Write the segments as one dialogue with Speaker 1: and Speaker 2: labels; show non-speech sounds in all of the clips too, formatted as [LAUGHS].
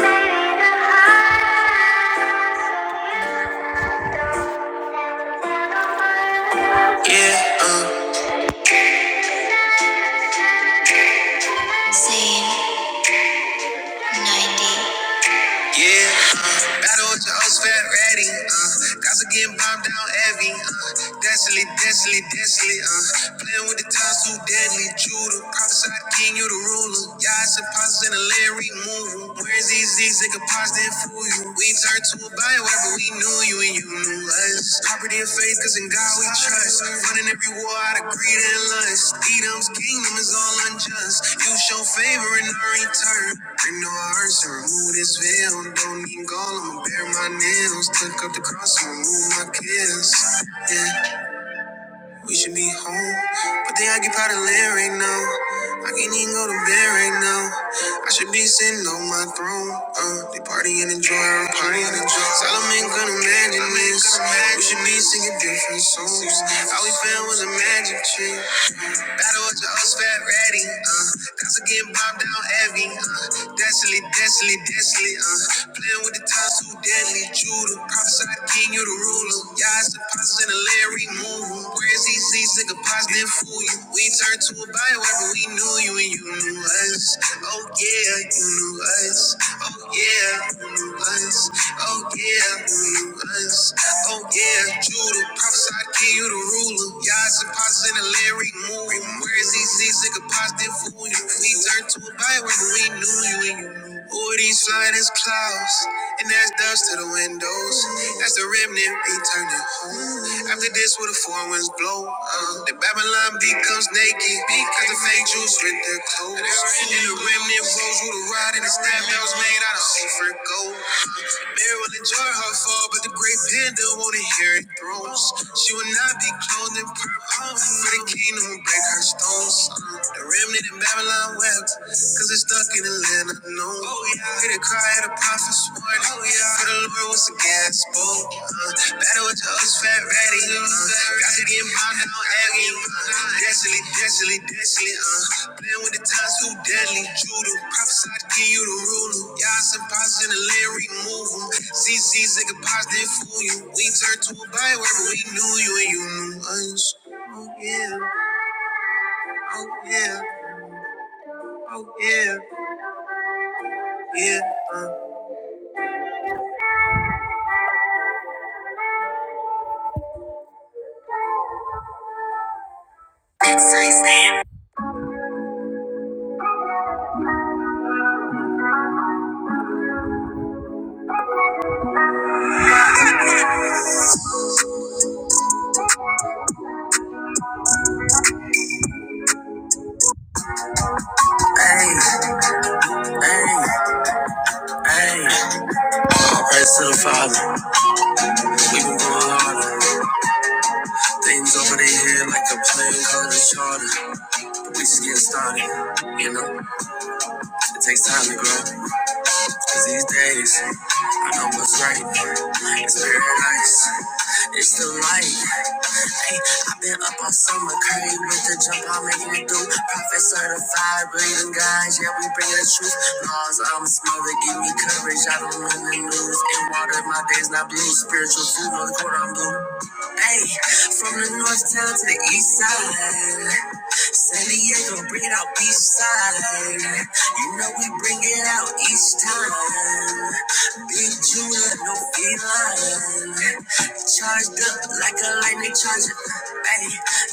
Speaker 1: Yeah, uh, yeah. uh, Battle with your old fat ratty. Uh, guys are getting bombed down heavy. Uh, desolate, desolate, desolate. Uh, playing with the times too deadly. Judah, prophesied king, you the ruler. Y'all supposed in the land removal. Where's these these nigga pots that fool you? We turned to a bioweapon, we knew you and you. new lens. Property of faith, cause in God we trust. Running every war out of greed and lust. Edom's kingdom is all unjust. You show favor in our return. Bring no hearts to remove this veil. Don't need gall, I'ma bare my nails. Took up the cross and remove my kills. Yeah. We should be home, but then I get out of land right now. I can't even go to bed right now. I should be sitting on my throne. Uh, they party and enjoy, I'm party and enjoy. Solomon couldn't imagine this. We should be singing different songs. All we found was a magic trick. Battle with your old fat ratty. Uh, that's again bob down heavy. Uh, desolate, desolate, desolate. Uh, playing with the times too deadly. Judah prophesied king king, you the ruler. Y'all supposed to Larry move. Where's these these nigga pots that fool you? We turned to a bioweapon, we knew you and you knew us. Oh yeah, you knew us. Oh yeah, you knew us. Oh yeah, you knew us. Oh yeah, Judah, prophesied king, you the ruler. Y'all supposed to Larry move. Where's these these nigga pots that fool you? We turned to a bioweapon, we knew you and you knew us. All these silence clouds, and that's dust to the windows. That's the remnant returning home. After this, will the four winds blow? Uh, the Babylon becomes naked, because the fake Jews rent their clothes. And the remnant rose with a rod and a staff that was made out of safer gold. Mary will enjoy her fall, but the great panda won't inherit thrones. She will not be clothed in purple, for the kingdom will break her stones. The remnant in Babylon cause it's stuck in Atlanta. No, oh, yeah. hear the cry of the prophet's warning. Oh, yeah. For the Lord was a gas boat. Uh, battle with the old fat ratty. Uh, got to get mine now, Aggie. Uh, desolate, desolate, desolate. Uh, playing with the times too deadly. Judah, prophesied to give you the ruler. Y'all some pops in the land, remove them. CC's like a pops, they fool you. We turned to a byway, but we knew you and you knew us. Oh, yeah. Oh, yeah. Oh, yeah. Yeah. Hey, hey, hey. Praise to the Father. We've been going harder. Things over their head like a plane called a charter. But we just getting started. You know, it takes time to grow. Cause these days, I know what's right. It's paradise. It's the light. Ay, i been up on summer curry with the jump I'm making it do. Prophet certified, believing guys, yeah, we bring the truth. Laws, I'm smothered, give me courage. I don't win the news. In water, my days not blue. Spiritual food, no the court I'm blue. Hey, from the north town to the east side. San Diego, bring it out beach side. You know we bring it out each time. Big Judah, no feline. Charged up like a lightning charger. Hey,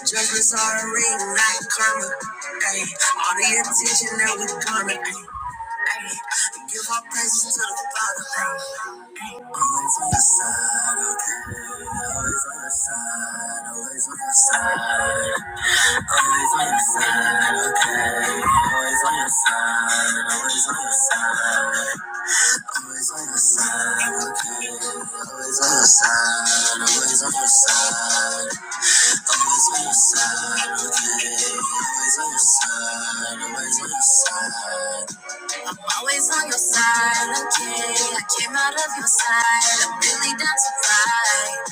Speaker 1: judgments are a ring, not karma. Hey, all the attention that we garner. Hey, hey, give our praises to the Father. Always on your side, okay. Always on your side, always on your side. Always on your side, okay. Always on your side, always on your side. Always on your side, okay. Always on your side, always on your side. Always on your side, okay. Always on your side, always on your side. I'm always on your side, okay? I came out of your side, I'm really down to fight.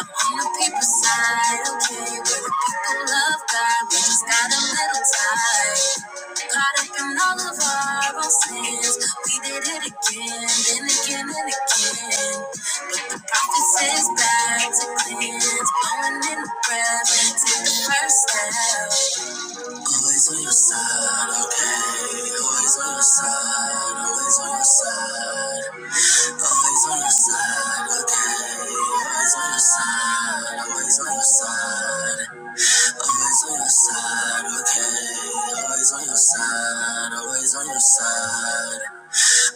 Speaker 1: I'm on the people's side, okay? We're the people love God, we just got a little tight. Caught up in all of our own sins, we did it again, then again and again. But the prophet says back to cleanse, blowing in the breath, take the first step. Always on your side, okay. Always on your side, always on your side. Always on your side, okay. Always on your side, always on your side. Always on your side, okay. Always on your side, always on your side.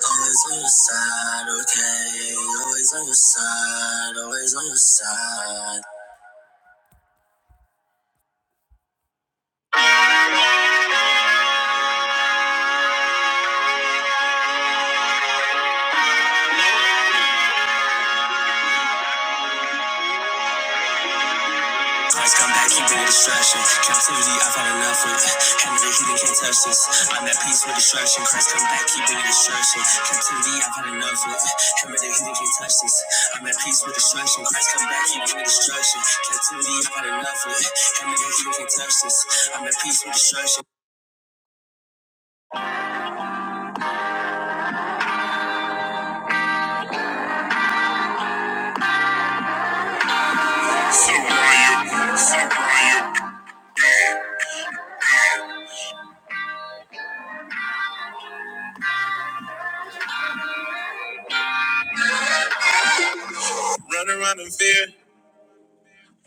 Speaker 1: Always on your side, okay. Always on your side, always on your side. Christ come back, he bring destruction. Captivity, I've had enough with. Hand of the heathen can't touch this. I'm at peace with destruction. Christ come back, he bring destruction. Captivity, I've had enough with. Hand of the heathen can't touch this. I'm at peace with destruction. Christ come back, he bring destruction. Captivity, I've had enough with. Hand of the heathen can't touch this. I'm at peace with destruction. Run around in fear,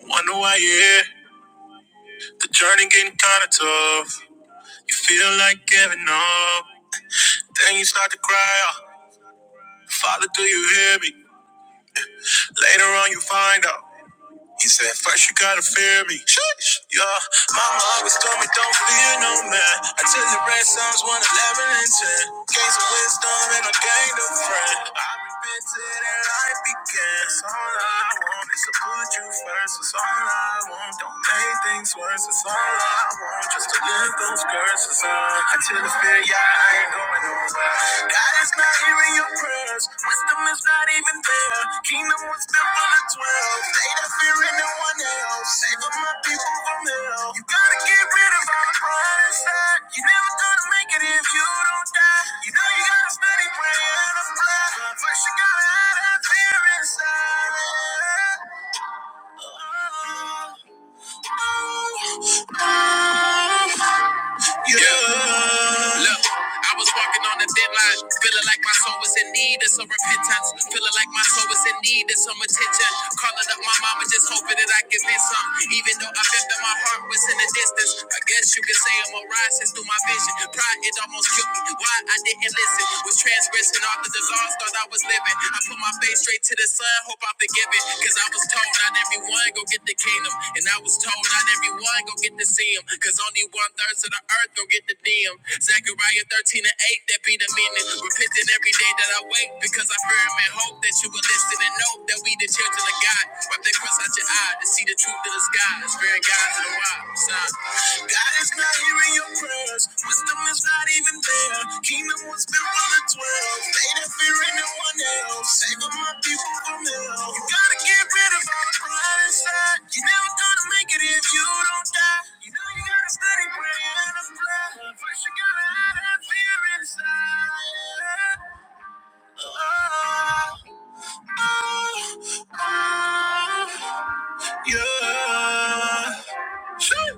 Speaker 1: wonder why you're here. The journey getting kinda tough. You feel like giving up, then you start to cry. out, Father, do you hear me? Later on, you find out. He said, first you gotta fear me. Sheesh. Yeah, mama always told me don't fear no man. I tell you red songs 111 and 10. Gain some wisdom and I gained a friend. I repented and life began. It's all I want is to put you first. It's all I want. Don't make things worse. It's all I want. Just to live those curses on. Until the fear, yeah. I ain't going nowhere. God is not hearing your prayers. Wisdom is not even there. Kingdom was built for the twelve. They don't fear anyone no one else. Saving my people from hell. You gotta get rid of all the pride side. You never gonna make it if you don't die. You know you gotta study prayer to fly. But First you gotta have that fear inside. Oh, oh, oh. You yeah. Look, I was walking on a thin line, feeling like my soul was in need of some repentance, feeling like my soul was in need of some attention. Calling up my mama, just hoping that I can get some. Even though I felt that my heart was in the distance, I guess you could say I'm a rising through my vision. Pride, it almost killed me. Why I didn't listen was transgressing all of the laws, thought I was living. I put my I face straight to the sun, hope I'm forgiven. Cause I was told not everyone go get the kingdom. And I was told not everyone go get to see him. Cause only one third of the earth go get the dim. Zechariah 13 and 8, that be the meaning. Repenting every day that I wait. Because I fear him and hope that you will listen and know that we the children of God. Wipe that cross out your eye to see the truth of the sky. It's fearing God to the wild. God is not hearing your prayers. Wisdom is not even there. Kingdom was built for the twelve. They that fear in no one else. Saving my people from hell. You gotta get rid of all the pride inside. You're never gonna make it if you don't die. You know you gotta study prayer and apply. First you gotta hide that fear inside. Oh, oh, oh, yeah. Sure.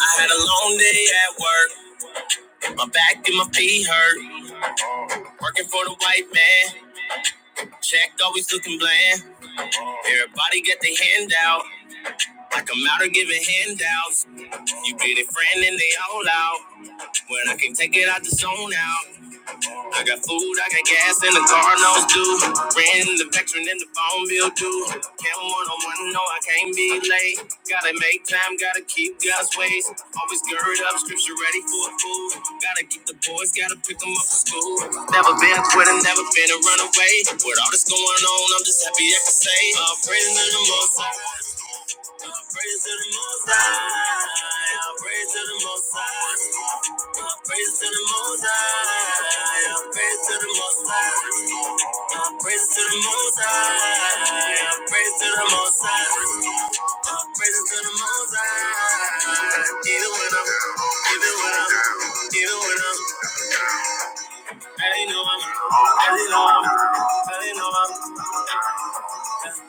Speaker 1: I had a long day at work. My back and my feet hurt. Working for the white man. Check always looking bland. Everybody get their hand out. Like I'm out of giving handouts. You be their friend and they all out. When I can take it, I just zone out. I got food, I got gas, and the car knows due. Rent, the veteran, and the phone bill due. Can't one on one, no, I can't be late. Gotta make time, gotta keep God's ways. Always gird up, scripture ready for a fool. Gotta keep the boys, gotta pick them up from school. Never been a quitter, never been a runaway. With all this going on, I'm just happy I can say, I'm praising to the most high. All Praise to the Most High. All Praise to the Most High. Praise to the Most High. Praise to the Most High. Praise to the Most High. Praise to the Most High. Praise to the Most High. Even when I'm, even when I'm, even when I'm, I know I'm, I know I'm, I know I'm.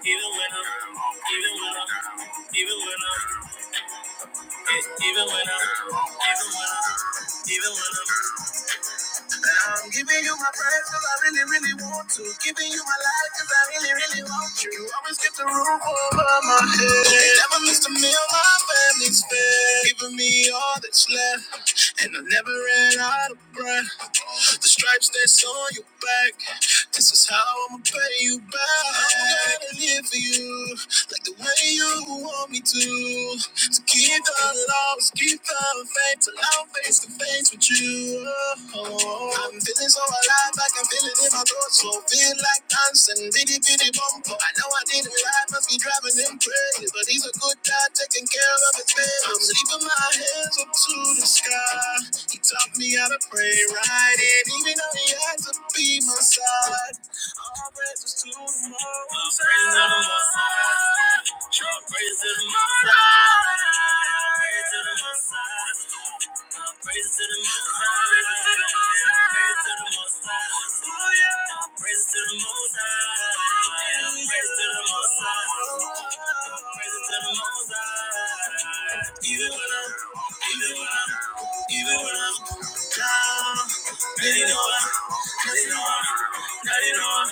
Speaker 1: Even when I'm, even when I'm, even when I'm, even when I'm, even when I'm, even when I'm. I'm giving you my breath 'cause I really, really want to. Giving you my life 'cause I really, really want you. always get the roof over my head. never missed a meal my family's fed. Giving me all that's left. And I never ran out of breath. The stripes that's on your back. This is how I'ma pay you back. I'm gonna live for you like the way you want me to. So keep the love, keep the faith till I'm face to face with you. Oh, I'm feeling so alive, I can feel it in my throat. So feel like dancing, bitty bitty bumper. I know I didn't lie, must be driving them crazy, but he's a good guy taking care of his baby. I'm leaving my hands up to the sky. He taught me how to pray right, and even though he had to be my side, all praise was to the Most High. All praise to the Most High. All praise to the Most High. Praise to the Most High. Praise to the Most High. Oh, yeah. Praise to the Most High. Praise to the Most High. Praise to the Most High. Even when I'm, even when I'm, even when I'm down, they know I'm, they know I'm, they know I'm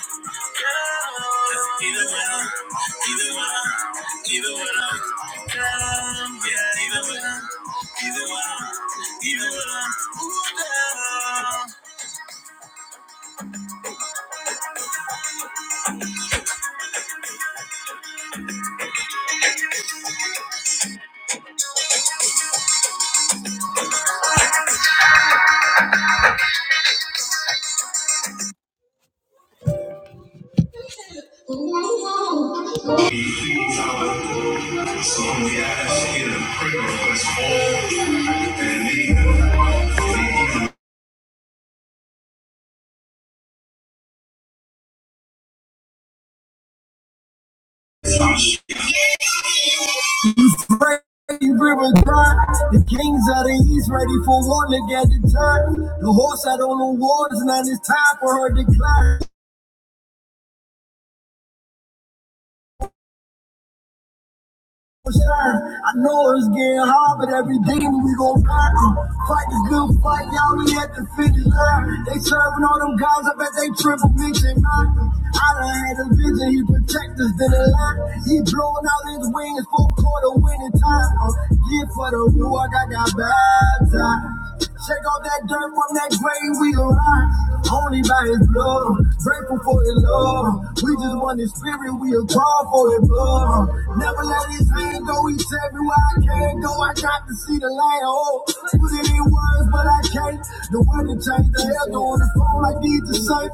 Speaker 1: down. Even when I'm, even when I'm, even when I'm, yeah, even when I'm, even when I'm, even when I'm. It's time for her to climb. I know it's getting hard, but every day we gon' fight. Uh, fight the good fight, y'all. We at the finish line. They serving all them guys. I bet they triple mixing I done had a vision. He protect us in the line. He blowing out his wings for quarter winning time. Uh, get for the rule. I got that bad time. Shake off that dirt from that grave we arrived. Only by his blood, grateful for his love. We just want his spirit, we a call for his blood. Never let his hand go, he said me where I can't go. I got to see the light, oh. Put it in words, but I can't. The one that changed the hell on the phone like these the same.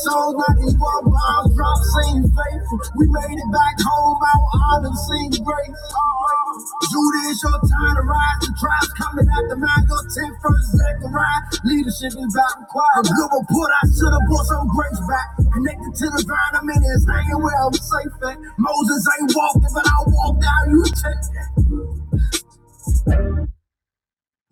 Speaker 1: Songs like these walk Bombs dropped, seen faithful. We made it back home, our honor seen grace. Judy, it's your time to rise. The tribe's coming after mine. Your 10 first second ride. Leadership is back required. A good report, I should have brought some grace back. Connected to the vine, I'm in his hanging where I'm safe at. Moses ain't walking, but I walked out. You check. that.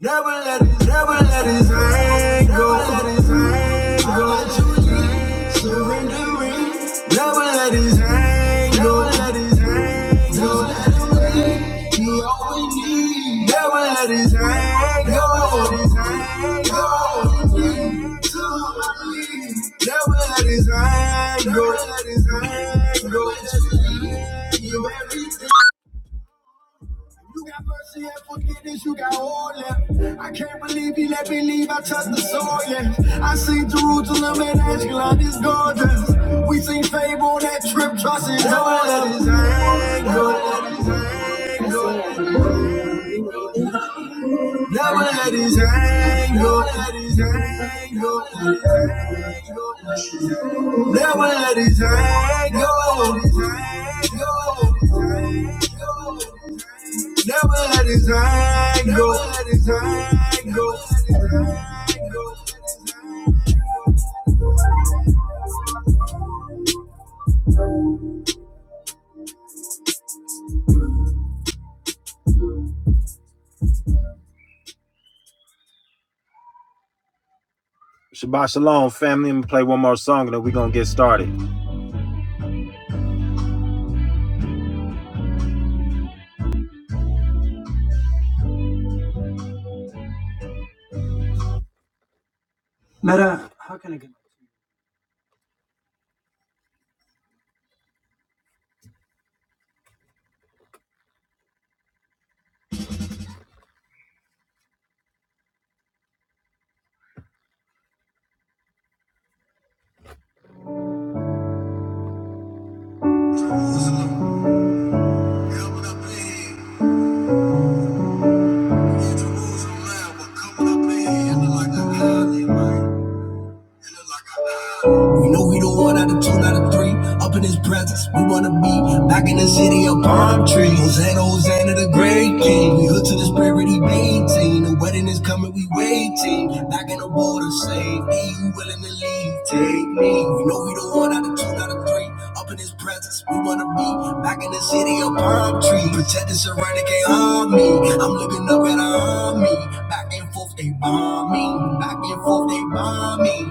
Speaker 1: Never let his, never let his hand go. Never let his hand go. I let you lead, surrendering. Never let his hand go. Never let his hand go. Just let him lead. He all we need. Never let his hand go. Never let his hand go. Lead to the lead. Never let his hand go. Never let his hand go. Let lead. You everything. You got mercy and forgiveness, you got all that. I can't believe he let me leave, I touched the soil, yeah. I seen Jerusalem and Ashkelon is gorgeous. We seen fame on that trip, trust it. Never let his anger, never let his anger, never let his anger, never let his anger, never let his anger. Never had his angle. Shabbat shalom, family. I'm gonna play one more song and then we're gonna get started. Coming up in here, coming up in here, like a holiday. You know we the one out of two, out of three. Up in his presence, we wanna be back in the city of palm trees. Hosanna, Hosanna, the great king. We hood to the spirit, he maintain. The wedding is coming, we waiting. Back in the water, save me. You willing to leave? Take me. You know we the one out of two, out of three. Up in his presence, we wanna be back in the city of palm trees. Protect and surround, can't harm me. I'm looking up at our army. Back and forth, they bomb me. Back and forth, they bomb me.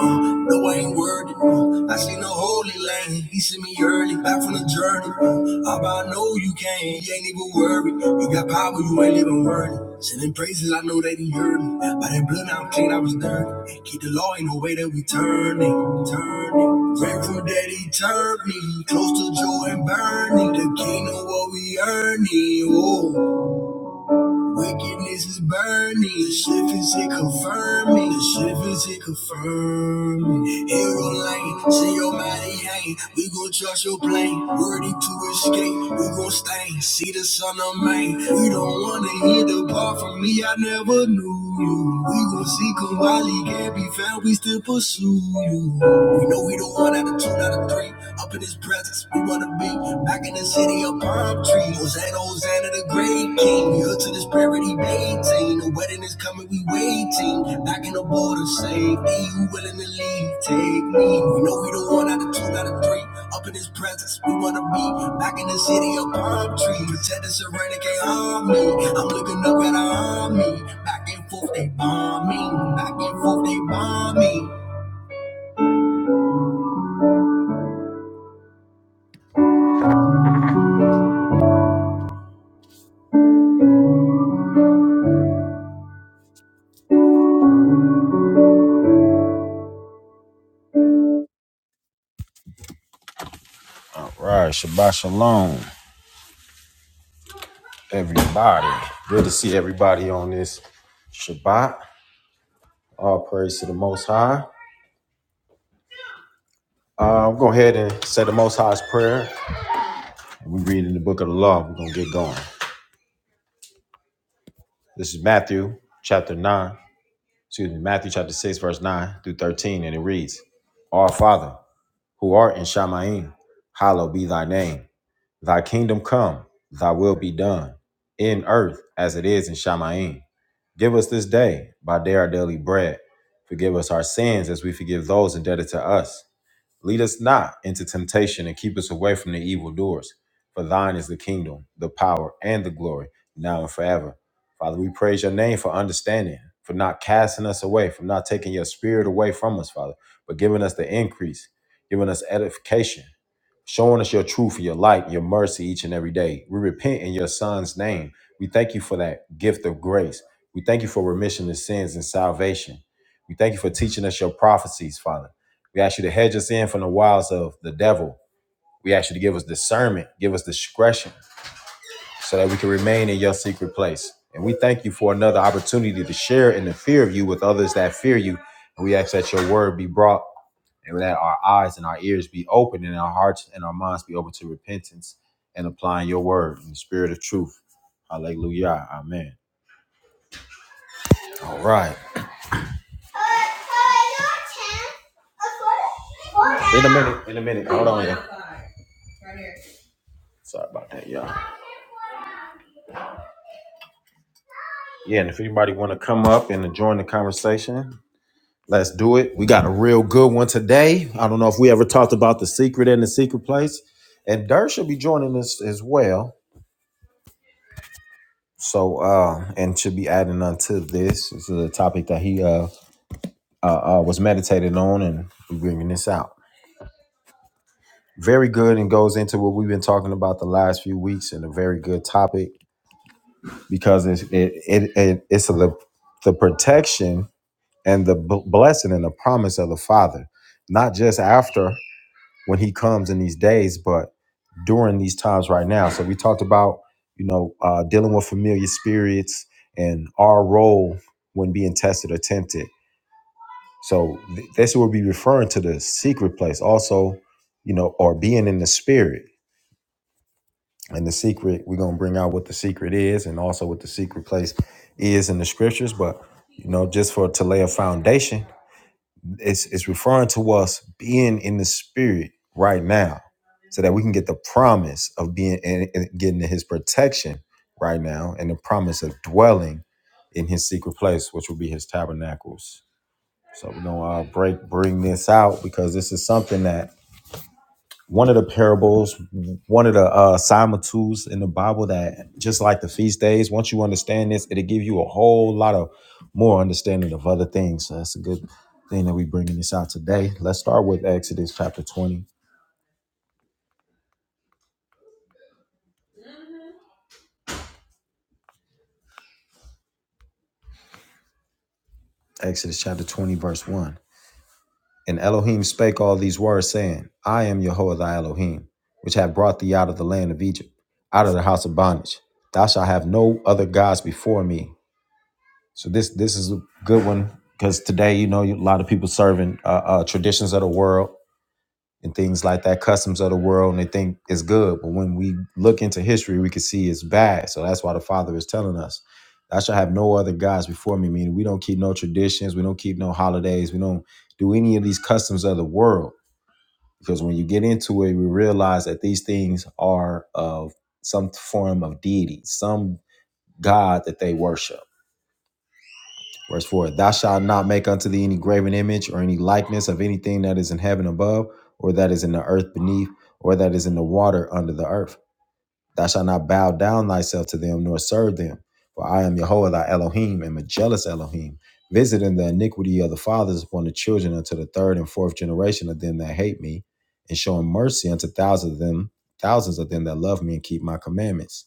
Speaker 1: Uh, no, I ain't worthy. Uh, I seen the holy land. He sent me early back from the journey. Uh, Abba, I know you came. You ain't even worried. You got power, you ain't even worthy. Sending praises, I know they didn't hear me. By that blood, now I'm clean, I was dirty. Hey, keep the law, ain't no way that we turn it. Turn it. Grateful that he turned me close to joy and burning. The kingdom, what we earning. Oh. Wickedness is burning. The shift is it confirming. The shift is it confirming. Hero lane, see your body hanging. We gon' trust your plane. Worthy to escape. We gon' stain. See the sun of man. We don't wanna hear the part from me. I never knew you. We gon' seek 'em while he can't be found. We still pursue you. We know we the one out of two out of three. Up in his presence, we wanna be. Back in the city of palm trees, Hosanna, Hosanna, the great king. Hood to the spirit, maintain. The wedding is coming, we waiting. Back in the border, save me. Who willing to leave? Take me. We know we the one out of two, out of three. Up in his presence, we wanna be. Back in the city of palm trees, protect the serenity, can't harm me. I'm looking up at our army. Back and forth, they bomb me. Back and forth, they bomb me. All Right, Shabbat Shalom. everybody. Good to see everybody on this Shabbat. All praise to the Most High. Uh, I'm going to go ahead and say the Most High's prayer. We read in the book of the law. We're going to get going. This is Matthew chapter 9, excuse me, Matthew chapter 6, verse 9 through 13, and it reads, Our Father, who art in Shamaim, hallowed be thy name. Thy kingdom come, thy will be done, in earth as it is in Shamayim. Give us this day by day our daily bread. Forgive us our sins as we forgive those indebted to us. Lead us not into temptation and keep us away from the evil doers. For thine is the kingdom, the power, and the glory, now and forever. Father, we praise your name for understanding, for not casting us away, for not taking your spirit away from us, Father, but giving us the increase, giving us edification, showing us your truth, your light, your mercy each and every day. We repent in your son's name. We thank you for that gift of grace. We thank you for remission of sins and salvation. We thank you for teaching us your prophecies, Father. We ask you to hedge us in from the wiles of the devil. We ask you to give us discernment, give us discretion, so that we can remain in your secret place. And we thank you for another opportunity to share in the fear of you with others that fear you. And we ask that your word be brought and that our eyes and our ears be open and our hearts and our minds be open to repentance and applying your word in the spirit of truth. Hallelujah. Amen. All right. In a minute. In a minute. Hold on. y'all. Sorry about that, y'all. Yeah, and if anybody want to come up and join the conversation, let's do it. We got a real good one today. I don't know if we ever talked about the secret and the secret place, and Dirt should be joining us as well. So, uh, and should be adding on to this. This is a topic that he uh, uh, uh was meditating on and bringing this out. Very good and goes into what we've been talking about the last few weeks, and a very good topic because it's it, it, it it's the the protection and the b- blessing and the promise of the Father, not just after when He comes in these days, but during these times right now. So we talked about, you know, uh, dealing with familiar spirits and our role when being tested or tempted. So th- this will be referring to the secret place, also, you know, or being in the spirit. And the secret, we're gonna bring out what the secret is, and also what the secret place is in the scriptures. But you know, just for to lay a foundation, It's it's referring to us being in the spirit right now, so that we can get the promise of being and and getting to His protection right now, and the promise of dwelling in His secret place, which will be His tabernacles. So we're gonna uh, break bring this out because this is something that one of the parables, one of the uh, similitudes in the Bible that just like the feast days, once you understand this, it'll give you a whole lot of more understanding of other things. So that's a good thing that we bringing this out today. Let's start with Exodus chapter 20, Exodus chapter 20, verse 1. And Elohim spake all these words, saying, I am Jehovah thy Elohim, which have brought thee out of the land of Egypt, out of the house of bondage. Thou shalt have no other gods before me. So this this is a good one because today, you know, a lot of people serving uh, uh, traditions of the world and things like that, customs of the world, and they think it's good. But when we look into history, we can see it's bad. So that's why the Father is telling us, "I shall have no other gods before me." Meaning, we don't keep no traditions, we don't keep no holidays, we don't do any of these customs of the world. Because when you get into it, we realize that these things are of some form of deity, some god that they worship Verse 4 Thou shalt not make unto thee any graven image or any likeness of anything that is in heaven above, or that is in the earth beneath, or that is in the water under the earth. Thou shalt not bow down thyself to them, nor serve them. For I am Yahweh thy Elohim, am a jealous Elohim, visiting the iniquity of the fathers upon the children unto the third and fourth generation of them that hate me, and showing mercy unto thousands of them, thousands of them that love me and keep my commandments.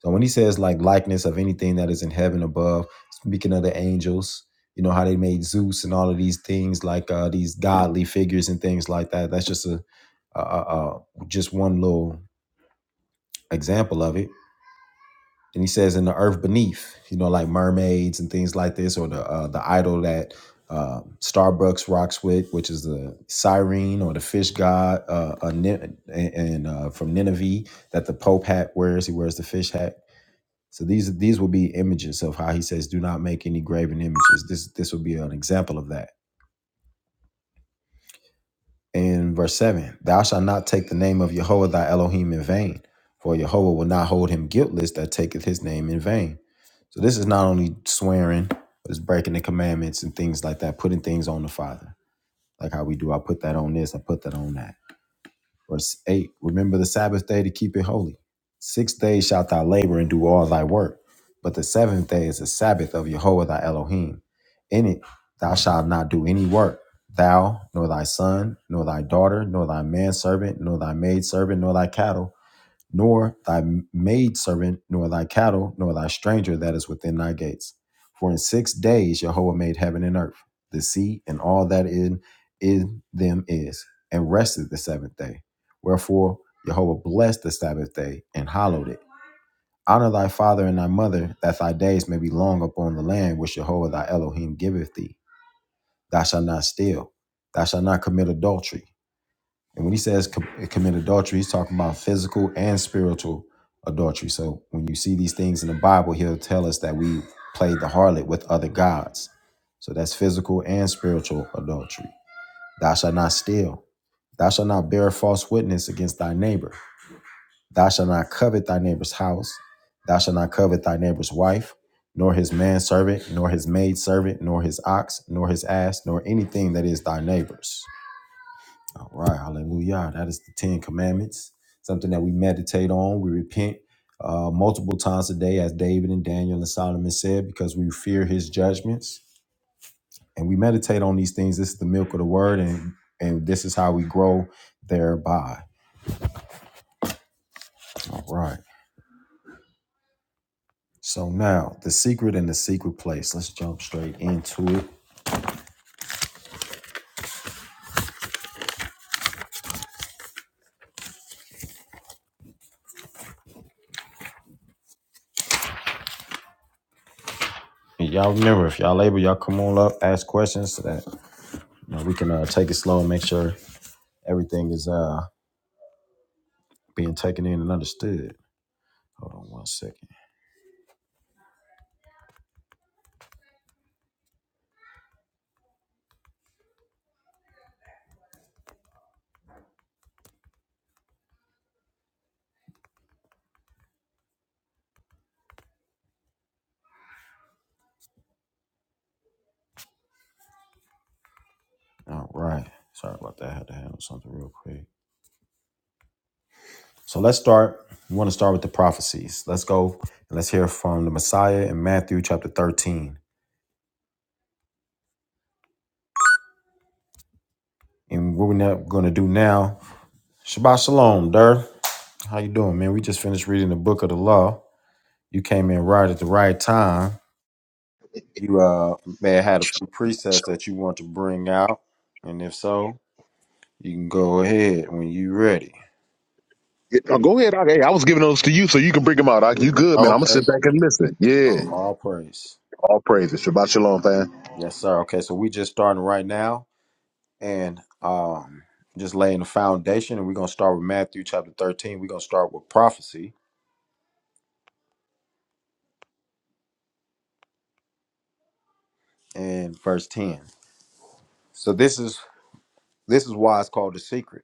Speaker 1: So when he says like likeness of anything that is in heaven above, speaking of the angels, you know how they made Zeus and all of these things like uh, these godly figures and things like that. That's just a, a, a, a just one little example of it. And he says in the earth beneath, you know, like mermaids and things like this, or the uh, the idol that uh, Starbucks rocks with, which is the siren or the fish god, uh, a, Nin- and and, uh, from Nineveh that the Pope hat wears. He wears the fish hat so these these will be images of how he says, "Do not make any graven images." This this will be an example of that. In verse seven, thou shalt not take the name of Yahweh thy Elohim in vain, for Yahweh will not hold him guiltless that taketh his name in vain. So this is not only swearing, but it's breaking the commandments and things like that, putting things on the Father, like how we do. I put that on this, I put that on that. Verse 8 Remember the Sabbath day to keep it holy. Six days shalt thou labor and do all thy work, but the seventh day is the Sabbath of Jehovah thy Elohim. In it thou shalt not do any work, thou, nor thy son, nor thy daughter, nor thy manservant, nor thy maidservant, nor thy cattle nor thy maidservant, nor thy cattle, nor thy stranger that is within thy gates. For in six days Jehovah made heaven and earth, the sea, and all that in, in them is, and rested the seventh day. Wherefore Jehovah blessed the Sabbath day and hallowed it. Honor thy father and thy mother, that thy days may be long upon the land which Jehovah thy Elohim giveth thee. Thou shalt not steal, thou shalt not commit adultery, and when he says com- commit adultery, he's talking about physical and spiritual adultery. So when you see these things in the Bible, he'll tell us that we played the harlot with other gods. So that's physical and spiritual adultery. Thou shalt not steal. Thou shalt not bear false witness against thy neighbor. Thou shalt not covet thy neighbor's house. Thou shalt not covet thy neighbor's wife, nor his manservant, nor his maidservant, nor his ox, nor his ass, nor anything that is thy neighbor's. All right, hallelujah. That is the Ten Commandments, something that we meditate on. We repent uh, multiple times a day, as David and Daniel and Solomon said, because we fear his judgments. And we meditate on these things. This is the milk of the word, and, and this is how we grow thereby. All right. So now, the secret and the secret place. Let's jump straight into it. And y'all remember, if y'all able, y'all come on up, ask questions so that you know, we can uh, take it slow and make sure everything is uh, being taken in and understood. Hold on one second. All right. Sorry about that. I had to handle something real quick. So let's start. We want to start with the prophecies. Let's go and let's hear from the Messiah in Matthew chapter 13. And what we're going to do now, Shabbat Shalom, Dur. How you doing, man? We just finished reading the book of the law. You came in right at the right time. You uh may have had a few precepts that you want to bring out. And if so, you can go ahead when you are ready.
Speaker 2: Yeah, oh, go ahead. I, hey, I was giving those to you so you can bring them out. I, you good, man. I'm going to
Speaker 1: Okay.
Speaker 2: sit back and listen.
Speaker 1: All,
Speaker 2: Yeah.
Speaker 1: all praise.
Speaker 2: All praises. Shabbat shalom, fam.
Speaker 1: Yes, sir. Okay, so we just starting right now and um just laying the foundation and we're gonna start with Matthew chapter 13. We're gonna start with prophecy and verse 10. So this is this is why it's called the secret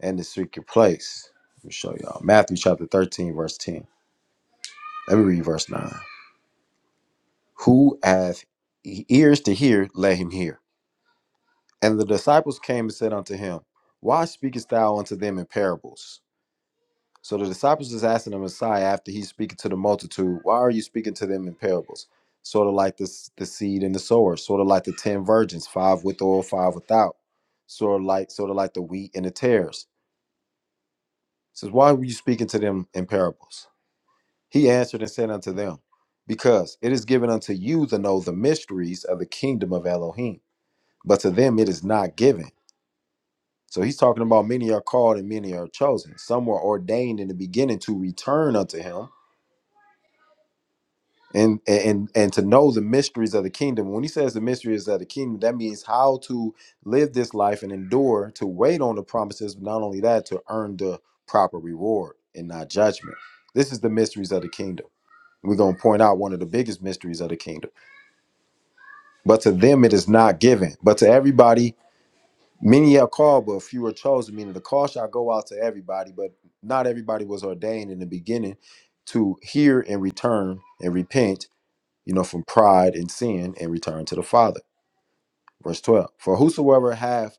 Speaker 1: and the secret place. Let me show y'all. Matthew chapter 13, verse 10. Let me read verse 9. Who hath e- ears to hear, let him hear. And the disciples came and said unto him, Why speakest thou unto them in parables? So the disciples is asking the Messiah after he's speaking to the multitude, why are you speaking to them in parables? Sort of like this the seed and the sower, sort of like the ten virgins, five with oil, five without. Sort of like sort of like the wheat and the tares. Says, why were you speaking to them in parables? He answered and said unto them, Because it is given unto you to know the mysteries of the kingdom of Elohim, but to them it is not given. So he's talking about many are called and many are chosen. Some were ordained in the beginning to return unto him and and and to know the mysteries of the kingdom when he says the mysteries of the kingdom that means how to live this life and endure to wait on the promises but not only that to earn the proper reward and not judgment this is the mysteries of the kingdom we're going to point out one of the biggest mysteries of the kingdom but to them it is not given but to everybody many are called but few are chosen meaning the call shall go out to everybody but not everybody was ordained in the beginning to hear and return and repent you know, from pride and sin and return to the Father. Verse 12 For whosoever hath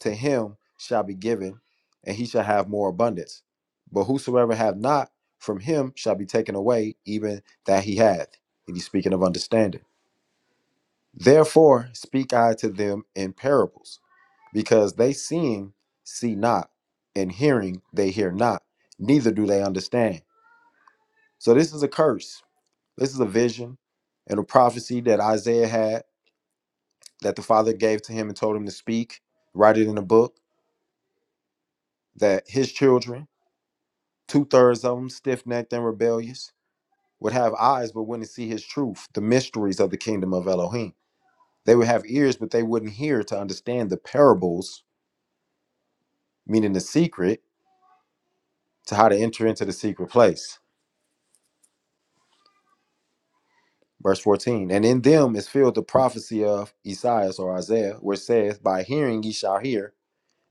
Speaker 1: to him shall be given, and he shall have more abundance. But whosoever hath not, from him shall be taken away even that he hath. And he's speaking of understanding. Therefore speak I to them in parables, because they seeing see not, and hearing they hear not, neither do they understand. So this is a curse. This is a vision and a prophecy that Isaiah had that the father gave to him and told him to speak, write it in a book, that his children, two thirds of them, stiff necked and rebellious, would have eyes but wouldn't see his truth, the mysteries of the kingdom of Elohim. They would have ears but they wouldn't hear to understand the parables, meaning the secret, to how to enter into the secret place. Verse 14, and in them is filled the prophecy of Esaias or Isaiah, which says, By hearing ye shall hear,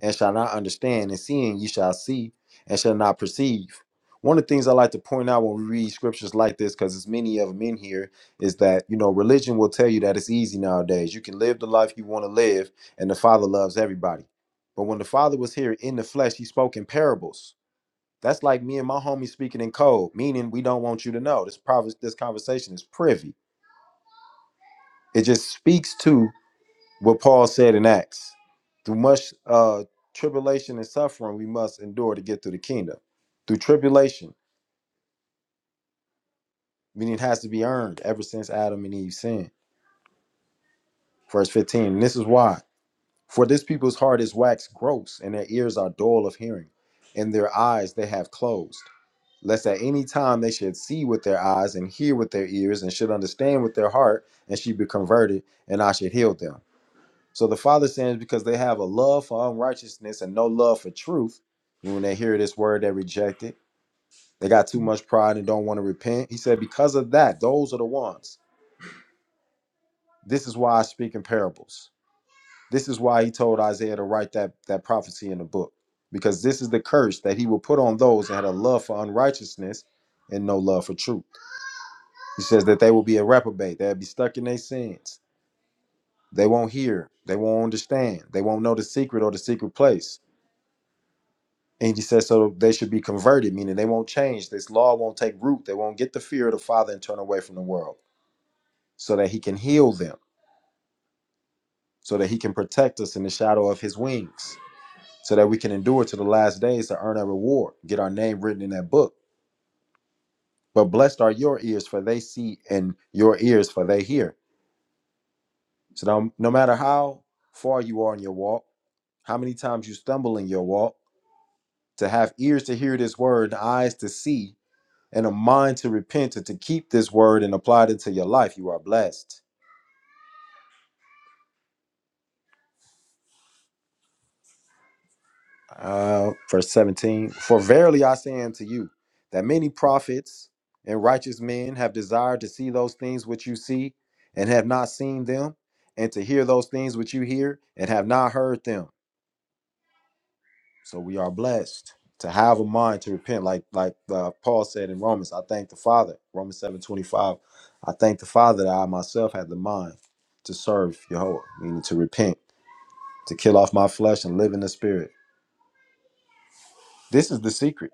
Speaker 1: and shall not understand, and seeing ye shall see and shall not perceive. One of the things I like to point out when we read scriptures like this, because there's many of them in here, is that you know religion will tell you that it's easy nowadays. You can live the life you want to live, and the Father loves everybody. But when the Father was here in the flesh, He spoke in parables. That's like me and my homie speaking in code, meaning we don't want you to know. This prover- this conversation is privy. It just speaks to what Paul said in Acts. Through much uh, tribulation and suffering, we must endure to get through the kingdom. Through tribulation, meaning it has to be earned ever since Adam and Eve sinned. Verse 15, and this is why. For this people's heart is waxed gross, and their ears are dull of hearing, and their eyes they have closed, lest at any time they should see with their eyes and hear with their ears and should understand with their heart, and should be converted, and I should heal them. So the Father sins because they have a love for unrighteousness and no love for truth. And when they hear this word, they reject it. They got too much pride and don't want to repent. He said, Because of that, those are the ones. This is why I speak in parables. This is why he told Isaiah to write that, that prophecy in the book, because this is the curse that he will put on those that had a love for unrighteousness and no love for truth. He says that they will be a reprobate, they'll be stuck in their sins. They won't hear, they won't understand, they won't know the secret or the secret place And he says, so they should be converted, meaning they won't change. This law won't take root. They won't get the fear of the Father and turn away from the world so that he can heal them, so that he can protect us in the shadow of his wings, so that we can endure to the last days to earn our reward, get our name written in that book. But blessed are your ears, for they see, and your ears, for they hear. So no, no matter how far you are in your walk, how many times you stumble in your walk, to have ears to hear this word and eyes to see and a mind to repent and to keep this word and apply it to your life, you are blessed. Uh, verse 17 For verily I say unto you, that many prophets and righteous men have desired to see those things which you see and have not seen them, and to hear those things which you hear and have not heard them. So we are blessed to have a mind to repent, like like uh, Paul said in Romans. I thank the Father, Romans seven twenty five. I thank the Father that I myself had the mind to serve Jehovah, meaning to repent to kill off my flesh and live in the spirit. This is the secret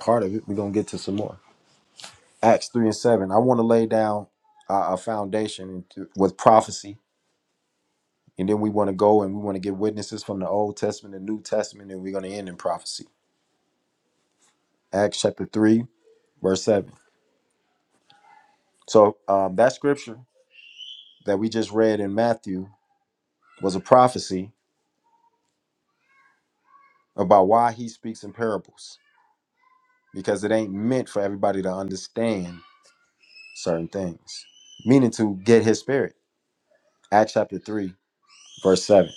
Speaker 1: part of it. We're going to get to some more. Acts 3 and 7. I want to lay down a, a foundation with prophecy. And then we want to go and we want to get witnesses from the Old Testament and New Testament. And we're going to end in prophecy. Acts chapter 3, verse 7. So um, that scripture that we just read in Matthew was a prophecy about why he speaks in parables because it ain't meant for everybody to understand certain things, meaning to get his spirit. Acts chapter 3, verse 7.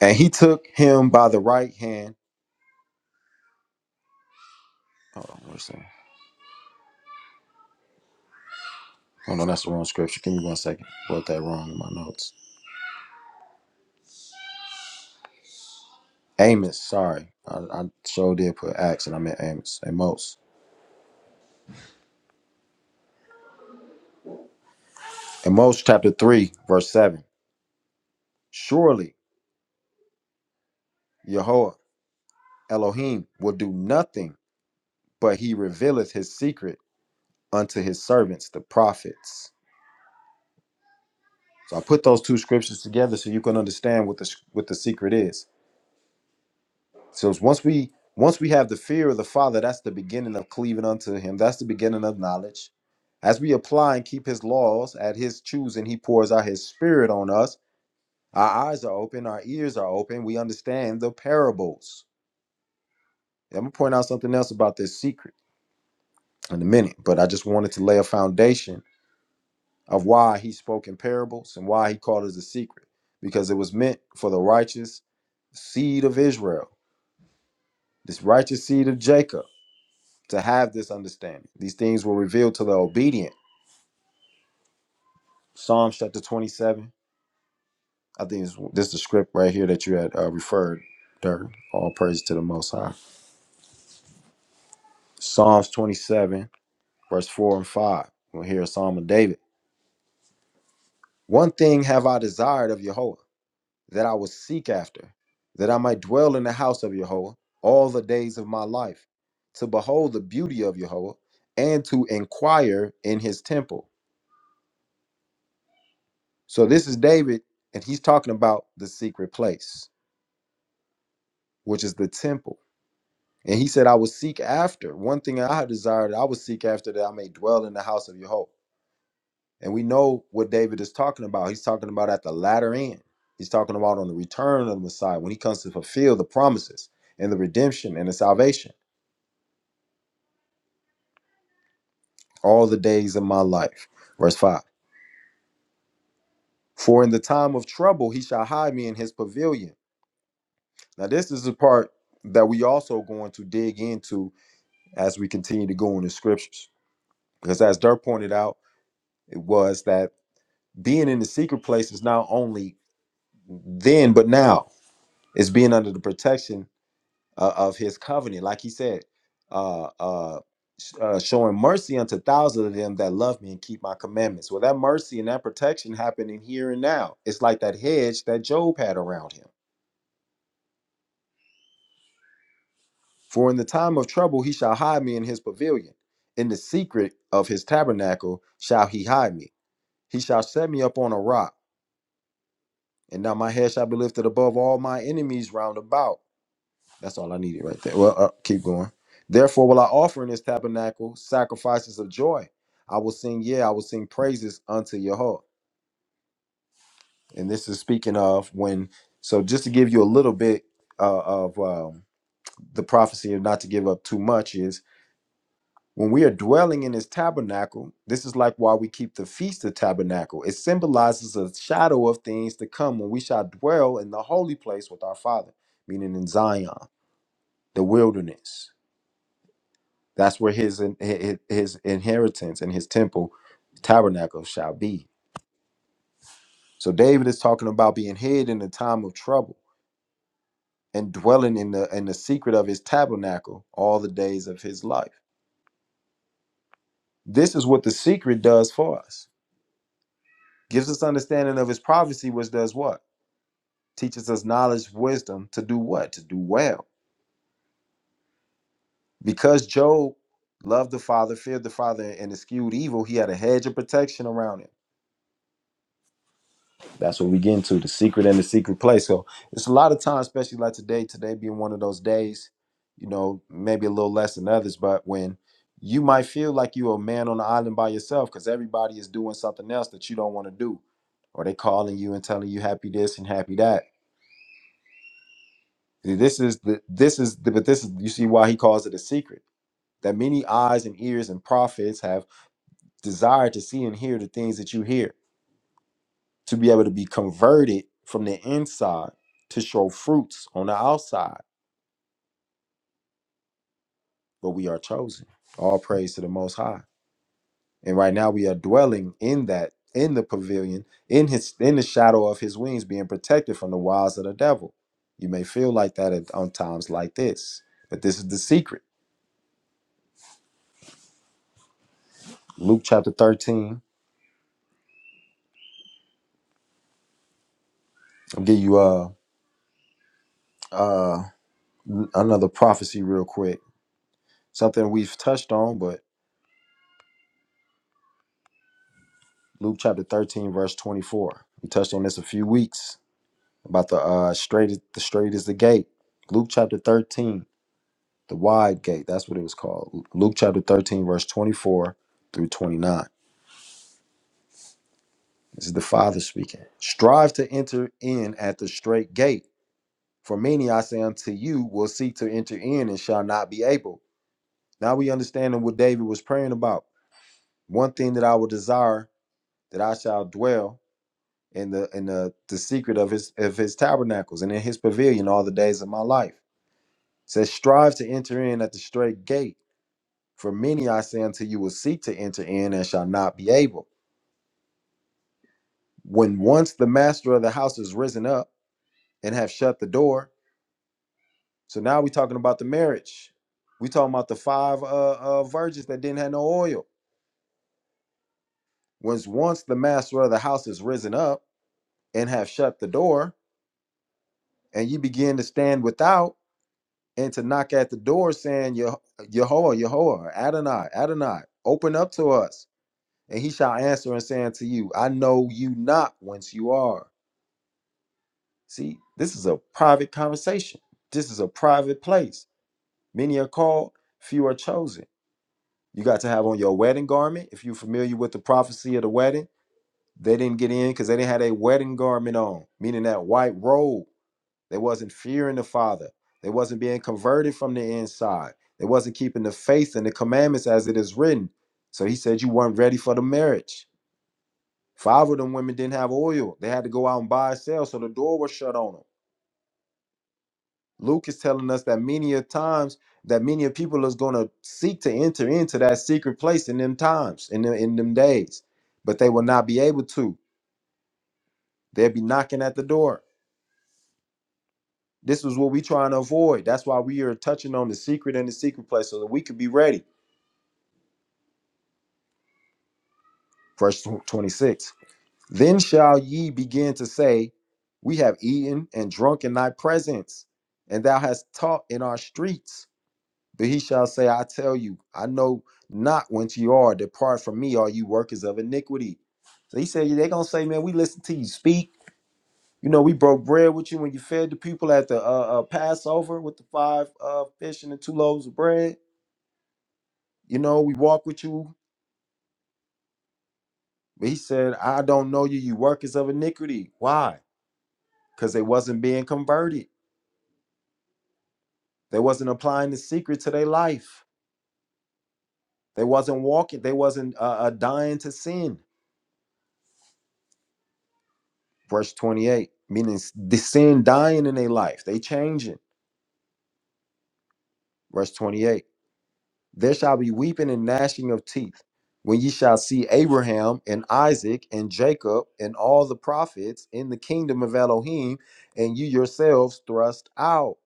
Speaker 1: And he took him by the right hand. Hold on, where's that? Oh no, that's the wrong scripture. Give me one second. Wrote that wrong in my notes. Amos, sorry. I, I sure did put Acts and I meant Amos. Amos. Amos chapter 3, verse 7. Surely Yahweh Elohim will do nothing, but he revealeth his secret unto his servants, the prophets. So I put those two scriptures together so you can understand what the what the secret is. So it's once we once we have the fear of the Father, that's the beginning of cleaving unto Him. That's the beginning of knowledge. As we apply and keep His laws at His choosing, He pours out His Spirit on us. Our eyes are open, our ears are open. We understand the parables. I'm gonna point out something else about this secret in a minute, but I just wanted to lay a foundation of why He spoke in parables and why He called it a secret, because it was meant for the righteous seed of Israel, this righteous seed of Jacob to have this understanding. These things were revealed to the obedient. Psalms chapter 27. I think it's, this is the script right here that you had uh, referred, Dirk. All praise to the Most High. Psalms 27, verse 4 and 5. We'll hear a psalm of David. One thing have I desired of Jehovah, that I will seek after, that I might dwell in the house of Jehovah all the days of my life, to behold the beauty of Jehovah, and to inquire in his temple. So this is David, and he's talking about the secret place, which is the temple. And he said, I will seek after one thing I have desired, I will seek after that I may dwell in the house of your hope. And we know what David is talking about. He's talking about at the latter end. He's talking about on the return of the Messiah when he comes to fulfill the promises and the redemption and the salvation. All the days of my life. Verse 5. For in the time of trouble he shall hide me in his pavilion. Now, this is the part that we also going to dig into as we continue to go in the scriptures. Because as Dirk pointed out, it was that being in the secret place is not only then, but now it's being under the protection uh, of his covenant. Like he said, uh, uh, sh- uh, showing mercy unto thousands of them that love me and keep my commandments. Well, that mercy and that protection happening here and now. It's like that hedge that Job had around him. For in the time of trouble, he shall hide me in his pavilion. In the secret of his tabernacle shall he hide me. He shall set me up on a rock, and now my head shall be lifted above all my enemies round about. That's all I needed right there. Well, uh, keep going. Therefore, will I offer in this tabernacle sacrifices of joy? I will sing, yeah, I will sing praises unto your And this is speaking of when. So, just to give you a little bit uh, of um, the prophecy of not to give up too much is When we are dwelling in his tabernacle, this is like why we keep the feast of tabernacle. It symbolizes a shadow of things to come when we shall dwell in the holy place with our Father, meaning in Zion, the wilderness. That's where his his, his inheritance and his temple tabernacle shall be. So David is talking about being hid in the time of trouble and dwelling in the in the secret of his tabernacle all the days of his life. This is what the secret does for us. Gives us understanding of his prophecy, which does what? teaches us knowledge, wisdom to do what? To do well. Because Job loved the Father, feared the Father, and eschewed evil, he had a hedge of protection around him. That's what we get into the secret and the secret place. So it's a lot of times, especially like today, today being one of those days, you know, maybe a little less than others, but when you might feel like you're a man on the island by yourself because everybody is doing something else that you don't want to do. Or they calling you and telling you happy this and happy that. This is the this is the, but this is you see why he calls it a secret that many eyes and ears and prophets have desired to see and hear the things that you hear, to be able to be converted from the inside to show fruits on the outside. But we are chosen. All praise to the Most High. And right now we are dwelling in that, in the pavilion, in his, in the shadow of his wings, being protected from the wiles of the devil. You may feel like that at, on times like this, but this is the secret. Luke chapter 13. I'll give you uh uh another prophecy real quick Something we've touched on, but Luke chapter 13, verse 24. We touched on this a few weeks about the uh straight the straight is the gate. Luke chapter 13, the wide gate. That's what it was called. Luke chapter 13, verse 24 through 29. This is the Father speaking. Strive to enter in at the straight gate. For many, I say unto you, will seek to enter in and shall not be able. Now we understanding what David was praying about. One thing that I will desire that I shall dwell in the in the the secret of his of his tabernacles and in his pavilion all the days of my life. It says, strive to enter in at the straight gate. For many I say unto you will seek to enter in and shall not be able. When once the master of the house is risen up and have shut the door, so now we're talking about the marriage. we talking about the five uh, uh virgins that didn't have no oil. Once once the master of the house is risen up and have shut the door, and ye begin to stand without. and to knock at the door saying, Yeh- Yahweh, Yahweh, Adonai, Adonai, open up to us. And he shall answer and say unto you, I know you not whence you are. See, this is a private conversation. This is a private place. Many are called, few are chosen. You got to have on your wedding garment. If you're familiar with the prophecy of the wedding, they didn't get in because they didn't have a wedding garment on, meaning that white robe They wasn't fearing the Father. They wasn't being converted from the inside. They wasn't keeping the faith and the commandments as it is written. So he said you weren't ready for the marriage. Five of them women didn't have oil. They had to go out and buy and sell, so the door was shut on them. Luke is telling us that many a times that many of people is going to seek to enter into that secret place in them times, in them, in them days, but they will not be able to. They'll be knocking at the door. This is what we trying to avoid. That's why we are touching on the secret and the secret place so that we could be ready. verse 26 then shall ye begin to say we have eaten and drunk in thy presence and thou hast taught in our streets but he shall say i tell you i know not whence you are depart from me all you workers of iniquity so he said they're gonna say man we listened to you speak you know we broke bread with you when you fed the people at the uh, uh passover with the five uh fish and the two loaves of bread you know we walked with you but he said i don't know you you workers of iniquity why because they wasn't being converted. They wasn't applying the secret to their life. They wasn't walking. They wasn't uh, uh, dying to sin. Verse 28, meaning the sin dying in their life. They changing. Verse 28, there shall be weeping and gnashing of teeth when ye shall see Abraham and Isaac and Jacob and all the prophets in the kingdom of Elohim and you yourselves thrust out.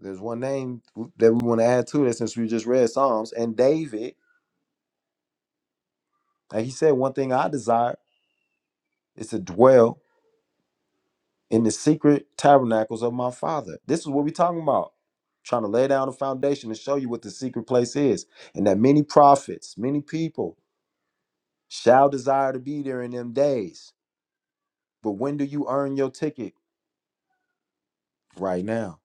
Speaker 1: There's one name that we want to add to this since we just read Psalms and David. And he said, one thing I desire is to dwell in the secret tabernacles of my father. This is what we're talking about. Trying to lay down a foundation and show you what the secret place is. And that many prophets, many people shall desire to be there in them days. But when do you earn your ticket? Right now.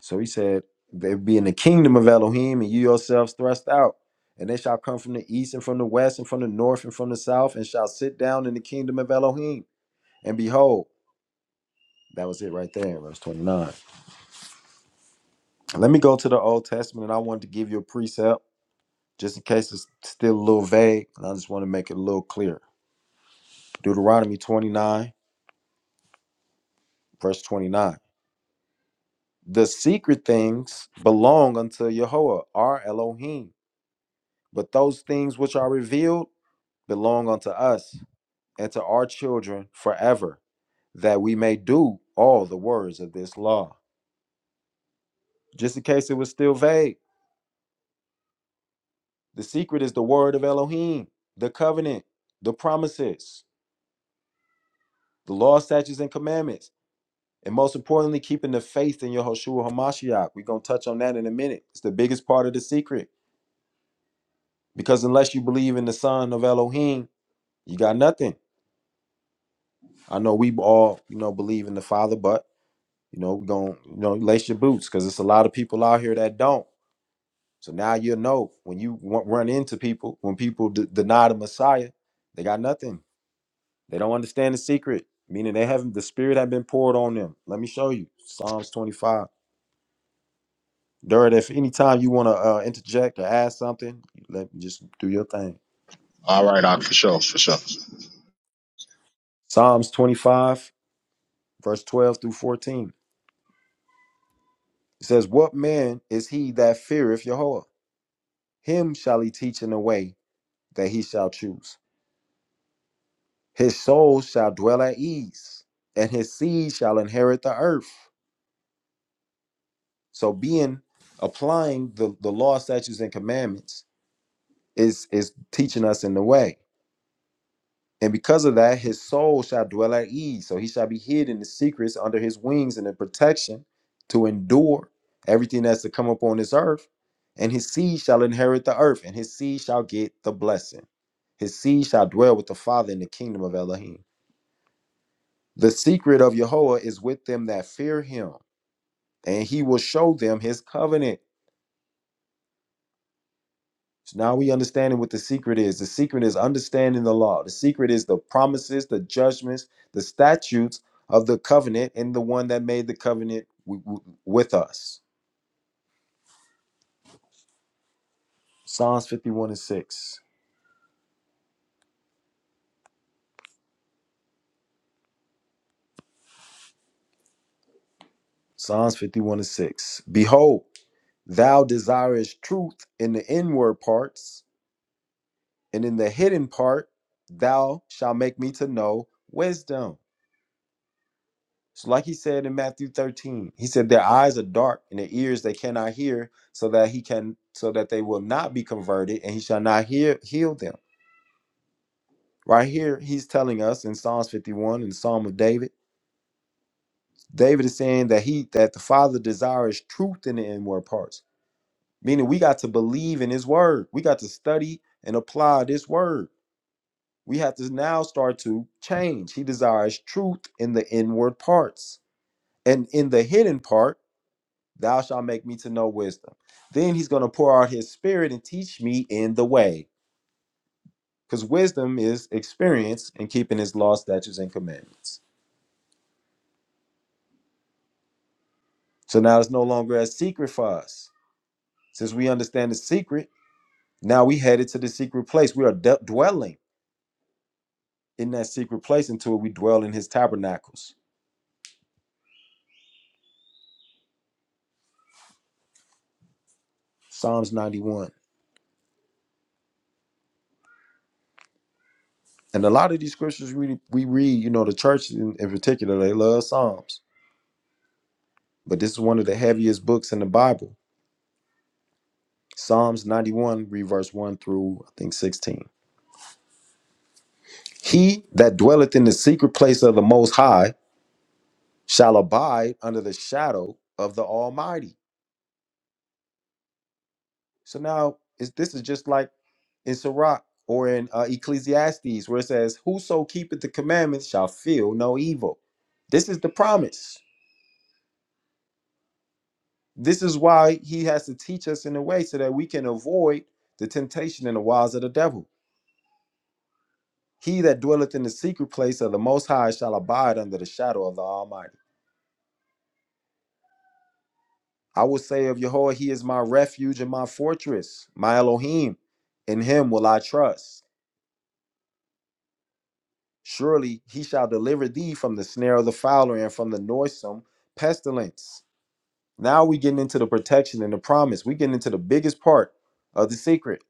Speaker 1: So he said, They be in the kingdom of Elohim and you yourselves thrust out. And they shall come from the east and from the west and from the north and from the south and shall sit down in the kingdom of Elohim. And behold, that was it right there, verse 29. Let me go to the Old Testament, and I wanted to give you a precept just in case it's still a little vague, and I just want to make it a little clearer. Deuteronomy 29, verse 29. The secret things belong unto Yahweh, our Elohim, but those things which are revealed belong unto us and to our children forever, that we may do all the words of this law. Just in case it was still vague, the secret is the word of Elohim, the covenant, the promises. the law, statutes, and commandments. And most importantly, keeping the faith in your Hoshua Hamashiach. We're going to touch on that in a minute. It's the biggest part of the secret. Because unless you believe in the Son of Elohim, you got nothing. I know we all, you know, believe in the Father, but, you know, we're going to, you know, lace your boots because it's a lot of people out here that don't. So now you'll know when you wa- run into people, when people d- deny the Messiah, they got nothing. They don't understand the secret, meaning they haven't, the Spirit had been poured on them. Let me show you Psalms 25. Durin, if anytime you want to uh, interject or add something, let me just do your thing.
Speaker 2: All right, Ak, for sure, for sure.
Speaker 1: Psalms 25, verse 12 through 14. It says, What man is he that feareth Jehovah? Him shall he teach in the way that he shall choose. His soul shall dwell at ease, and his seed shall inherit the earth. So being applying the, the law, statutes, and commandments is is teaching us in the way. And because of that, his soul shall dwell at ease. So he shall be hid in the secrets under his wings and in protection to endure everything that's to come upon this earth. And his seed shall inherit the earth, and his seed shall get the blessing. His seed shall dwell with the Father in the kingdom of Elohim. The secret of Yahweh is with them that fear him, and he will show them his covenant. So now we understanding what the secret is. The secret is understanding the law. The secret is the promises, the judgments, the statutes of the covenant, and the one that made the covenant w- w- with us. Psalms 51 and 6. Psalms 51 and 6. Behold, thou desirest truth in the inward parts, and in the hidden part thou shalt make me to know wisdom. So, like he said in Matthew 13, he said, Their eyes are dark and their ears they cannot hear, so that he can so that they will not be converted, and he shall not hear heal them. Right here, he's telling us in Psalms 51 in the Psalm of David, David is saying that he that the Father desires truth in the inward parts. Meaning we got to believe in his word. We got to study and apply this word. We have to now start to change. He desires truth in the inward parts. And in the hidden part. Thou shalt make me to know wisdom. Then he's going to pour out his spirit and teach me in the way. Because wisdom is experience in keeping his law, statutes, and commandments. So now it's no longer a secret for us. Since we understand the secret, now we headed to the secret place. We are d- dwelling in that secret place until we dwell in his tabernacles. Psalms 91. And a lot of these scriptures we, we read, you know, the church in, in particular, they love Psalms. But this is one of the heaviest books in the Bible Psalms 91, read verse 1 through I think 16. He that dwelleth in the secret place of the Most High shall abide under the shadow of the Almighty. So now is this is just like in Sirach or in uh, Ecclesiastes where it says, Whoso keepeth the commandments shall feel no evil. This is the promise. This is why he has to teach us in a way so that we can avoid the temptation and the wiles of the devil. He that dwelleth in the secret place of the Most High shall abide under the shadow of the Almighty. I will say of Yahweh, He is my refuge and my fortress, my Elohim. In Him will I trust. Surely He shall deliver thee from the snare of the fowler and from the noisome pestilence. Now we getting into the protection and the promise. we getting into the biggest part of the secret,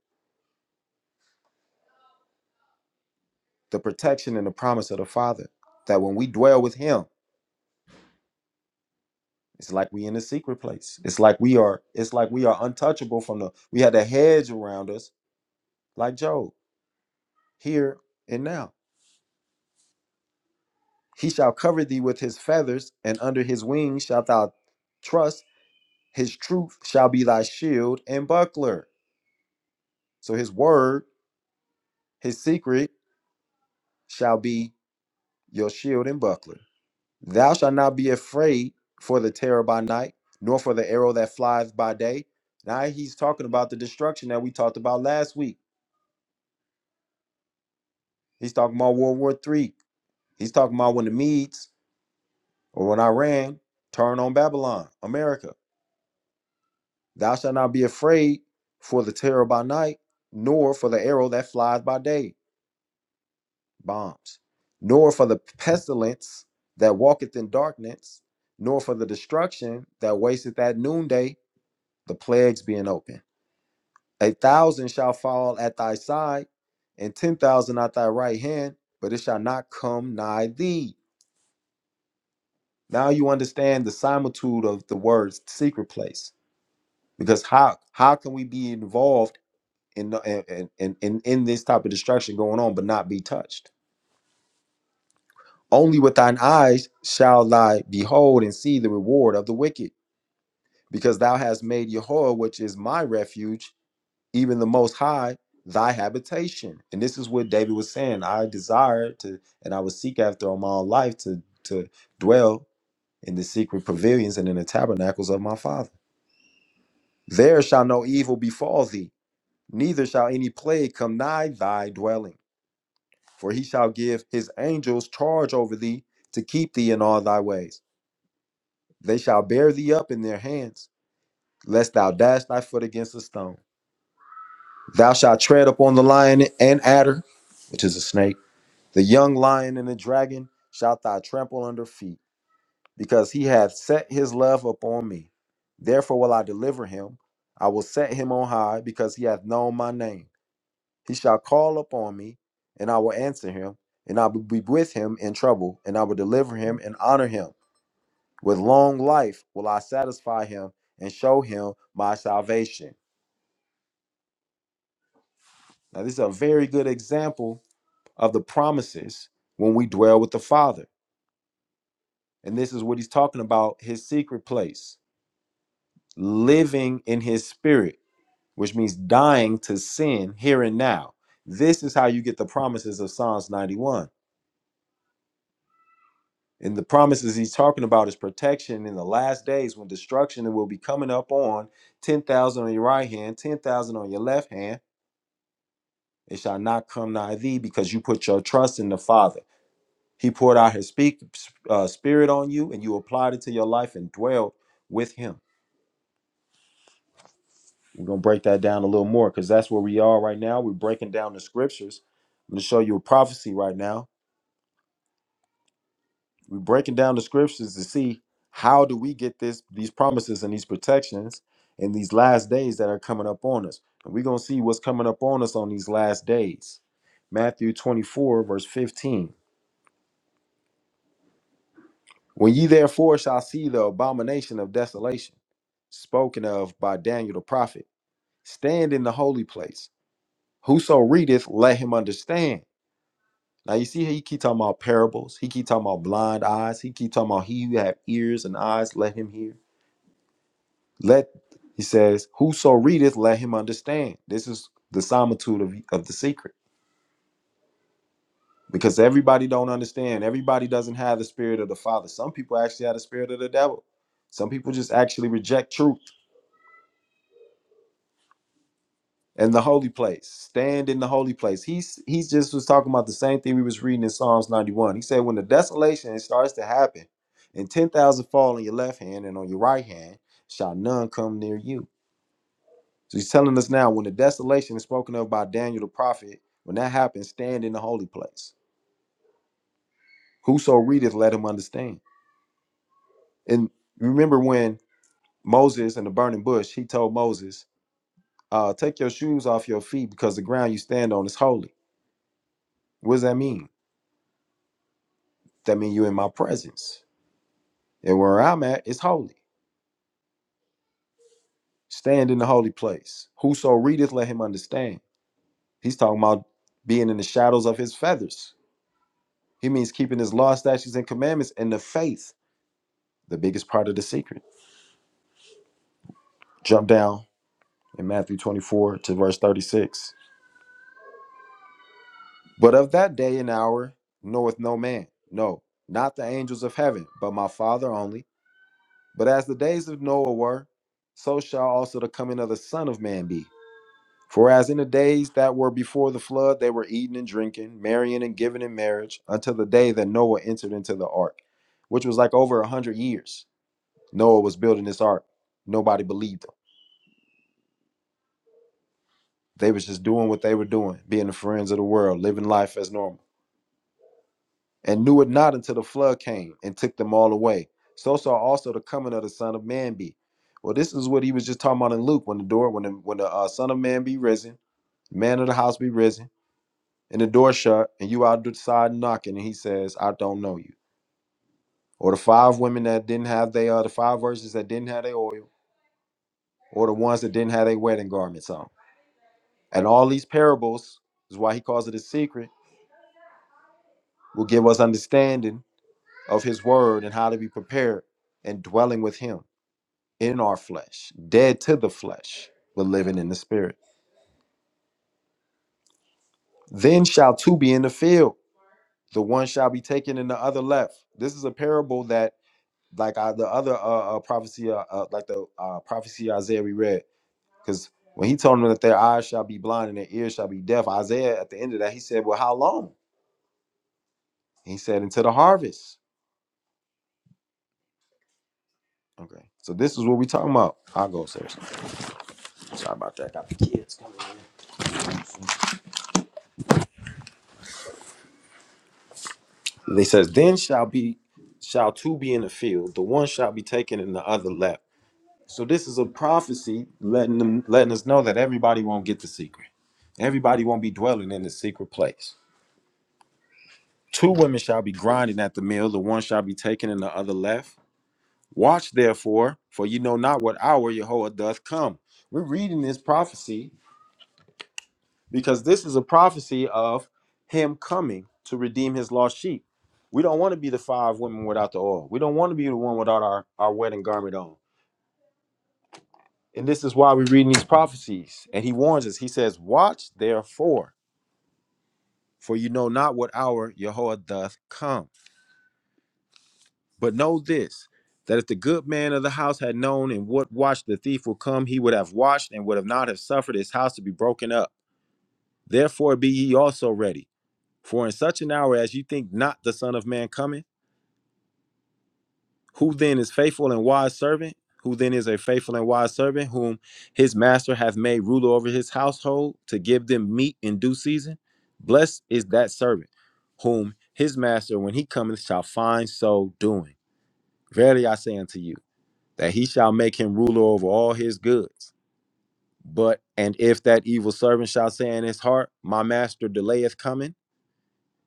Speaker 1: the protection and the promise of the Father. That when we dwell with Him, It's like we in the secret place. It's like we are. It's like we are untouchable from the. We had a hedge around us, like Job, here and now. He shall cover thee with his feathers, and under his wings shalt thou trust. His truth shall be thy shield and buckler. So his word, his secret, shall be your shield and buckler. Thou shalt not be afraid for the terror by night, nor for the arrow that flies by day. Now he's talking about the destruction that we talked about last week He's talking about World War Three. He's talking about when the Medes or when Iran turned on Babylon, America. Thou shalt not be afraid for the terror by night, nor for the arrow that flies by day, bombs, nor for the pestilence that walketh in darkness, nor for the destruction that wasteth at noonday, the plagues being open. A thousand shall fall at thy side, and ten thousand at thy right hand, but it shall not come nigh thee. Now you understand the similitude of the words secret place. Because how how can we be involved in the- in, in, in, in this type of destruction going on but not be touched? Only with thine eyes shall thy behold and see the reward of the wicked, because thou hast made Yahweh, which is my refuge, even the most high, thy habitation. And this is what David was saying. I desire to and I would seek after all my life to to dwell in the secret pavilions and in the tabernacles of my father. There shall no evil befall thee, neither shall any plague come nigh thy dwelling. For he shall give his angels charge over thee to keep thee in all thy ways. They shall bear thee up in their hands, lest thou dash thy foot against a stone. Thou shalt tread upon the lion and adder, which is a snake, the young lion and the dragon shalt thou trample under feet, because he hath set his love upon me. Therefore will I deliver him. I will set him on high, because he hath known my name. He shall call upon me, and I will answer him, and I will be with him in trouble, and I will deliver him and honor him. With long life will I satisfy him and show him my salvation. Now, this is a very good example of the promises when we dwell with the Father. And this is what he's talking about his secret place, living in his spirit, which means dying to sin here and now. This is how you get the promises of Psalms 91 And the promises he's talking about is protection in the last days when destruction will be coming up on 10,000 on your right hand, 10,000 on your left hand. It shall not come nigh thee because you put your trust in the Father. He poured out his speak, uh, spirit on you and you applied it to your life and dwelled with him. We're going to break that down a little more because that's where we are right now. We're breaking down the scriptures. I'm going to show you a prophecy right now We're breaking down the scriptures to see how do we get this these promises and these protections in these last days that are coming up on us. And we're gonna see what's coming up on us on these last days. Matthew 24, verse 15. When ye therefore shall see the abomination of desolation, spoken of by Daniel the prophet, stand in the holy place. Whoso readeth, let him understand. Now you see how he keep talking about parables. He keep talking about blind eyes. He keep talking about he who have ears and eyes, let him hear. Let he says, Whoso readeth, let him understand. This is the solitude of, of the secret. Because everybody don't understand. Everybody doesn't have the spirit of the Father. Some people actually have the spirit of the devil. Some people just actually reject truth and the holy place. Stand in the holy place. He's he's just was talking about the same thing we was reading in Psalms 91. He said, When the desolation starts to happen, and ten thousand fall on your left hand and on your right hand, shall none come near you So he's telling us now when the desolation is spoken of by Daniel the prophet, when that happens, stand in the holy place. Whoso readeth, let him understand. And remember when Moses in the burning bush, he told Moses, uh, take your shoes off your feet because the ground you stand on is holy. What does that mean? That means you're in my presence. And where I'm at is holy. Stand in the holy place. Whoso readeth, let him understand. He's talking about being in the shadows of his feathers. He means keeping his law, statutes, and commandments and the faith. the biggest part of the secret. Jump down in Matthew 24 to verse 36. But of that day and hour knoweth no man, no, not the angels of heaven, but my Father only. But as the days of Noah were, so shall also the coming of the Son of Man be. For as in the days that were before the flood, they were eating and drinking, marrying and giving in marriage, until the day that Noah entered into the ark, which was like over a hundred years. Noah was building this ark. Nobody believed him. They was just doing what they were doing, being the friends of the world, living life as normal, and knew it not until the flood came and took them all away. So saw also the coming of the Son of Man be. Well, this is what he was just talking about in Luke when the door, when the, when the uh, Son of Man be risen, the man of the house be risen, and the door shut, and you outside knocking, and he says, "I don't know you." Or the five women that didn't have they uh, the five verses that didn't have their oil, or the ones that didn't have their wedding garments on, and all these parables is why he calls it a secret will give us understanding of his word and how to be prepared and dwelling with him in our flesh, dead to the flesh, but living in the spirit. Then shall two be in the field, the one shall be taken and the other left. This is a parable that, like uh, the other uh, uh, prophecy, uh, uh, like the uh, prophecy Isaiah we read, because when he told them that their eyes shall be blind and their ears shall be deaf, Isaiah at the end of that, he said, Well, how long? And He said, Until the harvest. Okay. So this is what we talking about. I'll go, sir. Sorry about that. Got the kids. They says, then shall be shall two be in the field, the one shall be taken and the other left. So this is a prophecy letting them letting us know that everybody won't get the secret. Everybody won't be dwelling in the secret place. Two women shall be grinding at the mill, the one shall be taken and the other left. Watch therefore, for you know not what hour Jehovah doth come. We're reading this prophecy because this is a prophecy of him coming to redeem his lost sheep. We don't want to be the five women without the oil. We don't want to be the one without our, our wedding garment on. And this is why we're reading these prophecies. And he warns us. He says, Watch therefore, for you know not what hour Yehoah doth come. But know this, that if the good man of the house had known in what watch the thief would come, he would have watched and would have not have suffered his house to be broken up. Therefore be ye also ready. For in such an hour as you think not the Son of Man cometh, Who then is faithful and wise servant? Who then is a faithful and wise servant, whom his master hath made ruler over his household to give them meat in due season? Blessed is that servant, whom his master, when he cometh, shall find so doing. Verily I say unto you, that he shall make him ruler over all his goods. But and if that evil servant shall say in his heart, My master delayeth coming,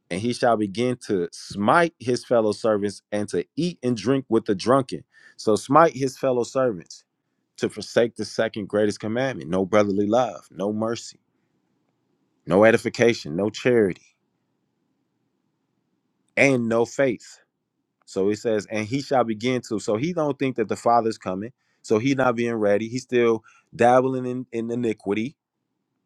Speaker 1: and he shall begin to smite his fellow servants and to eat and drink with the drunken. So smite his fellow servants to forsake the second greatest commandment no brotherly love, no mercy, no edification, no charity, and no faith. So he says, and he shall begin to. So he don't think that the Father's coming. So he not being ready. He's still dabbling in, in iniquity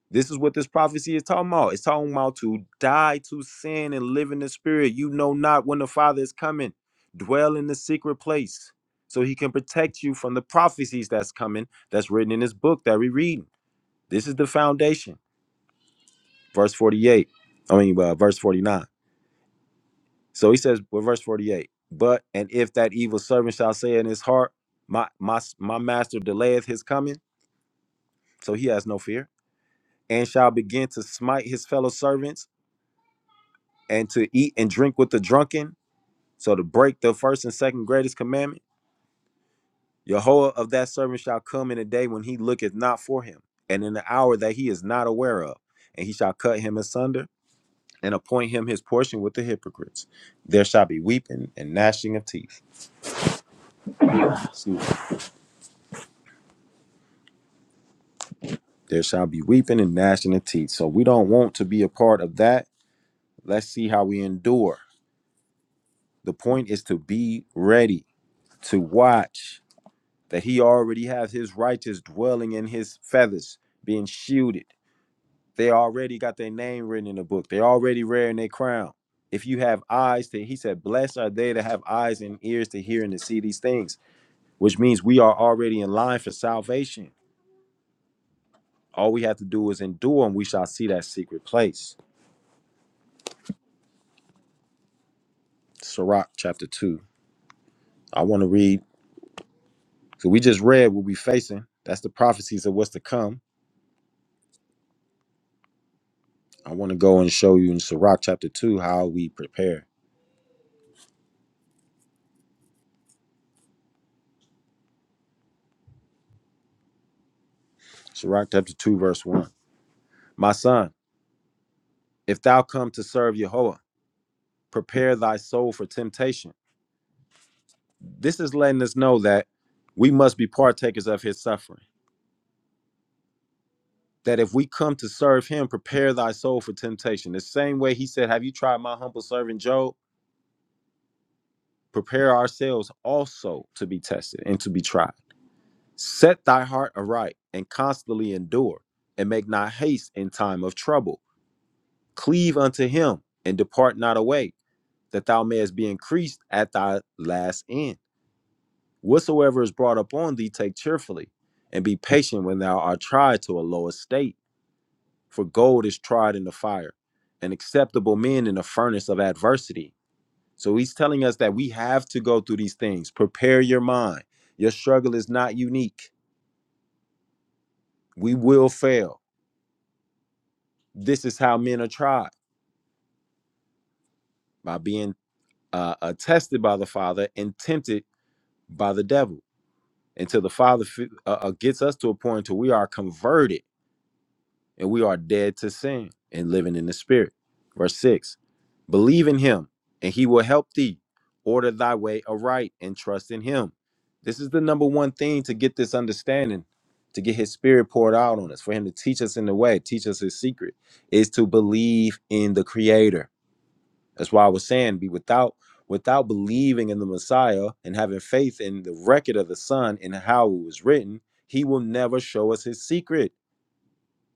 Speaker 1: This is what this prophecy is talking about. It's talking about to die to sin and live in the spirit. You know not when the Father is coming. Dwell in the secret place so he can protect you from the prophecies that's coming, that's written in this book that we read. This is the foundation. Verse 48. I mean, uh, verse 49. So he says, well, verse 48. But and if that evil servant shall say in his heart, my my my master delayeth his coming, so he has no fear, and shall begin to smite his fellow servants and to eat and drink with the drunken, so to break the first and second greatest commandment, Yehoah of that servant shall come in a day when he looketh not for him, and in the hour that he is not aware of, and he shall cut him asunder and appoint him his portion with the hypocrites. There shall be weeping and gnashing of teeth. Excuse me. There shall be weeping and gnashing of teeth. So we don't want to be a part of that. Let's see how we endure. The point is to be ready, to watch, that he already has his righteous dwelling in his feathers, being shielded. They already got their name written in the book. They already wearing their crown. If you have eyes to, he said, blessed are they that have eyes and ears to hear and to see these things, which means we are already in line for salvation. All we have to do is endure and we shall see that secret place. Sirach chapter 2. I want to read, so we just read what we facing. That's the prophecies of what's to come. I want to go and show you in Sirach chapter 2 how we prepare. Sirach chapter 2, verse 1. My son, if thou come to serve Yahweh, prepare thy soul for temptation. This is letting us know that we must be partakers of his suffering. That if we come to serve him, prepare thy soul for temptation. The same way he said, Have you tried my humble servant Job? Prepare ourselves also to be tested and to be tried. Set thy heart aright and constantly endure, and make not haste in time of trouble. Cleave unto him and depart not away that thou mayest be increased at thy last end. Whatsoever is brought upon thee, take cheerfully, and be patient when thou art tried to a low estate. For gold is tried in the fire, and acceptable men in the furnace of adversity. So he's telling us that we have to go through these things. Prepare your mind. Your struggle is not unique. We will fail. This is how men are tried by being uh, uh, tested by the Father and tempted by the devil until the Father fi- uh, uh, gets us to a point to we are converted and we are dead to sin and living in the Spirit. Verse six: Believe in Him, and He will help thee. Order thy way aright and trust in Him. This is the number one thing to get this understanding, to get His Spirit poured out on us, for Him to teach us in the way, teach us His secret, is to believe in the Creator that's why I was saying, be without without believing in the Messiah and having faith in the record of the Son and how it was written, he will never show us his secret.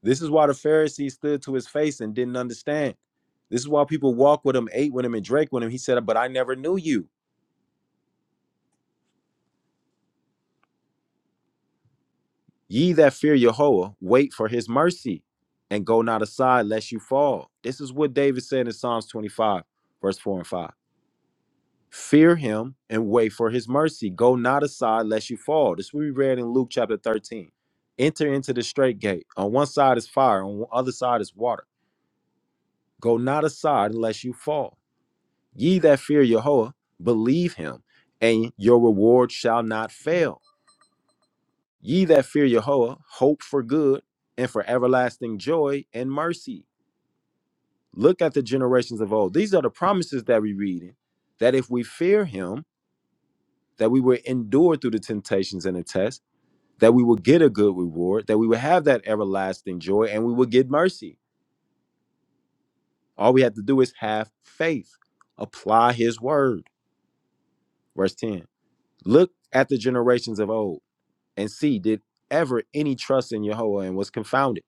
Speaker 1: This is why the Pharisees stood to his face and didn't understand. This is why people walked with him, ate with him, and drank with him. He said, But I never knew you. Ye that fear Yahweh, wait for his mercy and go not aside lest you fall. This is what David said in Psalms 25, verse 4 and 5. Fear him and wait for his mercy. Go not aside lest you fall. This we read in Luke chapter 13. Enter into the straight gate. On one side is fire, on the other side is water. Go not aside unless you fall. Ye that fear Yahweh, believe him, and your reward shall not fail. Ye that fear Yahweh, hope for good and for everlasting joy and mercy. Look at the generations of old. These are the promises that we read in, that if we fear him, that we will endure through the temptations and the tests that we will get a good reward, that we will have that everlasting joy, and we will get mercy. All we have to do is have faith, apply his word. Verse 10. Look at the generations of old and see, did ever any trust in Yahweh and was confounded?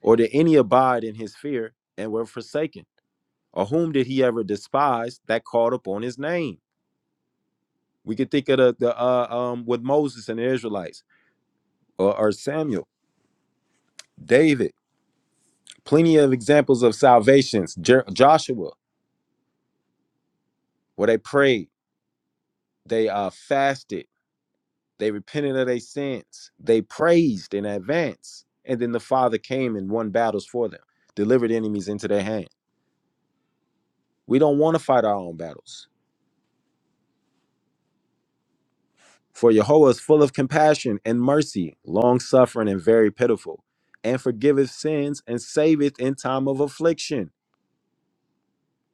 Speaker 1: Or did any abide in his fear and were forsaken? Or whom did he ever despise that called upon his name? We could think of the, the uh, um, with Moses and the Israelites, or, or Samuel, David, plenty of examples of salvations, Jer- Joshua, Well, they prayed, they uh, fasted, they repented of their sins, they praised in advance, and then the Father came and won battles for them, delivered enemies into their hand. We don't want to fight our own battles. For Jehovah is full of compassion and mercy, long suffering and very pitiful, and forgiveth sins and saveth in time of affliction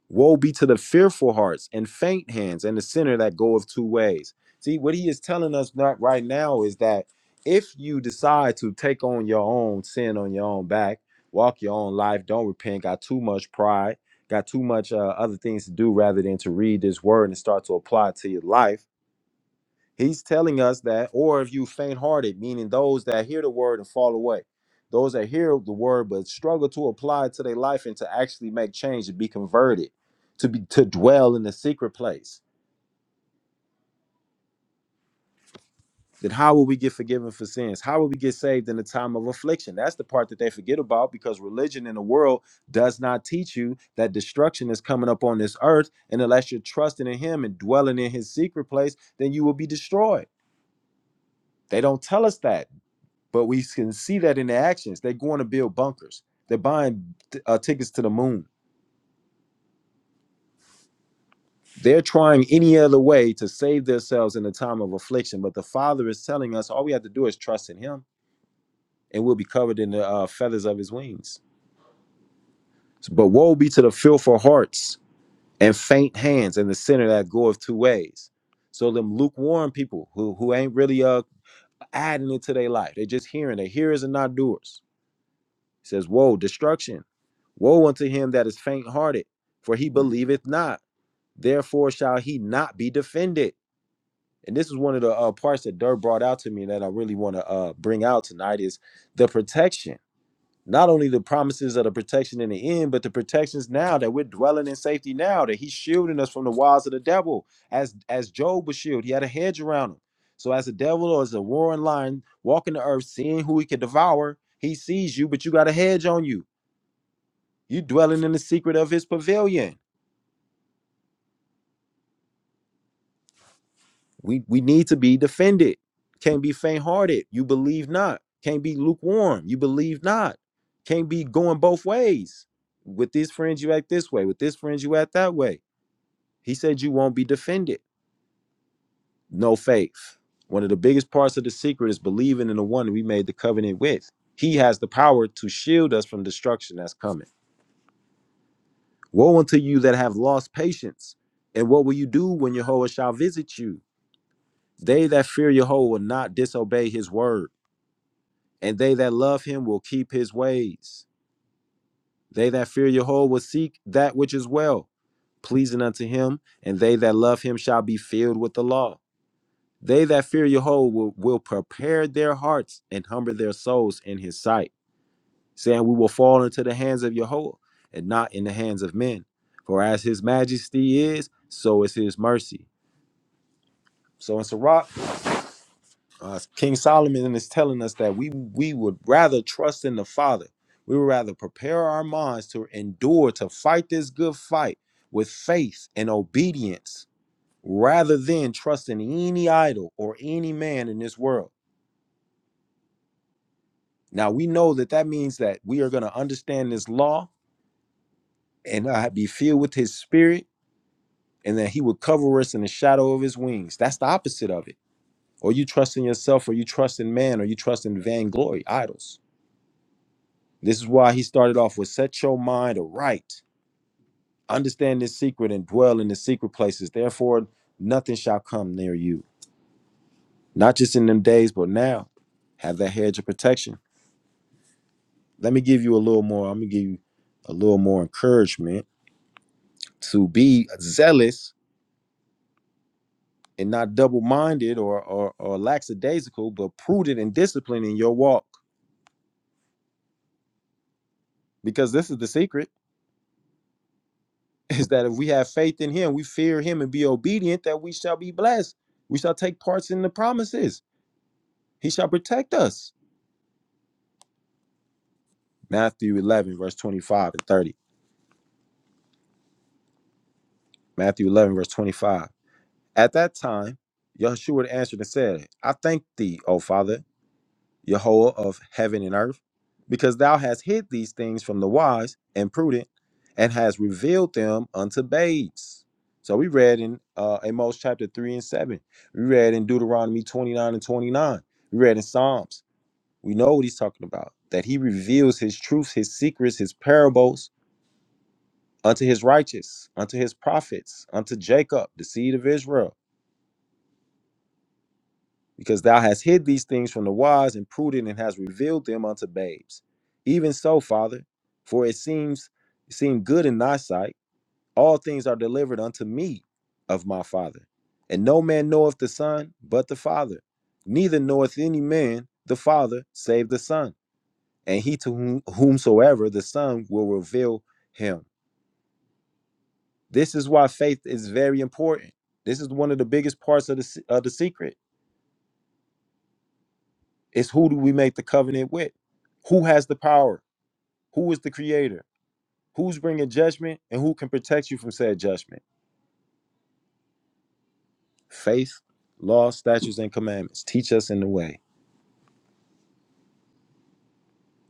Speaker 1: Woe be to the fearful hearts and faint hands and the sinner that goeth two ways. See, what he is telling us not right now is that if you decide to take on your own sin on your own back, walk your own life, don't repent, got too much pride, got too much uh, other things to do rather than to read this word and start to apply it to your life He's telling us that, or if you faint hearted, meaning those that hear the word and fall away, those that hear the word but struggle to apply it to their life and to actually make change, to be converted, to be to dwell in the secret place. Then how will we get forgiven for sins? How will we get saved in the time of affliction? That's the part that they forget about because religion in the world does not teach you that destruction is coming up on this earth. And unless you're trusting in him and dwelling in his secret place, then you will be destroyed. They don't tell us that. but we can see that in their actions. They're going to build bunkers. They're buying uh, tickets to the moon. They're trying any other way to save themselves in the time of affliction. But the Father is telling us all we have to do is trust in Him, and we'll be covered in the uh, feathers of His wings. But woe be to the fearful hearts and faint hands, and the sinner that goeth two ways. So them lukewarm people who who ain't really uh adding it to their life. They're just hearing. They're hearers and not doers. It says, "Woe, destruction." Woe unto him that is faint hearted, for he believeth not. Therefore shall he not be defended. And this is one of the uh, parts that Dirk brought out to me that I really want to uh, bring out tonight is the protection. Not only the promises of the protection in the end, but the protections now that we're dwelling in safety now, that he's shielding us from the wiles of the devil. As as Job was shielded, he had a hedge around him. So as the devil or as a roaring lion walking the earth, seeing who he can devour, he sees you, but you got a hedge on you. You dwelling in the secret of his pavilion. We we need to be defended. Can't be faint-hearted. You believe not. Can't be lukewarm. You believe not. Can't be going both ways. With these friends, you act this way. With this friends, you act that way. He said you won't be defended. No faith. One of the biggest parts of the secret is believing in the one we made the covenant with. He has the power to shield us from destruction that's coming. Woe unto you that have lost patience. And what will you do when Jehovah shall visit you? They that fear Yahweh will not disobey his word, and they that love him will keep his ways. They that fear Yahweh will seek that which is well, pleasing unto him, and they that love him shall be filled with the law. They that fear Yahweh will, will prepare their hearts and humble their souls in his sight, saying, We will fall into the hands of Yahweh and not in the hands of men. For as his majesty is, so is his mercy. So in Sirach, Uh, King Solomon is telling us that we we would rather trust in the Father. We would rather prepare our minds to endure to fight this good fight with faith and obedience, rather than trusting any idol or any man in this world. Now we know that that means that we are going to understand this law and uh, be filled with His Spirit, and that He would cover us in the shadow of His wings. That's the opposite of it. Or you trust in yourself, or you trust in man, or you trust in vainglory, idols. This is why he started off with set your mind aright, understand this secret and dwell in the secret places. Therefore, nothing shall come near you. Not just in them days, but now. Have that hedge of protection. Let me give you a little more, I'm gonna give you a little more encouragement to be zealous and not double-minded or or, or lackadaisical, but prudent and disciplined in your walk. Because this is the secret, [LAUGHS] is that if we have faith in him, we fear him and be obedient, that we shall be blessed. We shall take parts in the promises He shall protect us. Matthew 11, verse 25 and 30. Matthew 11, verse 25. At that time, Yahushua answered and said, I thank thee, O Father, Yehovah of heaven and earth, because thou hast hid these things from the wise and prudent and hast revealed them unto babes. So we read in uh, Amos chapter 3 and 7. We read in Deuteronomy 29 and 29. We read in Psalms. We know what he's talking about, that he reveals his truths, his secrets, his parables unto his righteous, unto his prophets, unto Jacob, the seed of Israel. Because thou hast hid these things from the wise and prudent and hast revealed them unto babes. Even so, Father, for it seems it seemed good in thy sight. All things are delivered unto me of my Father. And no man knoweth the Son but the Father, neither knoweth any man the Father save the Son, and he to whom, whomsoever the Son will reveal him. This is why faith is very important. This is one of the biggest parts of the se- of the secret. It's who do we make the covenant with? Who has the power? Who is the creator? Who's bringing judgment and who can protect you from said judgment? Faith, law, statutes, and commandments teach us in the way.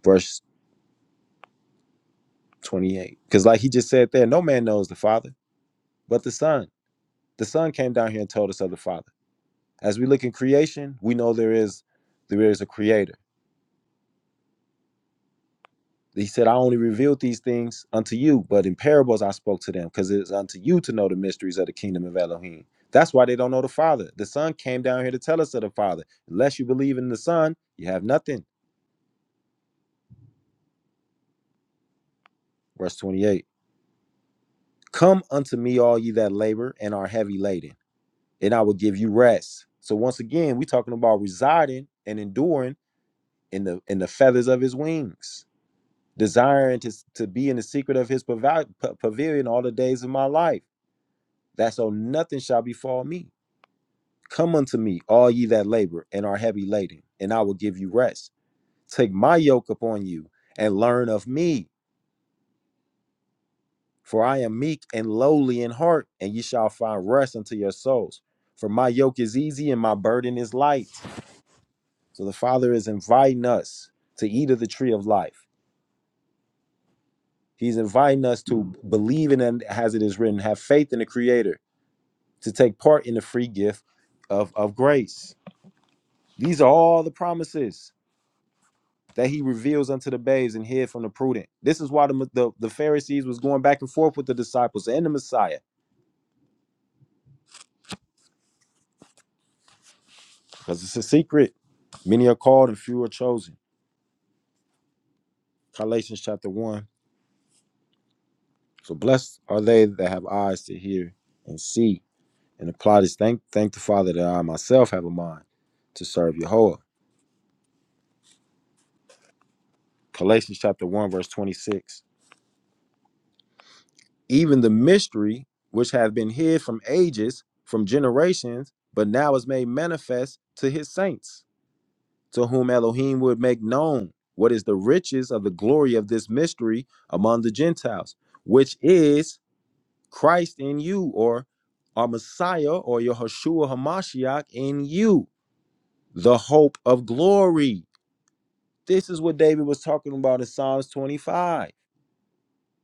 Speaker 1: Verse 28. Because, like he just said there, no man knows the Father but the Son. The Son came down here and told us of the Father. As we look in creation, we know there is there is a creator He said, I only revealed these things unto you, but in parables I spoke to them, because it is unto you to know the mysteries of the kingdom of Elohim. That's why they don't know the Father. The Son came down here to tell us of the Father. Unless you believe in the Son, you have nothing. Verse 28 Come unto me, all ye that labor and are heavy laden, and I will give you rest. So once again, we're talking about residing and enduring in the in the feathers of his wings, desiring to, to be in the secret of his pavi- pa- pavilion all the days of my life. that so nothing shall befall me. Come unto me, all ye that labor and are heavy laden, and I will give you rest. Take my yoke upon you and learn of me, for I am meek and lowly in heart, and ye shall find rest unto your souls. For my yoke is easy and my burden is light. So the Father is inviting us to eat of the tree of life. He's inviting us to believe in and as it is written, have faith in the Creator, to take part in the free gift of, of grace. These are all the promises that he reveals unto the babes and hid from the prudent. This is why the, the, the Pharisees was going back and forth with the disciples and the Messiah, because it's a secret. Many are called and few are chosen. Galatians chapter 1. So blessed are they that have eyes to hear and see and apply this. Thank, thank the Father that I myself have a mind to serve Yehovah. Galatians chapter 1, verse 26. Even the mystery which hath been hid from ages, from generations, but now is made manifest to his saints to whom Elohim would make known what is the riches of the glory of this mystery among the Gentiles, which is Christ in you, or our Messiah, or Yahushua Hamashiach in you, the hope of glory. This is what David was talking about in Psalms 25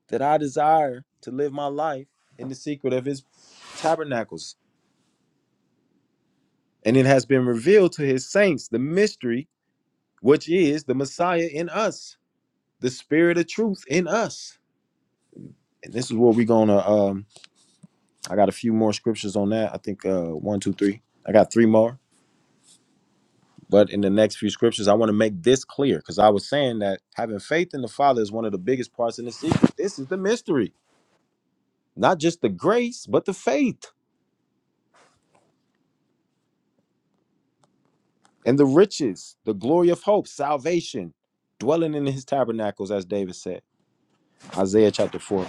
Speaker 1: that I desire to live my life in the secret of his tabernacles. And it has been revealed to his saints the mystery, which is the Messiah in us, the spirit of truth in us this is where we're gonna um i got a few more scriptures on that i think uh one two three i got three more but in the next few scriptures i want to make this clear because i was saying that having faith in the father is one of the biggest parts in the secret this is the mystery not just the grace but the faith and the riches the glory of hope salvation dwelling in his tabernacles as david said isaiah chapter 4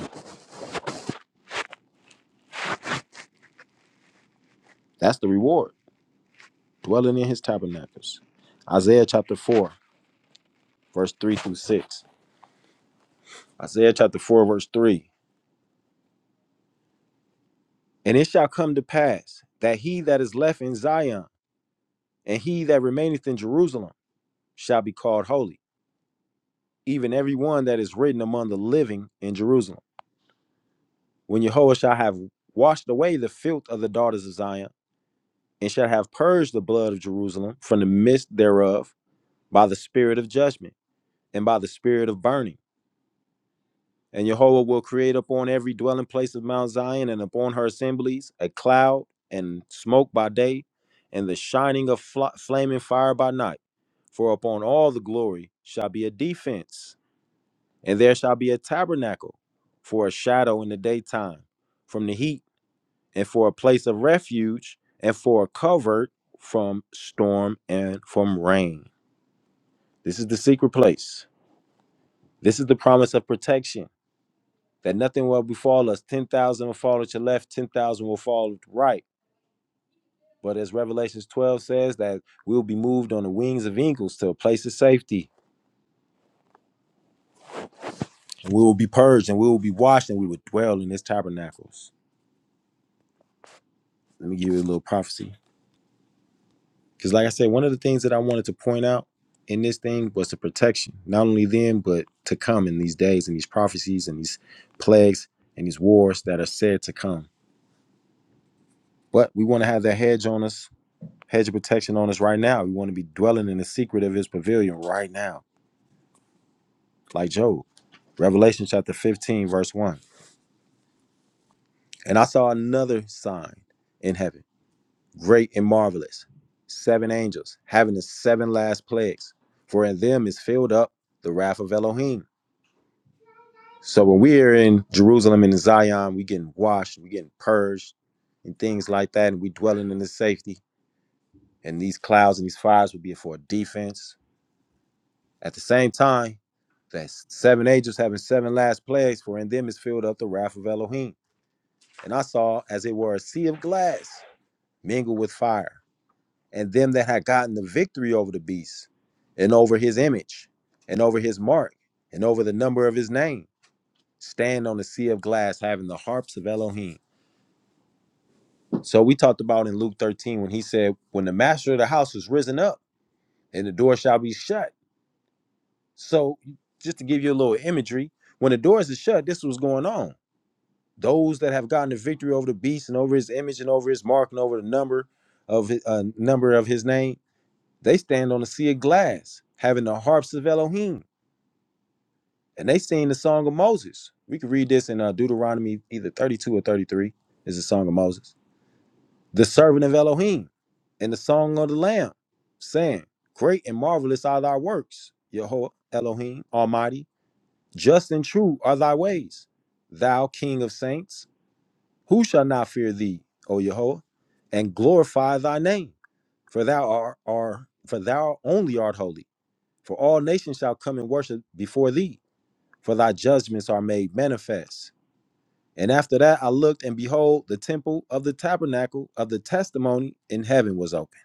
Speaker 1: that's the reward dwelling in his tabernacles isaiah chapter 4 verse 3 through 6 isaiah chapter 4 verse 3 And it shall come to pass that he that is left in Zion and he that remaineth in Jerusalem shall be called holy, even every one that is written among the living in Jerusalem. When Jehovah shall have washed away the filth of the daughters of Zion, and shall have purged the blood of Jerusalem from the midst thereof by the spirit of judgment and by the spirit of burning. And Jehovah will create upon every dwelling place of Mount Zion and upon her assemblies a cloud and smoke by day, and the shining of fl- flaming fire by night For upon all the glory shall be a defense, and there shall be a tabernacle for a shadow in the daytime from the heat, and for a place of refuge, and for a covert from storm and from rain. This is the secret place. This is the promise of protection that nothing will befall us. 10,000 will fall at your left, 10,000 will fall at your right. But as Revelations 12 says, that we'll be moved on the wings of eagles to a place of safety And we will be purged and we will be washed and we will dwell in his tabernacles. Let me give you a little prophecy. Because, like I said, one of the things that I wanted to point out in this thing was the protection, not only then, but to come in these days and these prophecies and these plagues and these wars that are said to come. But we want to have that hedge on us, hedge of protection on us right now. We want to be dwelling in the secret of his pavilion right now, like Job. Revelation chapter 15, verse 1. And I saw another sign in heaven great and marvelous, seven angels, having the seven last plagues, for in them is filled up the wrath of Elohim. So when we are in Jerusalem and in Zion, we getting washed, we getting purged, and things like that, and we dwelling in the safety. And these clouds and these fires will be for defense. At the same time, that seven angels having seven last plagues, for in them is filled up the wrath of Elohim. And I saw, as it were, a sea of glass mingled with fire and them that had gotten the victory over the beast, and over his image, and over his mark, and over the number of his name, stand on the sea of glass, having the harps of Elohim. So we talked about in Luke 13 when he said, When the master of the house is risen up, and the door shall be shut. So just to give you a little imagery, when the doors are shut, this was going on. Those that have gotten the victory over the beast and over his image and over his mark and over the number of his, uh, number of his name They stand on a sea of glass, having the harps of Elohim, and they sing the song of Moses. We can read this in uh, Deuteronomy either 32 or 33 is the song of Moses. The servant of Elohim and the song of the Lamb, saying, Great and marvelous are thy works, Yehovah Elohim Almighty. Just and true are thy ways, thou King of saints. Who shall not fear thee, O Yehovah, and glorify thy name? For thou art, are, for thou only art holy For all nations shall come and worship before thee, for thy judgments are made manifest. And after that I looked, and behold, the temple of the tabernacle of the testimony in heaven was open.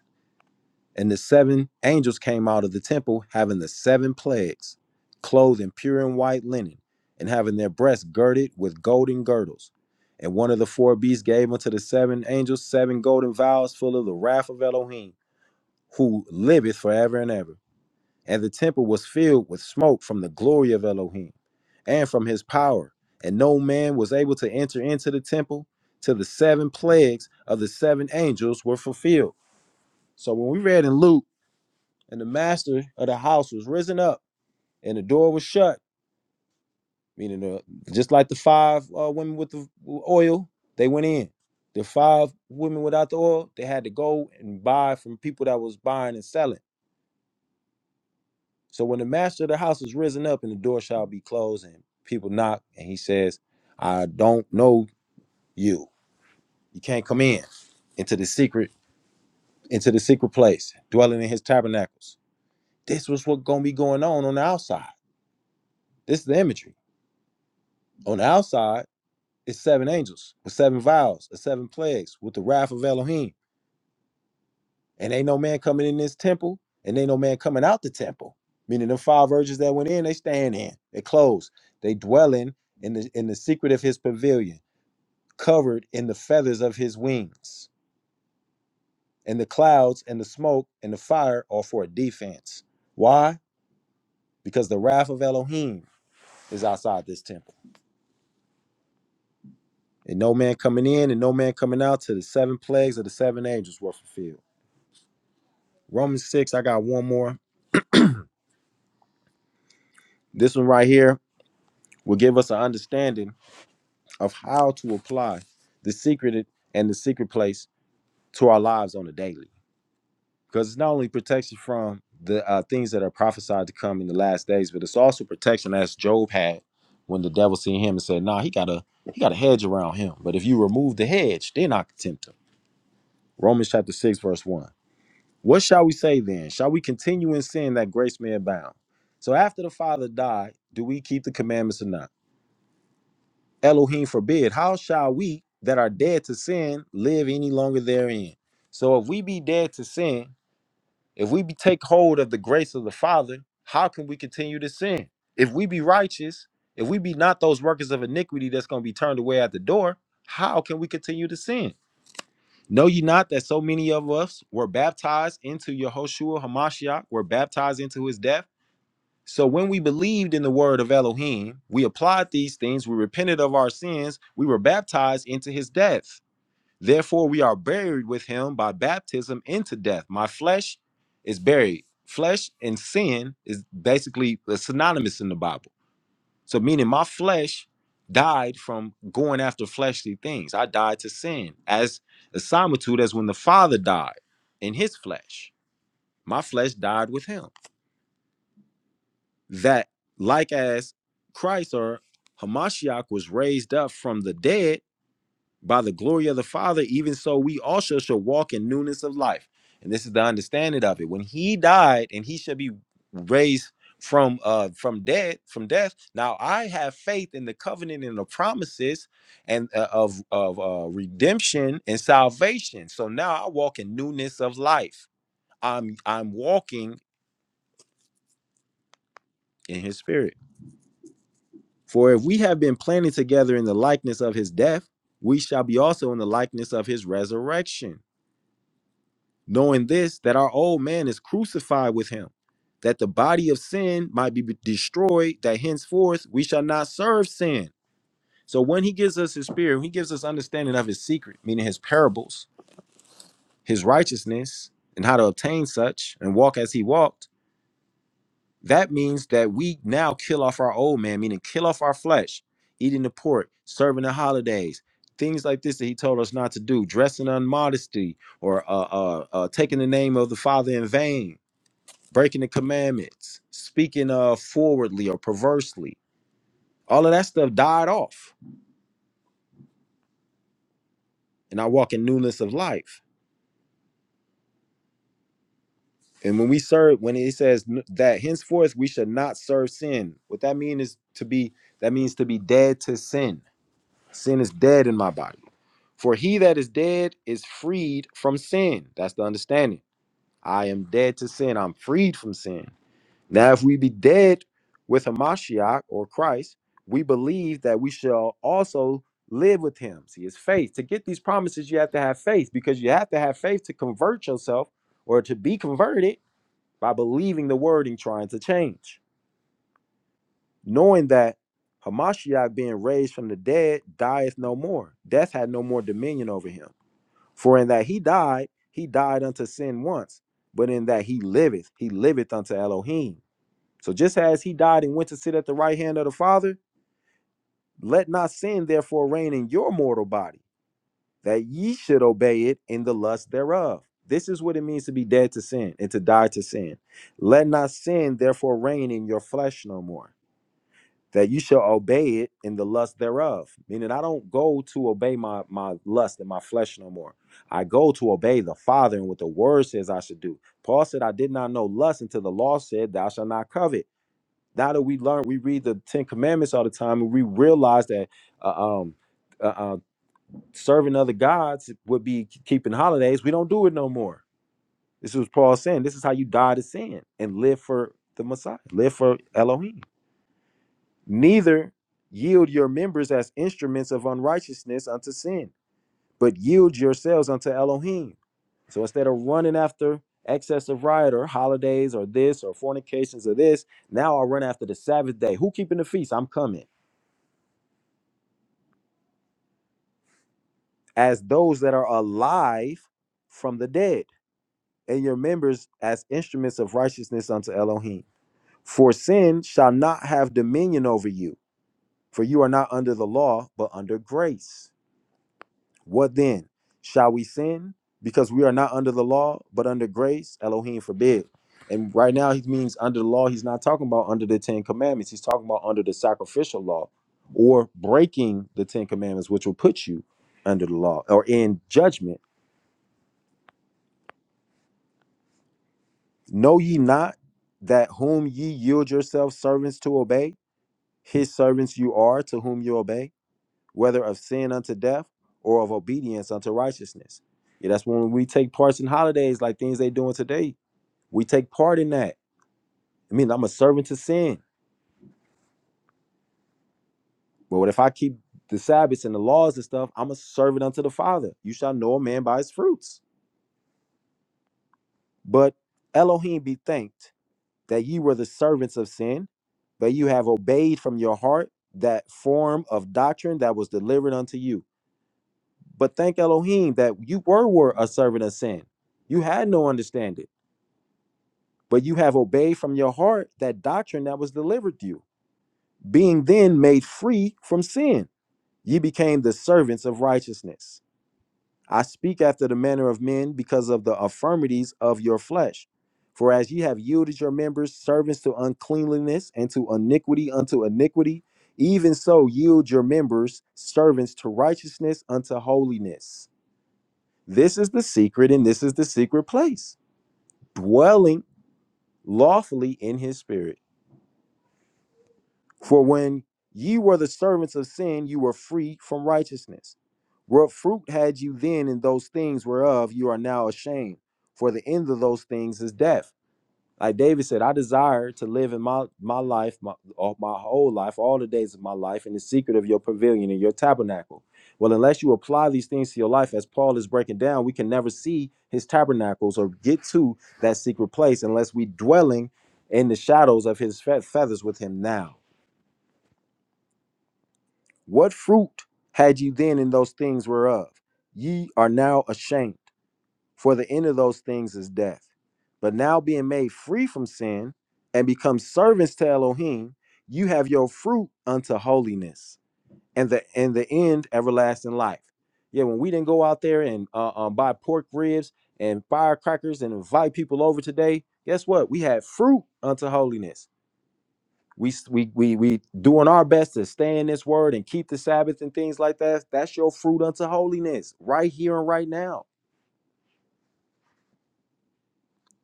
Speaker 1: And the seven angels came out of the temple, having the seven plagues, clothed in pure and white linen, and having their breasts girded with golden girdles. And one of the four beasts gave unto the seven angels seven golden vials full of the wrath of Elohim, who liveth forever and ever. And the temple was filled with smoke from the glory of Elohim and from his power. And no man was able to enter into the temple till the seven plagues of the seven angels were fulfilled. So when we read in Luke, and the master of the house was risen up, and the door was shut, meaning the, just like the five uh, women with the oil, they went in. The five women without the oil, they had to go and buy from people that was buying and selling So when the master of the house is risen up and the door shall be closed and people knock and he says, I don't know you. You can't come in into the secret, into the secret place, dwelling in his tabernacles. This was what's gonna be going on on the outside. This is the imagery. On the outside, it's seven angels with seven vials, and seven plagues, with the wrath of Elohim. And ain't no man coming in this temple, and ain't no man coming out the temple. Meaning the five virgins that went in, they staying in, they close, they dwelling in the in the secret of his pavilion covered in the feathers of his wings. And the clouds and the smoke and the fire are for a defense. Why? Because the wrath of Elohim is outside this temple. And no man coming in and no man coming out till the seven plagues of the seven angels were fulfilled. Romans 6, I got one more. This one right here will give us an understanding of how to apply the secret and the secret place to our lives on a daily. because it's not only protection from the uh, things that are prophesied to come in the last days, but it's also protection as Job had when the devil seen him and said, "Nah, he got a he got a hedge around him. But if you remove the hedge, then I can tempt him." Romans chapter six verse one. What shall we say then? Shall we continue in sin that grace may abound? So after the Father died, do we keep the commandments or not? Elohim forbid. How shall we that are dead to sin live any longer therein? So if we be dead to sin, If we be take hold of the grace of the Father, how can we continue to sin? If we be righteous, if we be not those workers of iniquity that's going to be turned away at the door, how can we continue to sin? Know ye not that so many of us were baptized into Yehoshua Hamashiach, were baptized into his death? So when we believed in the word of Elohim, we applied these things, we repented of our sins, we were baptized into his death. Therefore, we are buried with him by baptism into death. My flesh is buried. Flesh and sin is basically synonymous in the Bible. So, meaning my flesh died from going after fleshly things. I died to sin as a similitude as when the Father died in his flesh. My flesh died with him. That, like as Christ or Hamashiach was raised up from the dead by the glory of the Father, even so we also shall walk in newness of life. And this is the understanding of it. When he died and he shall be raised from uh from dead from death now i have faith in the covenant and the promises and uh, of of uh redemption and salvation so now i walk in newness of life i'm i'm walking in his spirit for if we have been planted together in the likeness of his death we shall be also in the likeness of his resurrection knowing this that our old man is crucified with him that the body of sin might be destroyed that henceforth we shall not serve sin so when he gives us his spirit when he gives us understanding of his secret meaning his parables his righteousness and how to obtain such and walk as he walked that means that we now kill off our old man meaning kill off our flesh eating the pork serving the holidays things like this that he told us not to do dressing on modesty or uh, uh, uh, taking the name of the father in vain breaking the commandments, speaking uh forwardly or perversely. All of that stuff died off, and I walk in newness of life. And when we serve, when it says n- that henceforth we should not serve sin, what that means is to be that means to be dead to sin. Sin is dead in my body. For he that is dead is freed from sin. That's the understanding. I am dead to sin. I'm freed from sin. Now, if we be dead with Hamashiach or Christ, we believe that we shall also live with him. See, it's faith. To get these promises, you have to have faith because you have to have faith to convert yourself or to be converted by believing the word and trying to change. Knowing that Hamashiach being raised from the dead dieth no more. Death had no more dominion over him. For in that he died, he died unto sin once, but in that he liveth, he liveth unto Elohim. So just as he died and went to sit at the right hand of the Father, let not sin therefore reign in your mortal body, that ye should obey it in the lust thereof. This is what it means to be dead to sin and to die to sin. Let not sin therefore reign in your flesh no more, that you shall obey it in the lust thereof. Meaning, I don't go to obey my, my lust and my flesh no more. I go to obey the Father and what the Word says I should do. Paul said, I did not know lust until the law said, Thou shalt not covet now that we learn, we read the Ten Commandments all the time, and we realize that uh, um, uh, uh, serving other gods would be k- keeping holidays. We don't do it no more. This is Paul saying. This is how you die to sin and live for the Messiah, live for Elohim. Neither yield your members as instruments of unrighteousness unto sin, but yield yourselves unto Elohim. So instead of running after excess of riot or holidays or this or fornications or this, now I run after the Sabbath day. Who keeping the feast? I'm coming. as those that are alive from the dead, and your members as instruments of righteousness unto Elohim. For sin shall not have dominion over you, for you are not under the law, but under grace. What then? Shall we sin? Because we are not under the law, but under grace? Elohim forbid. And right now, he means under the law, he's not talking about under the Ten Commandments. He's talking about under the sacrificial law or breaking the Ten Commandments, which will put you under the law or in judgment Know ye not that whom ye yield yourselves servants to obey, his servants you are to whom you obey, whether of sin unto death or of obedience unto righteousness? Yeah, that's when we take parts in holidays like things they doing today. We take part in that. I mean, I'm a servant to sin. But what if I keep the Sabbaths and the laws and stuff? I'm a servant unto the Father. You shall know a man by his fruits. But Elohim be thanked that ye were the servants of sin, but you have obeyed from your heart that form of doctrine that was delivered unto you. But thank Elohim that you were, were a servant of sin. You had no understanding, but you have obeyed from your heart that doctrine that was delivered you. Being then made free from sin, ye became the servants of righteousness. I speak after the manner of men because of the affirmities of your flesh. For as ye have yielded your members servants to uncleanliness and to iniquity unto iniquity, even so yield your members servants to righteousness unto holiness. This is the secret, and this is the secret place, dwelling lawfully in his spirit. For when ye were the servants of sin, you were free from righteousness. What fruit had you then in those things whereof you are now ashamed? For the end of those things is death. Like David said, I desire to live in my my life, my, all- my whole life, all the days of my life, in the secret of your pavilion and your tabernacle. Well, unless you apply these things to your life, as Paul is breaking down, we can never see his tabernacles or get to that secret place unless we dwelling in the shadows of his fe- feathers with him now. What fruit had you then in those things whereof ye are now ashamed? for the end of those things is death. But now being made free from sin and become servants to Elohim, you have your fruit unto holiness and the and the end everlasting life. Yeah, when we didn't go out there and uh, uh, buy pork ribs and firecrackers and invite people over today, guess what? We had fruit unto holiness. We s- we we we doing our best to stay in this word and keep the Sabbath and things like that. That's your fruit unto holiness, right here and right now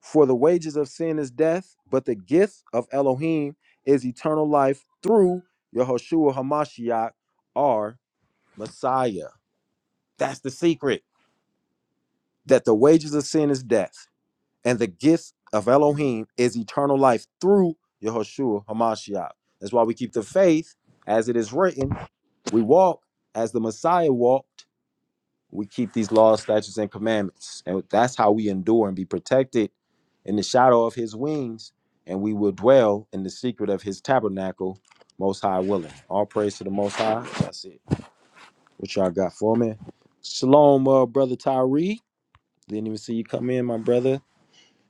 Speaker 1: For the wages of sin is death, but the gift of Elohim is eternal life through Yehoshua Hamashiach, our Messiah. That's the secret. That the wages of sin is death, and the gift of Elohim is eternal life through Yehoshua Hamashiach. That's why we keep the faith as it is written. We walk as the Messiah walked we keep these laws, statutes, and commandments. And that's how we endure and be protected in the shadow of his wings, and we will dwell in the secret of his tabernacle, most high willing. All praise to the most high. That's it. What y'all got for me? Shalom, uh, brother Tyree. Didn't even see you come in, my brother.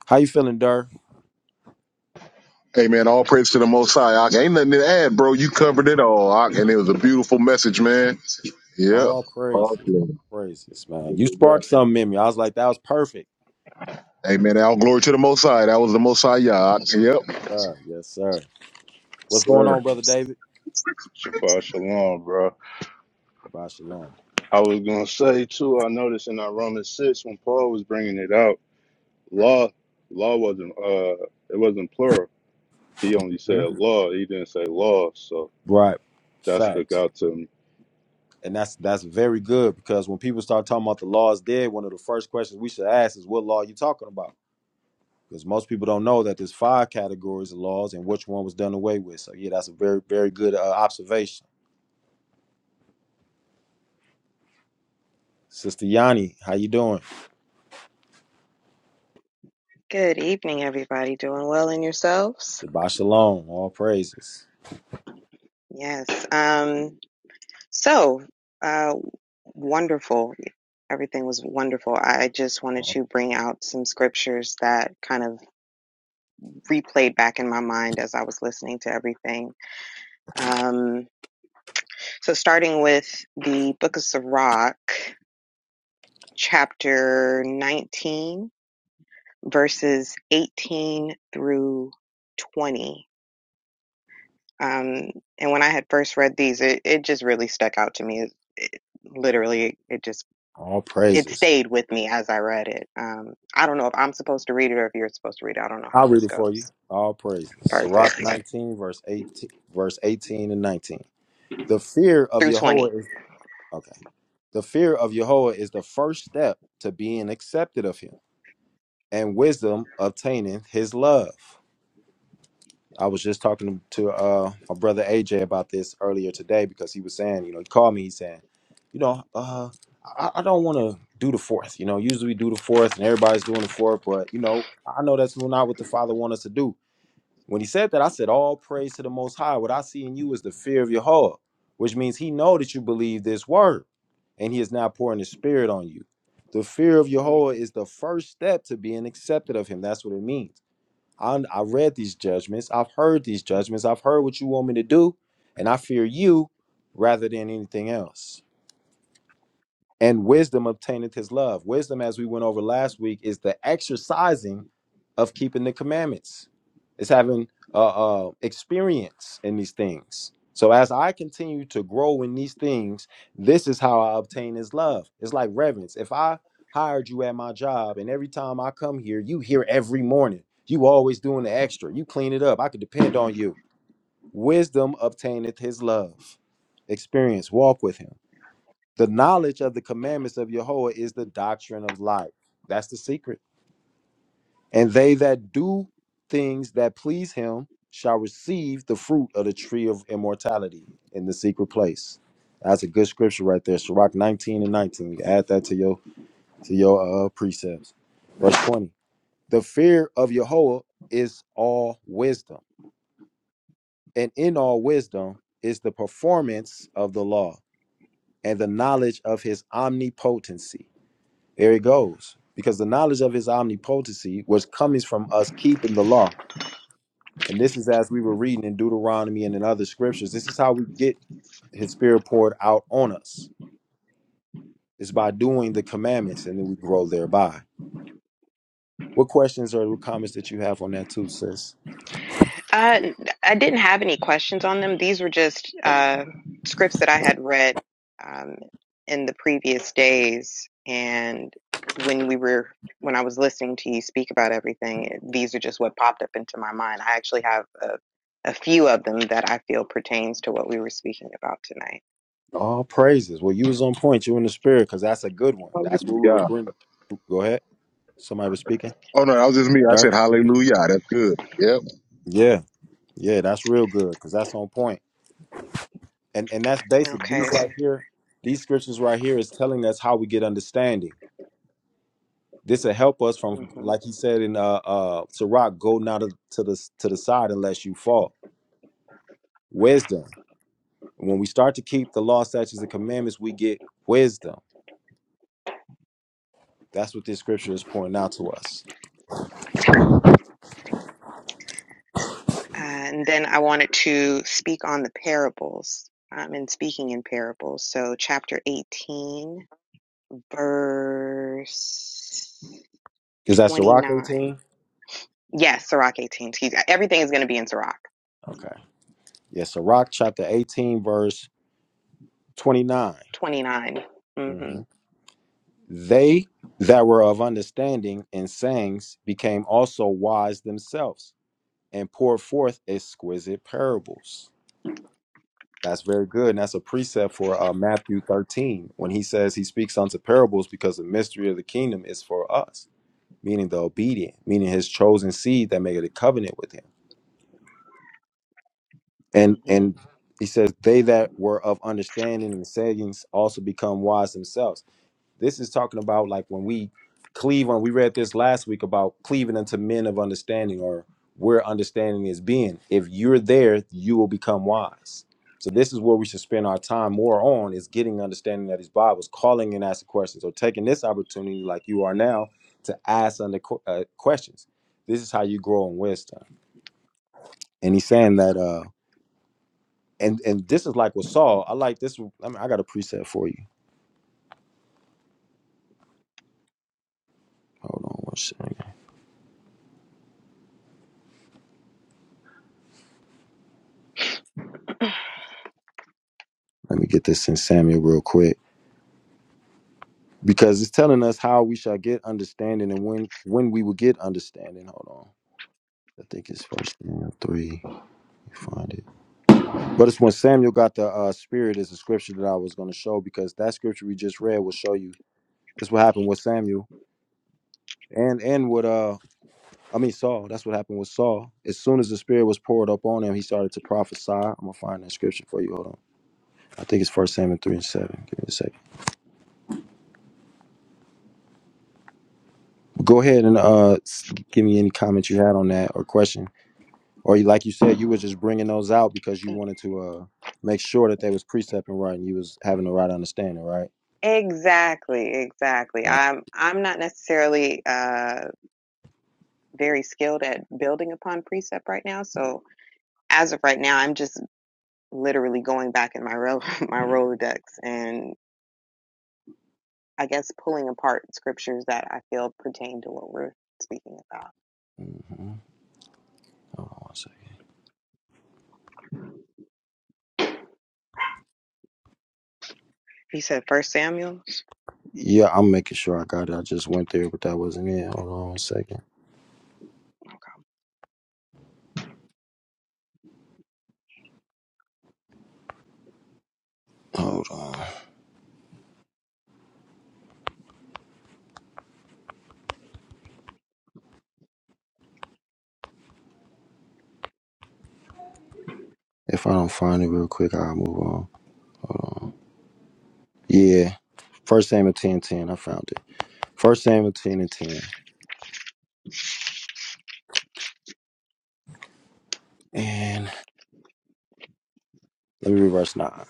Speaker 1: How you feeling, Dur?
Speaker 2: Hey, man, all praise to the Most High. Ak. Ain't nothing to add, bro. You covered it all, Ak, and it was a beautiful message, man. Yep.
Speaker 1: All
Speaker 2: All
Speaker 1: praises. All
Speaker 2: praises.
Speaker 1: praises, man. You
Speaker 2: Yeah.
Speaker 1: sparked something in me. I was like, that was perfect.
Speaker 2: Hey, man, all glory to the Most High. That was the Most High, Yah, Ak. Yep.
Speaker 1: God, yes, sir. What's going
Speaker 2: Sir.
Speaker 1: on, brother David?
Speaker 3: Shabbat shalom, bro.
Speaker 1: Bye, shalom.
Speaker 3: I was gonna say too. I noticed in our Romans six when Paul was bringing it out, law, law wasn't uh, it wasn't plural. He only said
Speaker 1: Mhm.
Speaker 3: law. He didn't say law. So
Speaker 1: Right.
Speaker 3: that stuck
Speaker 1: Facts.
Speaker 3: out to me.
Speaker 1: and that's that's very good because when people start talking about the law is dead, one of the first questions we should ask is what law are you talking about? Because most people don't know that there's five categories of laws and which one was done away with. So yeah, that's a very very good uh, observation, Sister Yanni. How you doing?
Speaker 4: Good evening, everybody. Doing well in yourselves?
Speaker 1: Shabbat shalom. All praises.
Speaker 4: Yes. Um, so, uh, wonderful. Everything was wonderful. I just wanted
Speaker 1: All,
Speaker 4: to bring out some scriptures that kind of replayed back in my mind as I was listening to everything. Um, so, starting with the book of Sirach, chapter 19, verses 18 through 20. Um, and when I had first read these, it, it just really stuck out to me. It, it, literally, it just
Speaker 1: all
Speaker 4: it
Speaker 1: praises.
Speaker 4: stayed with me as I read it. Um, I don't know if I'm supposed to read it or if you're supposed to read it. I don't know how
Speaker 1: I'll read
Speaker 4: this
Speaker 1: it for you.
Speaker 4: goes.
Speaker 1: All praises. Sirach [COUGHS]
Speaker 4: Perfect.
Speaker 1: 19 verse 18 verse 18 and 19. The fear of
Speaker 4: Through
Speaker 1: Yahweh
Speaker 4: 20.
Speaker 1: is okay. The fear of Yahweh is the first step to being accepted of Him. and wisdom obtaining his love. I was just talking to uh, my brother AJ about this earlier today because he was saying, you know, he called me, he's saying, you know, uh, I, I don't want to do the fourth. You know, usually we do the fourth and everybody's doing the fourth, but, you know, I know that's not what the Father wants us to do. When he said that, I said, All praise to the Most High. What I see in you is the fear of your heart, which means he know that you believe this word, and he is now pouring his spirit on you. The fear of
Speaker 4: Mm-hmm.
Speaker 1: Yehovah is the first step to being accepted of him. That's what it means. I, I read these judgments. I've heard these judgments. I've heard what you want me to do, and I fear you rather than anything else. And wisdom obtaineth his love. Wisdom, as we went over last week, is the exercising of keeping the commandments. It's having uh, uh, experience in these things. So as I continue to grow in these things, this is how I obtain His love. It's like reverence. If I hired you at my job, and every time I come here, you here every morning. You always doing the extra. You clean it up. I could depend on you. Wisdom obtaineth His love. Experience. Walk with Him. The knowledge of the commandments of Yahweh is the doctrine of life. That's the secret. And they that do things that please him shall receive the fruit of the tree of immortality in the secret place. That's a good scripture right there. Sirach 19 and 19. You can add that to your to your uh, precepts. Verse 20. The fear of Yahweh is all wisdom, and in all wisdom is the performance of the law and the knowledge of his omnipotency. There he goes. Because the knowledge of his omnipotency, which comes from us keeping the law. And this is as we were reading in Deuteronomy and in other scriptures. This is how we get his spirit poured out on us. It's by doing the commandments and then we grow thereby. What questions or what comments that you have on that too, sis?
Speaker 4: I I didn't have any questions on them. These were just uh, scripts that I had read um, in the previous days, and when we were when I was listening to you speak about everything, it- these are just what popped up into my mind. I actually have a, a few of them that I feel pertains to what we were speaking about tonight.
Speaker 1: All praises. Well, you was on point. You in the spirit because that's a good one. That's what we were
Speaker 2: Hallelujah.
Speaker 1: bringing. Go ahead. Somebody was speaking.
Speaker 2: Oh, no, that was just me. I
Speaker 1: Dar.
Speaker 2: said hallelujah. That's good. Yep.
Speaker 1: Yeah. Yeah, that's real good because that's on point. And and that's basic. These
Speaker 4: Okay,
Speaker 1: right Okay. here, these scriptures right here is telling us how we get understanding. This will help us from,
Speaker 4: mm-hmm.
Speaker 1: like he said in uh uh Sirach, go not to to the to the side unless you fall. Wisdom. When we start to keep the law, statutes, and commandments, we get wisdom. That's what this scripture is pointing out to us.
Speaker 4: and then I wanted to speak on the parables. I'm in speaking in parables, so chapter 18. verse
Speaker 1: Is that Sirach
Speaker 4: 29.
Speaker 1: 18?
Speaker 4: Yes, Sirach 18. Excuse Everything is going to be in Sirach
Speaker 1: Okay. Yes, Sirach chapter 18, verse 29.
Speaker 4: 29. hmm
Speaker 1: hmm They that were of understanding and sayings became also wise themselves and poured forth exquisite parables. That's very good. And that's a precept for uh, Matthew 13 when he says he speaks unto parables because the mystery of the kingdom is for us, meaning the obedient, meaning his chosen seed that made a covenant with him. And
Speaker 4: hmm
Speaker 1: and he says, They that were of understanding and sayings also become wise themselves. This is talking about like when we cleave on, we read this last week about cleaving unto men of understanding or where understanding is being. If you're there, you will become wise. So this is where we should spend our time more on is getting understanding of these Bibles, calling and asking questions, or taking this opportunity like you are now to ask under que- uh, questions. This is how you grow in wisdom. And he's saying that, uh, and and this is like with Saul. I like this. I mean, I got a preset for you. Hold on one second. Let me get this in Samuel real quick. because it's telling us how we shall get understanding and when when we will get understanding. Hold on. I think it's first Samuel three. You find it. But it's when Samuel got the uh, spirit is the scripture that I was gonna show because that scripture we just read will show you. That's what happened with Samuel. And and with uh I mean Saul. That's what happened with Saul. As soon as the spirit was poured up on him, he started to prophesy. I'm gonna find that scripture for you. Hold on. I think it's first Samuel three and seven. Give me a second. Go ahead and uh s- give me any comment you had on that or question. or you- like you said, you was just bringing those out because you wanted to uh make sure that they was precepting right and you was having the right understanding, right?
Speaker 4: Exactly, exactly.
Speaker 1: Right.
Speaker 4: I'm I'm not necessarily uh, very skilled at building upon precept right now. So as of right now, I'm just literally going back in my ro- [LAUGHS] my Rolodex and I guess pulling apart scriptures that I feel pertain to what we're speaking about.
Speaker 1: hmm Hold on one second.
Speaker 4: You said First Samuel.
Speaker 1: Yeah, I'm making sure I got it. I just went there, but that wasn't it. Hold on one second. Hold on. If I don't find it real quick, I'll move on. Hold on. Yeah. First Samuel 10, 10. I found it. First Samuel 10 and 10. And let me reverse now.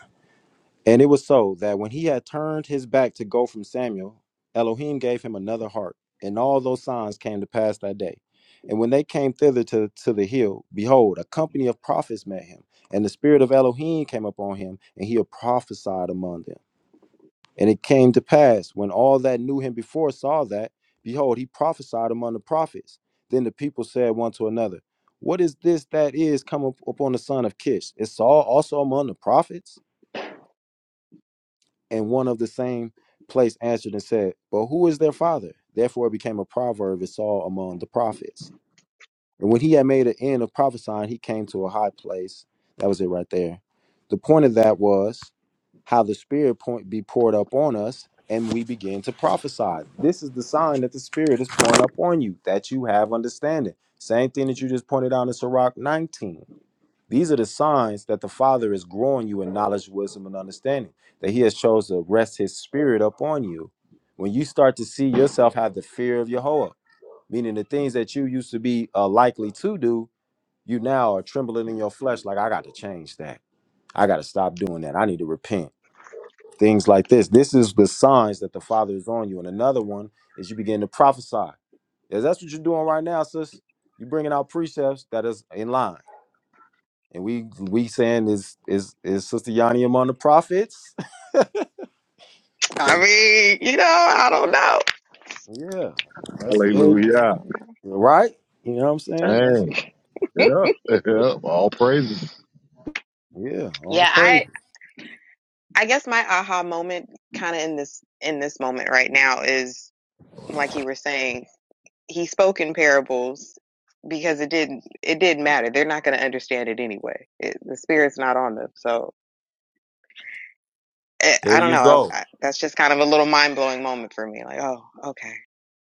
Speaker 1: And it was so that when he had turned his back to go from Samuel, Elohim gave him another heart. And all those signs came to pass that day. And when they came thither to, to the hill, behold, a company of prophets met him. And the spirit of Elohim came upon him, and he prophesied among them. And it came to pass, when all that knew him before saw that, behold, he prophesied among the prophets. Then the people said one to another, What is this that is come up upon the son of Kish? Is Saul also among the prophets? And one of the same place answered and said, But who is their father? Therefore it became a proverb it's all among the prophets. And when he had made an end of prophesying, he came to a high place. That was it right there. The point of that was how the Spirit point be poured up on us, and we begin to prophesy. This is the sign that the Spirit is pouring up on you, that you have understanding. Same thing that you just pointed out in Sirach 19 these are the signs that the Father is growing you in knowledge, wisdom, and understanding, that He has chose to rest His Spirit upon you. When you start to see yourself have the fear of Yahweh, meaning the things that you used to be uh, likely to do, you now are trembling in your flesh, like, I got to change that. I got to stop doing that. I need to repent. Things like this. This is the signs that the Father is on you. And another one is you begin to prophesy. If that's what you're doing right now, sis. You're bringing out precepts that is in line and we we saying is is is Sister Yanni among the prophets? [LAUGHS]
Speaker 4: I mean, you know, I don't know.
Speaker 1: Yeah, that's it,
Speaker 4: I
Speaker 2: Hallelujah.
Speaker 4: don't know.
Speaker 1: right. You know what I'm saying? That's
Speaker 2: Dang. Yep. [LAUGHS] Yep. All praises.
Speaker 1: yeah. All
Speaker 4: Yeah,
Speaker 1: praise.
Speaker 4: I I guess my aha moment kind of in this in this moment right now is like you were saying, he spoke in parables because it didn't it didn't matter. They're not going to understand it anyway. It, the spirit's not on them. So eh,
Speaker 1: There
Speaker 4: I don't
Speaker 1: you
Speaker 4: know.
Speaker 1: go.
Speaker 4: I, I, that's just kind of a little mind blowing moment for me. Like, oh, okay,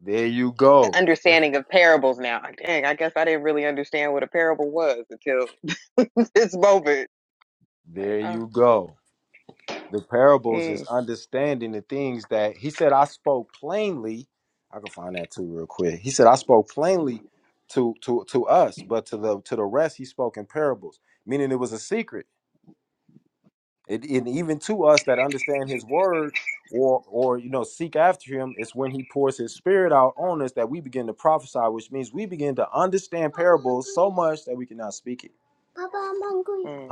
Speaker 1: There you
Speaker 4: the
Speaker 1: go.
Speaker 4: understanding of parables now. Like, Dang, I guess I didn't really understand what a parable was until [LAUGHS] this moment. Like,
Speaker 1: There
Speaker 4: oh,
Speaker 1: you go. The parables is
Speaker 4: mm,
Speaker 1: understanding the things that he said. I spoke plainly. I can find that too real quick. He said I spoke plainly to to to us, but to the to the rest he spoke in parables, meaning it was a secret. It, and even to us that understand His word, or or you know seek after Him, it's when He pours His Spirit out on us that we begin to prophesy, which means we begin to understand parables so much that we can now speak it. Papa, I'm hungry.
Speaker 4: mm.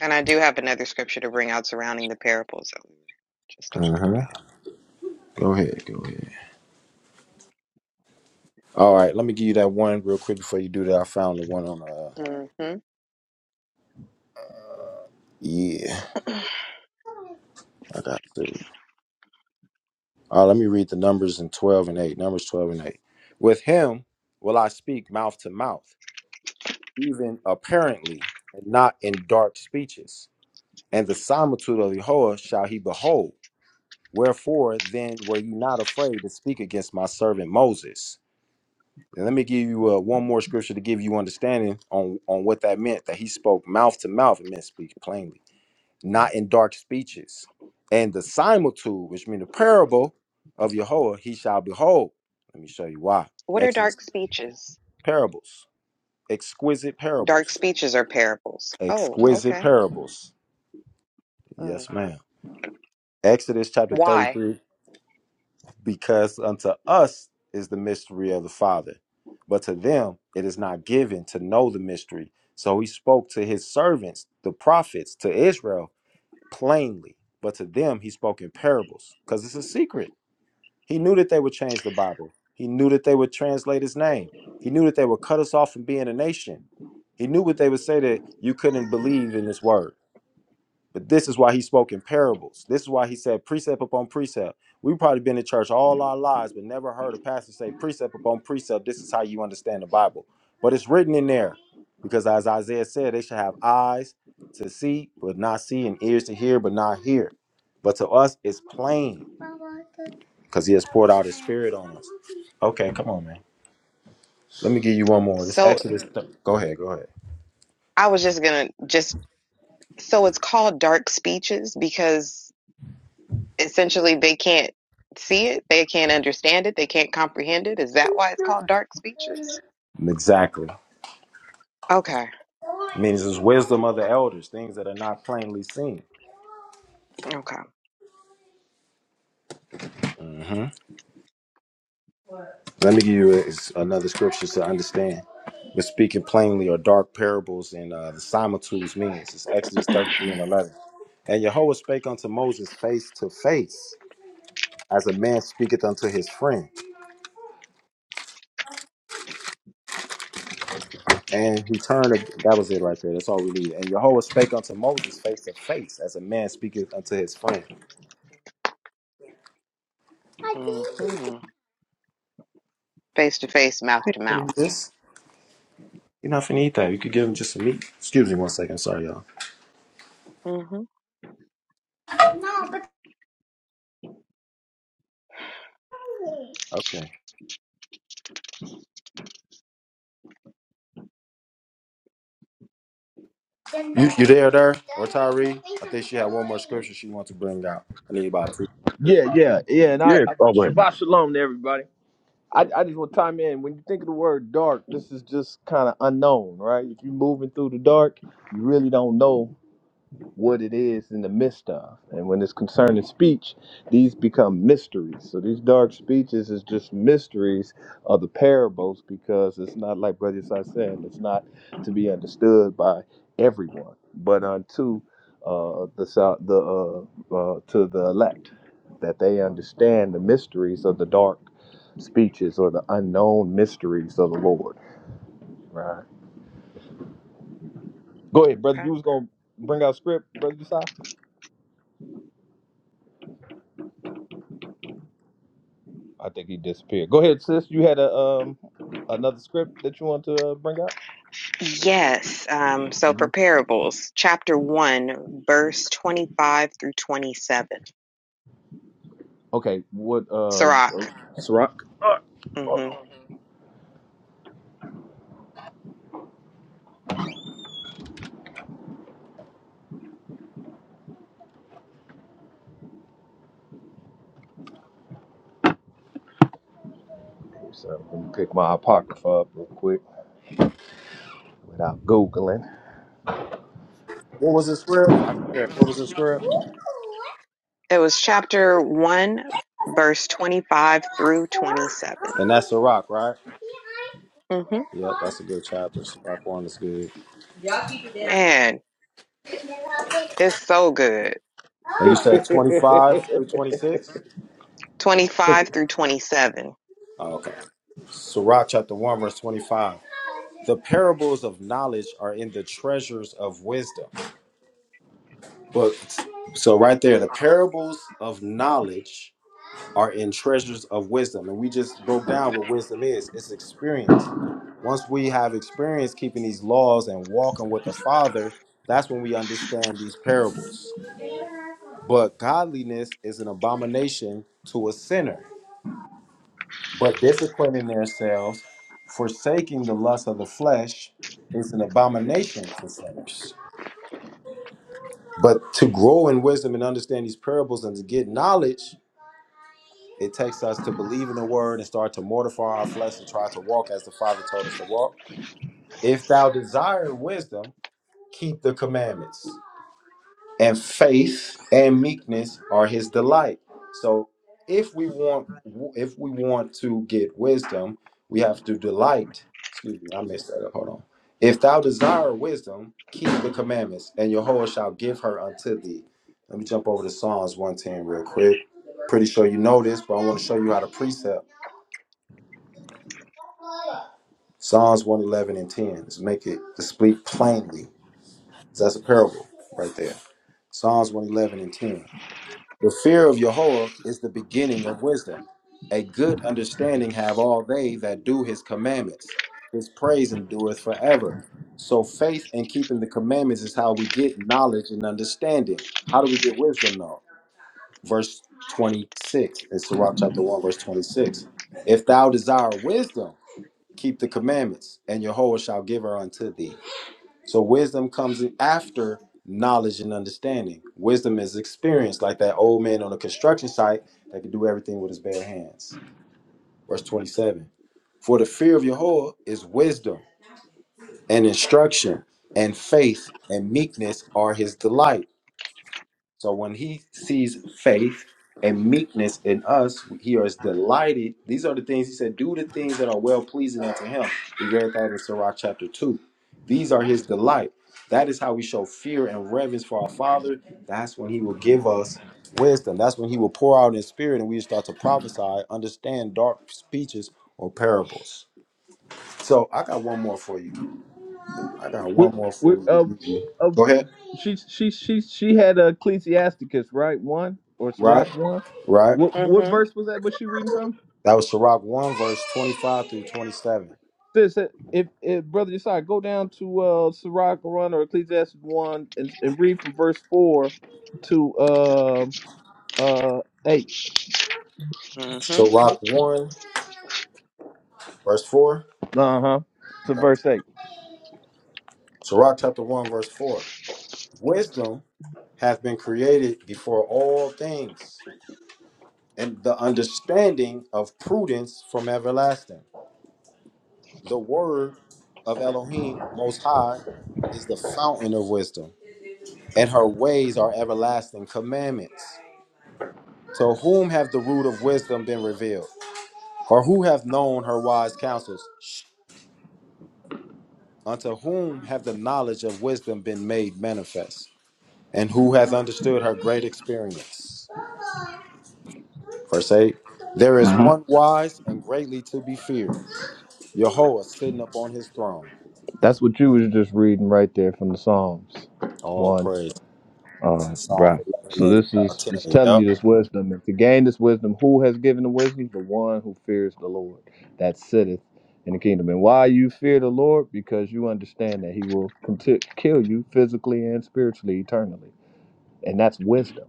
Speaker 4: And I do have another scripture to bring out surrounding the parables that we were just talking
Speaker 1: Mm-hmm. Go ahead, go ahead. All right, let me give you that one real quick before you do that. I found the one on uh
Speaker 4: about. hmm
Speaker 1: yeah, I got two. All right, let me read the numbers in twelve and eight. Numbers twelve and eight. With him will I speak mouth to mouth apparently, and not in dark speeches. And the similitude of Yahweh shall he behold. Wherefore then were you not afraid to speak against my servant Moses? And let me give you uh, one more scripture to give you understanding on, on what that meant that he spoke mouth to mouth. It meant speak plainly, not in dark speeches. And the similitude, which means the parable of Yahweh, he shall behold. Let me show you why.
Speaker 4: [CLEARS THROAT] What are
Speaker 1: Exodus
Speaker 4: dark speeches?
Speaker 1: parables, exquisite
Speaker 4: Dark
Speaker 1: parables,
Speaker 4: speeches are parables. Oh,
Speaker 1: exquisite
Speaker 4: okay.
Speaker 1: parables.
Speaker 4: Mm.
Speaker 1: Yes, ma'am. Exodus chapter
Speaker 4: Why?
Speaker 1: 33 because unto us is the mystery of the Father, but to them it is not given to know the mystery. So he spoke to his servants, the prophets, to Israel plainly, but to them he spoke in parables because it's a secret. He knew that they would change the Bible, he knew that they would translate his name, he knew that they would cut us off from being a nation. He knew what they would say that you couldn't believe in this word. But this is why he spoke in parables. This is why he said precept upon precept. We've probably been in church all our lives, but never heard a pastor say precept upon precept. This is how you understand the Bible. But it's written in there because, as Isaiah said, they should have eyes to see, but not see, and ears to hear, but not hear. But to us, it's plain because he has poured out his spirit on us. Okay, come on, man. Let me give you one more. This
Speaker 4: So
Speaker 1: Exodus. Th- Go ahead, go ahead.
Speaker 4: I was just going to just, so it's called dark speeches because essentially they can't see it, they can't understand it, they can't comprehend it. Is that why it's called dark speeches?
Speaker 1: Exactly.
Speaker 4: Okay,
Speaker 1: means it's wisdom of the elders, things that are not plainly seen.
Speaker 4: okay.
Speaker 1: hmm Let me give you a- another scripture to understand. But speaking plainly or dark parables and uh, the similitudes means it's Exodus
Speaker 4: [CLEARS THROAT]
Speaker 1: 33 and 11. And Yahweh spake unto Moses face to face, as a man speaketh unto his friend. And he turned, that was it right there. That's all we need. And Yahweh spake unto Moses face to face, as a man speaketh unto his friend.
Speaker 4: Mm-hmm. Face to face, mouth to
Speaker 1: Can you eat
Speaker 4: mouth.
Speaker 1: this? You're not finna eat that. You could give him just some meat. Excuse me one second. Sorry, y'all.
Speaker 4: hmm
Speaker 1: No, but Okay. You you there there or Tyree? I think she had one more scripture she wanted to bring out. I need about two.
Speaker 5: Yeah, yeah, yeah. And
Speaker 2: Yeah.
Speaker 5: I, I
Speaker 2: Oh, wait.
Speaker 5: Shabbat Shalom to everybody. I, I just want to time in. When you think of the word dark, this is just kind of unknown, right? If you're moving through the dark, you really don't know what it is in the midst of. And when it's concerning speech, these become mysteries. So these dark speeches is just mysteries of the parables because it's not like Brother Yesai said, it's not to be understood by everyone, but unto uh, the sal- the uh, uh, to the elect that they understand the mysteries of the dark speeches or the unknown mysteries of the Lord. Right. Go ahead, brother.
Speaker 4: Okay.
Speaker 5: You was gonna bring out script, brother Yesai. I think he disappeared. Go ahead, sis. You had a um another script that you want to uh, bring out.
Speaker 4: Yes. Um, so
Speaker 5: hmm
Speaker 4: for parables, chapter 1, verse 25 through 27.
Speaker 5: Okay, what? Uh, oh,
Speaker 4: Sirach.
Speaker 5: It's rock. oh,
Speaker 4: hmm
Speaker 5: so let me pick my apocrypha up real quick without googling.
Speaker 1: What was the script? I care. What was the script?
Speaker 4: It was chapter 1, verse 25 through 27.
Speaker 1: And that's the rock, right?
Speaker 4: hmm
Speaker 1: Yep, that's a good chapter. Rock one is good.
Speaker 4: Man, it's so good.
Speaker 5: [LAUGHS]
Speaker 1: And you said twenty five through twenty six?
Speaker 4: 25 through 27.
Speaker 1: Oh, okay. Sirach chapter one verse twenty five. The parables of knowledge are in the treasures of wisdom. Well, so right there, the parables of knowledge are in treasures of wisdom, and we just broke down what wisdom is. It's experience. Once we have experience keeping these laws and walking with the Father, that's when we understand these parables. But godliness is an abomination to a sinner. But disciplining themselves, forsaking the lust of the flesh, is an abomination to sinners. But to grow in wisdom and understand these parables and to get knowledge, It takes us to believe in the word and start to mortify our flesh and try to walk as the Father told us to walk. If thou desire wisdom, keep the commandments. And faith and meekness are his delight. So if we want if we want to get wisdom, we have to delight. Excuse me, I messed that up. Hold on. If thou desire wisdom, keep the commandments, and Jehovah shall give her unto thee. Let me jump over to Psalms 110 real quick. Pretty sure you know this, but I want to show you how to precept. Psalms 111 and 10. Let's make it speak plainly. That's a parable right there. Psalms 111 and 10. The fear of Yahweh is the beginning of wisdom. A good understanding have all they that do his commandments. His praise endureth forever. So faith and keeping the commandments is how we get knowledge and understanding. How do we get wisdom though? Verse 26 in Sirach chapter 1, verse 26. If thou desire wisdom, keep the commandments, and Jehovah shall give her unto thee. So wisdom comes after knowledge and understanding. Wisdom is experience, like that old man on a construction site that could do everything with his bare hands. Verse 27. For the fear of Jehovah is wisdom and instruction, and faith and meekness are his delight. So when he sees faith and meekness in us, he is delighted. These are the things he said, do the things that are well pleasing unto him. We read that in Sirach chapter 2. These are his delight. That is how we show fear and reverence for our Father. That's when he will give us wisdom. That's when he will pour out in spirit and we start to prophesy, understand dark speeches or parables. So I got one more for you. I got
Speaker 5: we,
Speaker 1: one more
Speaker 5: we,
Speaker 1: for you to
Speaker 5: uh,
Speaker 1: give you.
Speaker 5: uh,
Speaker 1: Go ahead.
Speaker 5: she she she she had Ecclesiasticus right one or
Speaker 1: Right?
Speaker 5: Sirach one.
Speaker 1: Right?
Speaker 5: What what
Speaker 4: Mm-hmm.
Speaker 5: verse was that? Was she reading from?
Speaker 1: That was Sirach 1, verse 25 through 27.
Speaker 5: Sis, uh, if, if brother Josiah, go down to uh Sirach Quran or Ecclesiastes one and, and read from verse four to uh uh eight.
Speaker 4: Mm-hmm.
Speaker 1: Sirach 1, verse 4.
Speaker 5: Uh huh. To verse eight.
Speaker 1: Sirach chapter 1, verse 4. Wisdom hath been created before all things, and the understanding of prudence from everlasting. The word of Elohim Most High is the fountain of wisdom, and her ways are everlasting commandments. To whom have the root of wisdom been revealed? Or who have known her wise counsels? Unto whom have the knowledge of wisdom been made manifest? And who hath understood her great experience? Verse 8 There is
Speaker 5: Uh-huh.
Speaker 1: one wise and greatly to be feared, Yahweh sitting upon his throne. That's
Speaker 5: That's what you was just reading right there from the Psalms.
Speaker 1: all
Speaker 5: One.
Speaker 1: praise.
Speaker 5: Uh,
Speaker 1: Psalm
Speaker 5: right.
Speaker 1: 11
Speaker 5: So
Speaker 1: and
Speaker 5: this
Speaker 1: uh,
Speaker 5: is it's
Speaker 1: 10.
Speaker 5: telling you
Speaker 1: Yep.
Speaker 5: this wisdom. And to gain this wisdom, who has given the wisdom? The one who fears the Lord, that sitteth in the kingdom. And why you fear the Lord? Because you understand that He will conti- kill you physically and spiritually, eternally. And that's wisdom.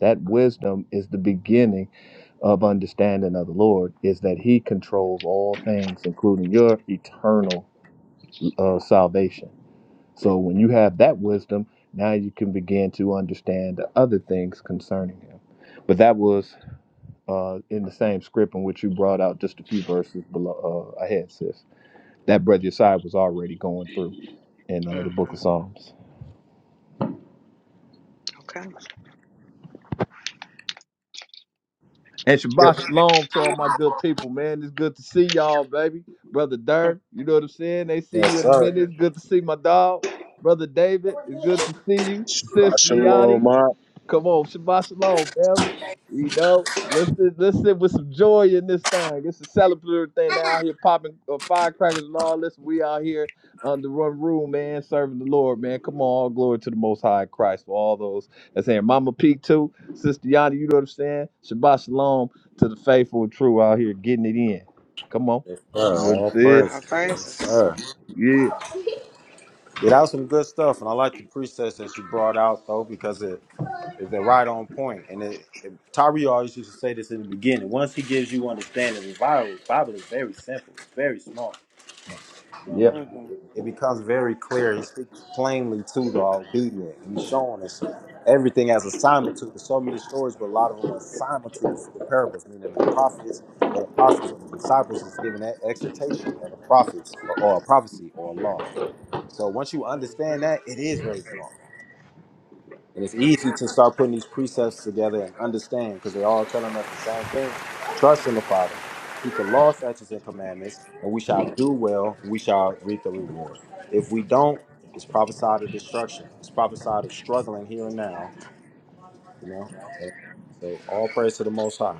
Speaker 5: That wisdom is the beginning of understanding of the Lord. Is that He controls all things, including your eternal uh, salvation. So when you have that wisdom, now you can begin to understand the other things concerning him. But that was uh, in the same script in which you brought out just a few verses below uh, ahead, sis. That brother Yesai was already going through in uh, the book
Speaker 4: hmm
Speaker 5: of Psalms.
Speaker 4: Okay.
Speaker 5: And Shabbat Shalom to all my good people, man. It's good to see y'all, baby. Brother
Speaker 4: Hmm.
Speaker 5: Dirk, you know what I'm saying? They see you
Speaker 1: Yes,
Speaker 5: in a
Speaker 1: sir.
Speaker 5: minute. It's good to see my dog. Brother David, it's good to see you. Sis Gianni,
Speaker 2: Shalom, Mark.
Speaker 5: Come on, Shabbat Shalom, family. You know, let's sit, let's sit with some joy in this thing. It's a celebratory thing. They out here popping uh, firecrackers and all this. We out here under one roof, man, serving the Lord, man. Come on, all glory to the Most High Christ for all those that's here. Mama P too, Sister Yana, you know what I'm saying? Shabbat Shalom to the faithful and true out here getting it in. Come on,
Speaker 1: Yes, sir.
Speaker 5: you know what I'm
Speaker 1: All
Speaker 5: saying?
Speaker 4: All
Speaker 1: praise. Yes,
Speaker 4: praises.
Speaker 1: sir.
Speaker 5: Yeah,
Speaker 1: Yeah, that was some good stuff, and I like the presets that you brought out though because it is they're right on point. And it, it, Tyree always used to say this in the beginning. Once he gives you understanding, the Bible, Bible is very simple, it's very small. You know what I
Speaker 5: yeah.
Speaker 1: mean? It,
Speaker 4: Mm-hmm.
Speaker 1: it becomes very clear. He speaks plainly to the obedient, and he's showing us everything as a similitude. There's so many stories, but a lot of them are similitudes for the parables, meaning the prophets or the apostles or the disciples is giving that exhortation of a prophets or, or a prophecy or a law. So once you understand
Speaker 4: Mm-hmm.
Speaker 1: that, it is very small. And it's easy to start putting these precepts together and understand because they're all telling us the same thing. Trust in the Father, keep the law, statutes, and commandments, and we shall do well, and we shall reap the reward. If we don't, it's prophesied of destruction. It's prophesied of struggling here and now, you know. So, so all praise to the Most High.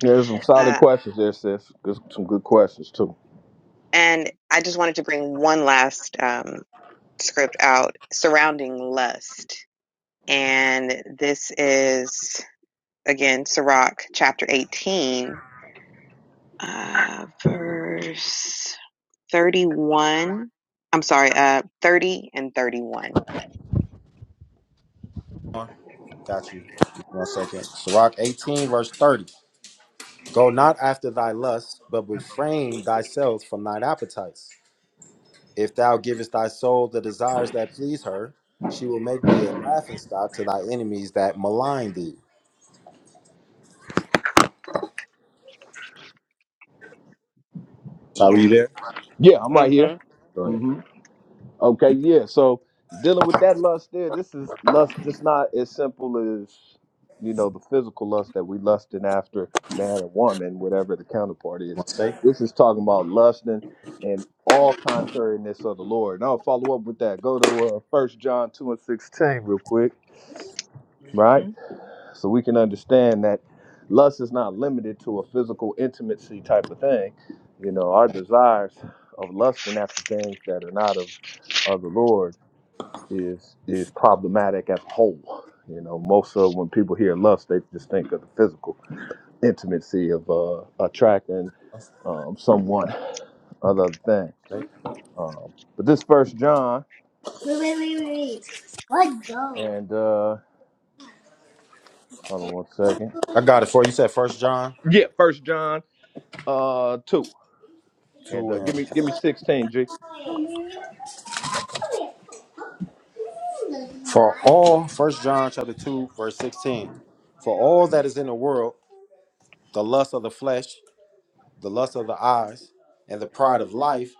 Speaker 5: There's some solid
Speaker 4: Uh,
Speaker 5: questions there, sis. There's some good questions too.
Speaker 4: and I just wanted to bring one last um, script out surrounding lust. And this is, again, Sirach chapter 18, uh, verse 31. I'm sorry, uh, 30 and 31.
Speaker 1: Got you. One second. Sirach 18, verse 30. Go not after thy lust, but refrain thyself from thine appetites. If thou givest thy soul the desires that please her, she will make thee a laughing stock to thy enemies that malign thee. Sorry, were you
Speaker 4: Yeah.
Speaker 1: there?
Speaker 5: Yeah, I'm right here.
Speaker 4: Mm-hmm.
Speaker 1: Go ahead.
Speaker 5: Mm-hmm. Okay, yeah. So dealing with that lust there, this is lust just not as simple as you know the physical lust that we lusting after man and woman, whatever the counterpart
Speaker 1: You
Speaker 5: is.
Speaker 1: want to say?
Speaker 5: This is talking about lusting and all contrariness of the Lord. And I'll follow up with that. Go to uh, First John two and sixteen real quick, right?
Speaker 4: hmm
Speaker 5: So we can understand that lust is not limited to a physical intimacy type of thing. You know, our desires of lusting after things that are not of of the Lord is is problematic as a whole. You know, most of when people hear lust, they just think of the physical intimacy of uh, attracting um, someone, other thing.
Speaker 1: Say.
Speaker 5: Um, but this First John
Speaker 1: What John?
Speaker 5: and uh, hold on one second.
Speaker 1: I got it for you. You said First John
Speaker 5: Yeah, First John uh, two and uh,
Speaker 1: two
Speaker 5: give
Speaker 1: and
Speaker 5: me give me sixteen G.
Speaker 1: for all First John chapter two verse sixteen. For all that is in the world, the lust of the flesh, the lust of the eyes, and the pride of life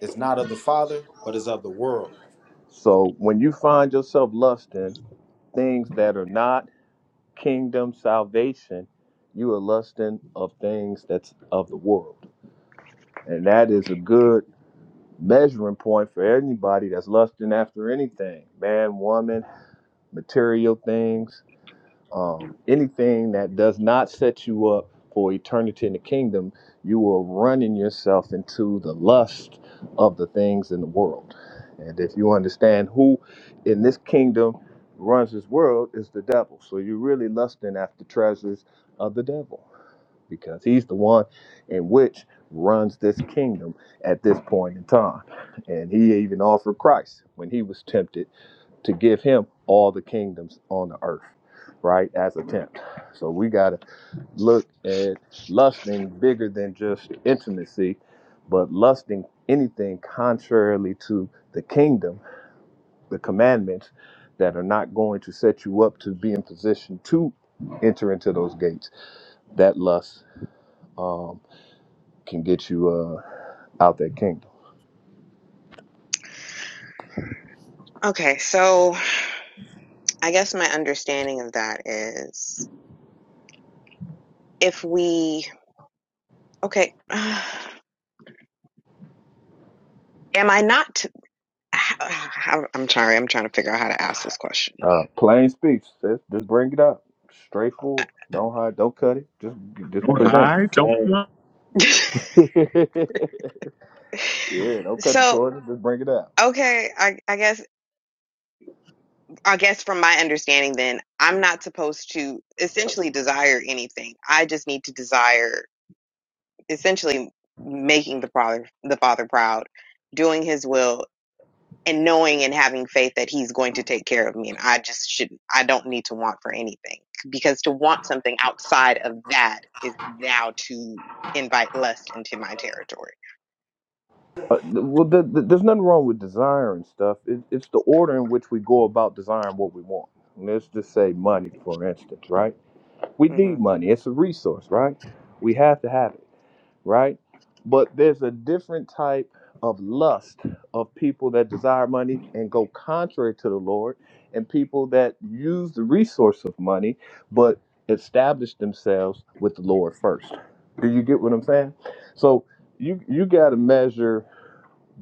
Speaker 1: is not of the Father, but is of the world.
Speaker 5: So when you find yourself lusting things that are not kingdom salvation, you are lusting of things that's of the world, and that is a good measuring point for anybody that's lusting after anything man woman material things um, anything that does not set you up for eternity in the kingdom you are running yourself into the lust of the things in the world and if you understand who in this kingdom runs this world is the devil so you're really lusting after treasures of the devil because he's the one in which runs this kingdom at this point in time. And he even offered Christ when he was tempted to give him all the kingdoms on the earth, right? As a tempt. So we got to look at lusting bigger than just intimacy, but lusting anything contrarily to the kingdom, the commandments that are not going to set you up to be in position to enter into those gates. That lust uh, can get you uh, out that kingdom.
Speaker 4: Okay, so I guess my understanding of that is if we, okay, [SIGHS] uh, am I not, [SIGHS] t- I'm sorry, I'm trying to figure out how to ask this question.
Speaker 5: Uh, plain speech. Just, just bring it up. Straightforward. Don't hide. Don't cut it. Just just
Speaker 2: Don't And,
Speaker 5: present.
Speaker 2: hide. Don't. Uh,
Speaker 5: it. [LAUGHS]
Speaker 4: [LAUGHS]
Speaker 5: yeah. Don't cut the
Speaker 4: so
Speaker 5: corner. Just bring it out.
Speaker 4: Okay, I, I guess I guess from my understanding then, I'm not supposed to essentially desire anything. I just need to desire essentially making the father the father proud, doing his will and knowing and having faith that he's going to take care of me and I just shouldn't I don't need to want for anything because to want something outside of that is now to invite lust into my territory.
Speaker 5: Uh, well, th- th- there's nothing wrong with desiring stuff. It, it's the order in which we go about desiring what we want. Let's just say money, for instance, right? We need
Speaker 4: Mhm.
Speaker 5: money. It's a resource, right? We have to have it. right? But there's a different type of lust of people that desire money and go contrary to the Lord, and people that use the resource of money but establish themselves with the Lord first. Do you get what I'm saying? So you you got to measure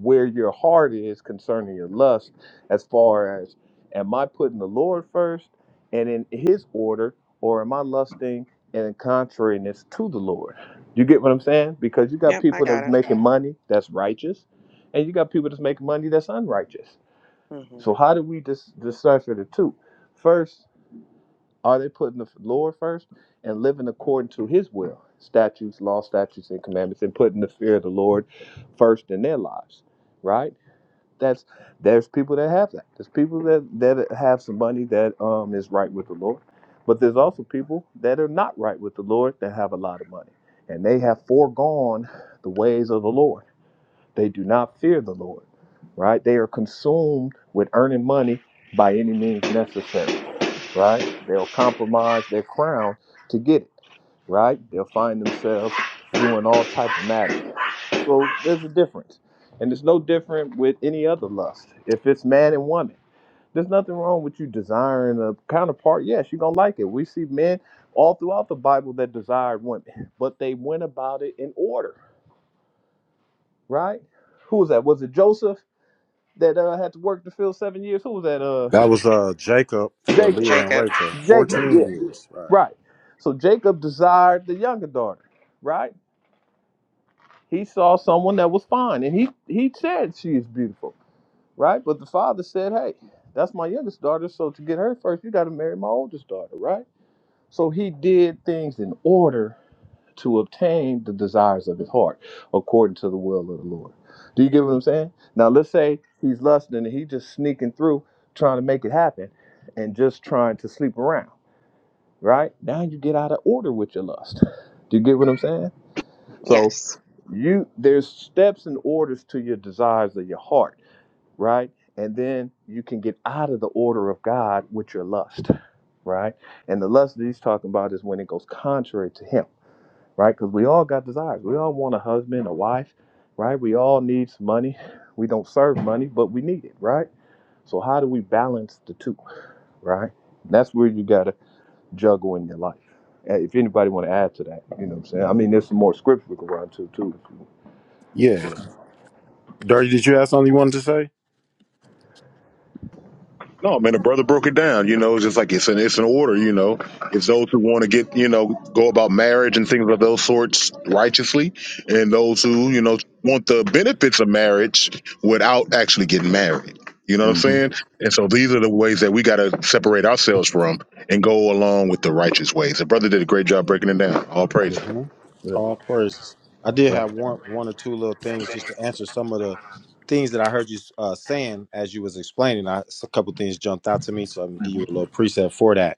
Speaker 5: where your heart is concerning your lust as far as am i putting the lord first and in his order or am i lusting and in contrariness to the lord you get what i'm saying because you got
Speaker 4: Yep, I
Speaker 5: people
Speaker 4: got
Speaker 5: that's
Speaker 4: it.
Speaker 5: making money that's righteous and you got people that's making money that's unrighteous
Speaker 4: Mhm.
Speaker 5: so how do we dis- decipher the two? First, are they putting the lord first and living according to his will statutes law statutes and commandments and putting the fear of the lord first in their lives right that's there's people that have that. There's people that that have some money that um is right with the Lord, but there's also people that are not right with the Lord that have a lot of money, and they have foregone the ways of the Lord. They do not fear the Lord, right? They are consumed with earning money by any means necessary right? They'll compromise their crown to get it, right? They'll find themselves doing all type of madness. So there's a difference, and it's no different with any other lust. If it's man and woman, there's nothing wrong with you desiring a counterpart. Yes, you're gonna like it. We see men all throughout the Bible that desired women, but they went about it in order, right? Who was that? Was it Joseph that uh, had to work to fill seven years? Who was that? Uh,
Speaker 1: That was uh Jacob for
Speaker 5: Jacob.
Speaker 1: Leah and
Speaker 4: Jacob.
Speaker 1: Rachel.
Speaker 5: Jacob.
Speaker 1: Fourteen
Speaker 5: yeah.
Speaker 1: years, right?
Speaker 5: Right. So Jacob desired the younger daughter, right? He saw someone that was fine and he he said she is beautiful, right? But the father said, "Hey, that's my youngest daughter, so to get her first, you got to marry my oldest daughter, right?" So he did things in order to obtain the desires of his heart according to the will of the Lord. Do you get what I'm saying? Now let's say he's lusting and he just sneaking through trying to make it happen and just trying to sleep around right? Now you get out of order with your lust. Do you get what I'm saying? So
Speaker 4: Yes.
Speaker 5: you there's steps and orders to your desires of your heart, right? And then you can get out of the order of God with your lust, right? And the lust that he's talking about is when it goes contrary to him, right? Because we all got desires. We all want a husband, a wife, right? We all need some money. We don't serve money, but we need it, right? So how do we balance the two, right? That's where you gotta juggle in your life. Uh, If anybody want to add to that, you know what I'm saying? I mean, there's some more scripts we can run to too.
Speaker 1: Yeah. Dirty, did you have something you wanted to say?
Speaker 2: no, man, the brother broke it down. You know, it's just like it's an it's an order. You know, it's those who want to get you know go about marriage and things of those sorts righteously, and those who you know want the benefits of marriage without actually getting married. You know what I'm
Speaker 5: Mm-hmm.
Speaker 2: saying? And so these are the ways that we got to separate ourselves from and go along with the righteous ways. The brother did a great job breaking it down. All praise.
Speaker 5: Yeah,
Speaker 1: hmm
Speaker 5: yeah,
Speaker 1: All praises. I did
Speaker 5: right.
Speaker 1: have one, one or two little things just to answer some of the things that I heard you uh, saying as you was explaining. I, a couple things jumped out to me, so I'm gonna give you a little preset for that.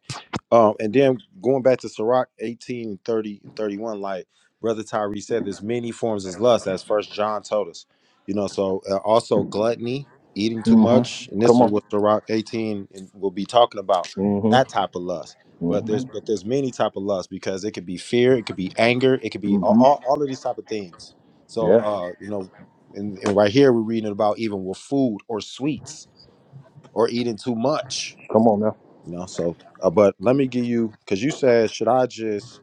Speaker 1: Um, and then going back to Sirach 18, 30, and 31, like Brother Tyree said, there's many forms of lust, as First John told us. You know, so uh, also gluttony, eating too
Speaker 5: hmm
Speaker 1: much, and this
Speaker 5: Come
Speaker 1: is
Speaker 5: on.
Speaker 1: what Sirach 18 and we'll be talking about that
Speaker 5: Mm-hmm.
Speaker 1: type of lust But there's
Speaker 5: Mm-hmm.
Speaker 1: but there's many type of lust because it could be fear, it could be anger, it could be all,
Speaker 5: hmm
Speaker 1: all, all of these type of things. So
Speaker 5: Yeah,
Speaker 1: uh, you know, and, and right here we're reading about even with food or sweets or eating too much.
Speaker 5: come on now.
Speaker 1: You know, so uh, but let me give you because you said should I just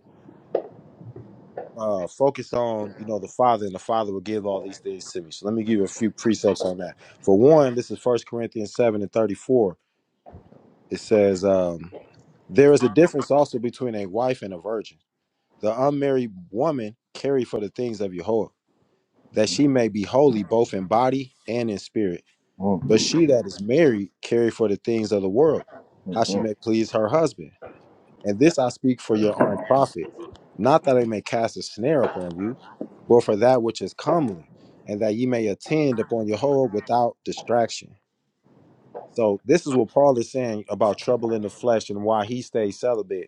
Speaker 1: uh focus on you know the father and the father will give all these things to me so let me give you a few precepts on that for one this is first corinthians 7 and 34 it says um there is a difference also between a wife and a virgin The unmarried woman carry for the things of Yahweh, that she may be holy both in body and in spirit. But
Speaker 5: Mm-hmm.
Speaker 1: she that is married carry for the things of the world, how she
Speaker 5: Mm-hmm.
Speaker 1: may please her husband. And this I speak for your own profit, not that I may cast a snare upon you, but for that which is comely, and that ye may attend upon Yahweh without distraction. So this is what Paul is saying about trouble in the flesh and why he stays celibate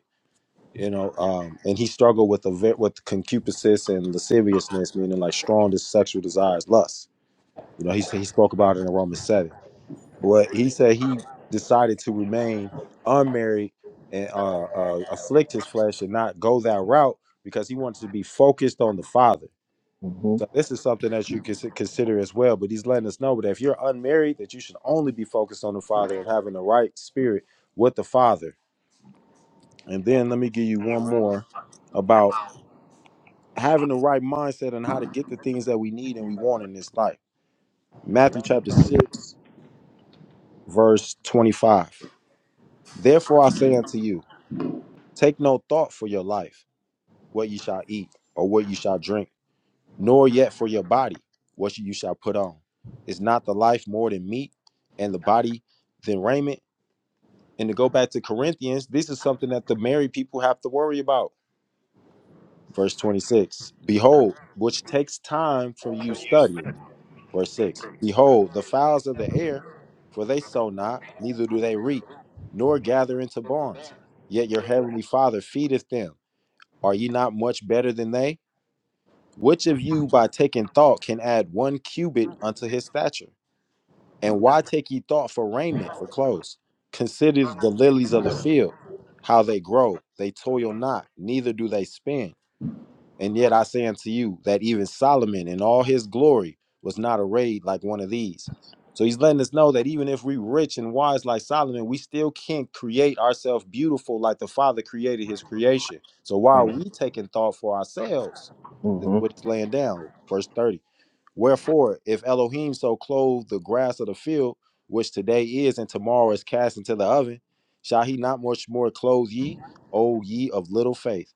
Speaker 1: you know um and he struggled with a ve- with concupiscence and lasciviousness meaning like strong des- sexual desires lust you know he said he spoke about it in romans 7 but he said he decided to remain unmarried and uh, uh afflict his flesh and not go that route because he wanted to be focused on the father
Speaker 5: Mm-hmm.
Speaker 1: so this is something that you can consider as well but he's letting us know that if you're unmarried that you should only be focused on the father and having the right spirit with the father and then let me give you one more about having the right mindset on how to get the things that we need and we want in this life. Matthew chapter 6, verse 25. Therefore I say unto you, take no thought for your life, what you shall eat or what you shall drink, nor yet for your body, what you shall put on. Is not the life more than meat and the body than raiment? And to go back to Corinthians, this is something that the married people have to worry about. Verse 26 Behold, which takes time from you studying Verse 6 Behold, the fowls of the air, for they sow not, neither do they reap, nor gather into barns. Yet your heavenly Father feedeth them. Are ye not much better than they? Which of you, by taking thought, can add one cubit unto his stature? And why take ye thought for raiment, for clothes? Consider the lilies of the field, how they grow. They toil not, neither do they spin. And yet I say unto you that even Solomon in all his glory was not arrayed like one of these. So he's letting us know that even if we rich and wise like Solomon, we still can't create ourselves beautiful like the Father created his creation. So why are we taking thought for ourselves? That's
Speaker 5: Mm-hmm.
Speaker 1: what it's laying down. Verse 30. Wherefore, if Elohim so clothe the grass of the field, which today is and tomorrow is cast into the oven, shall he not much more clothe ye, O ye of little faith?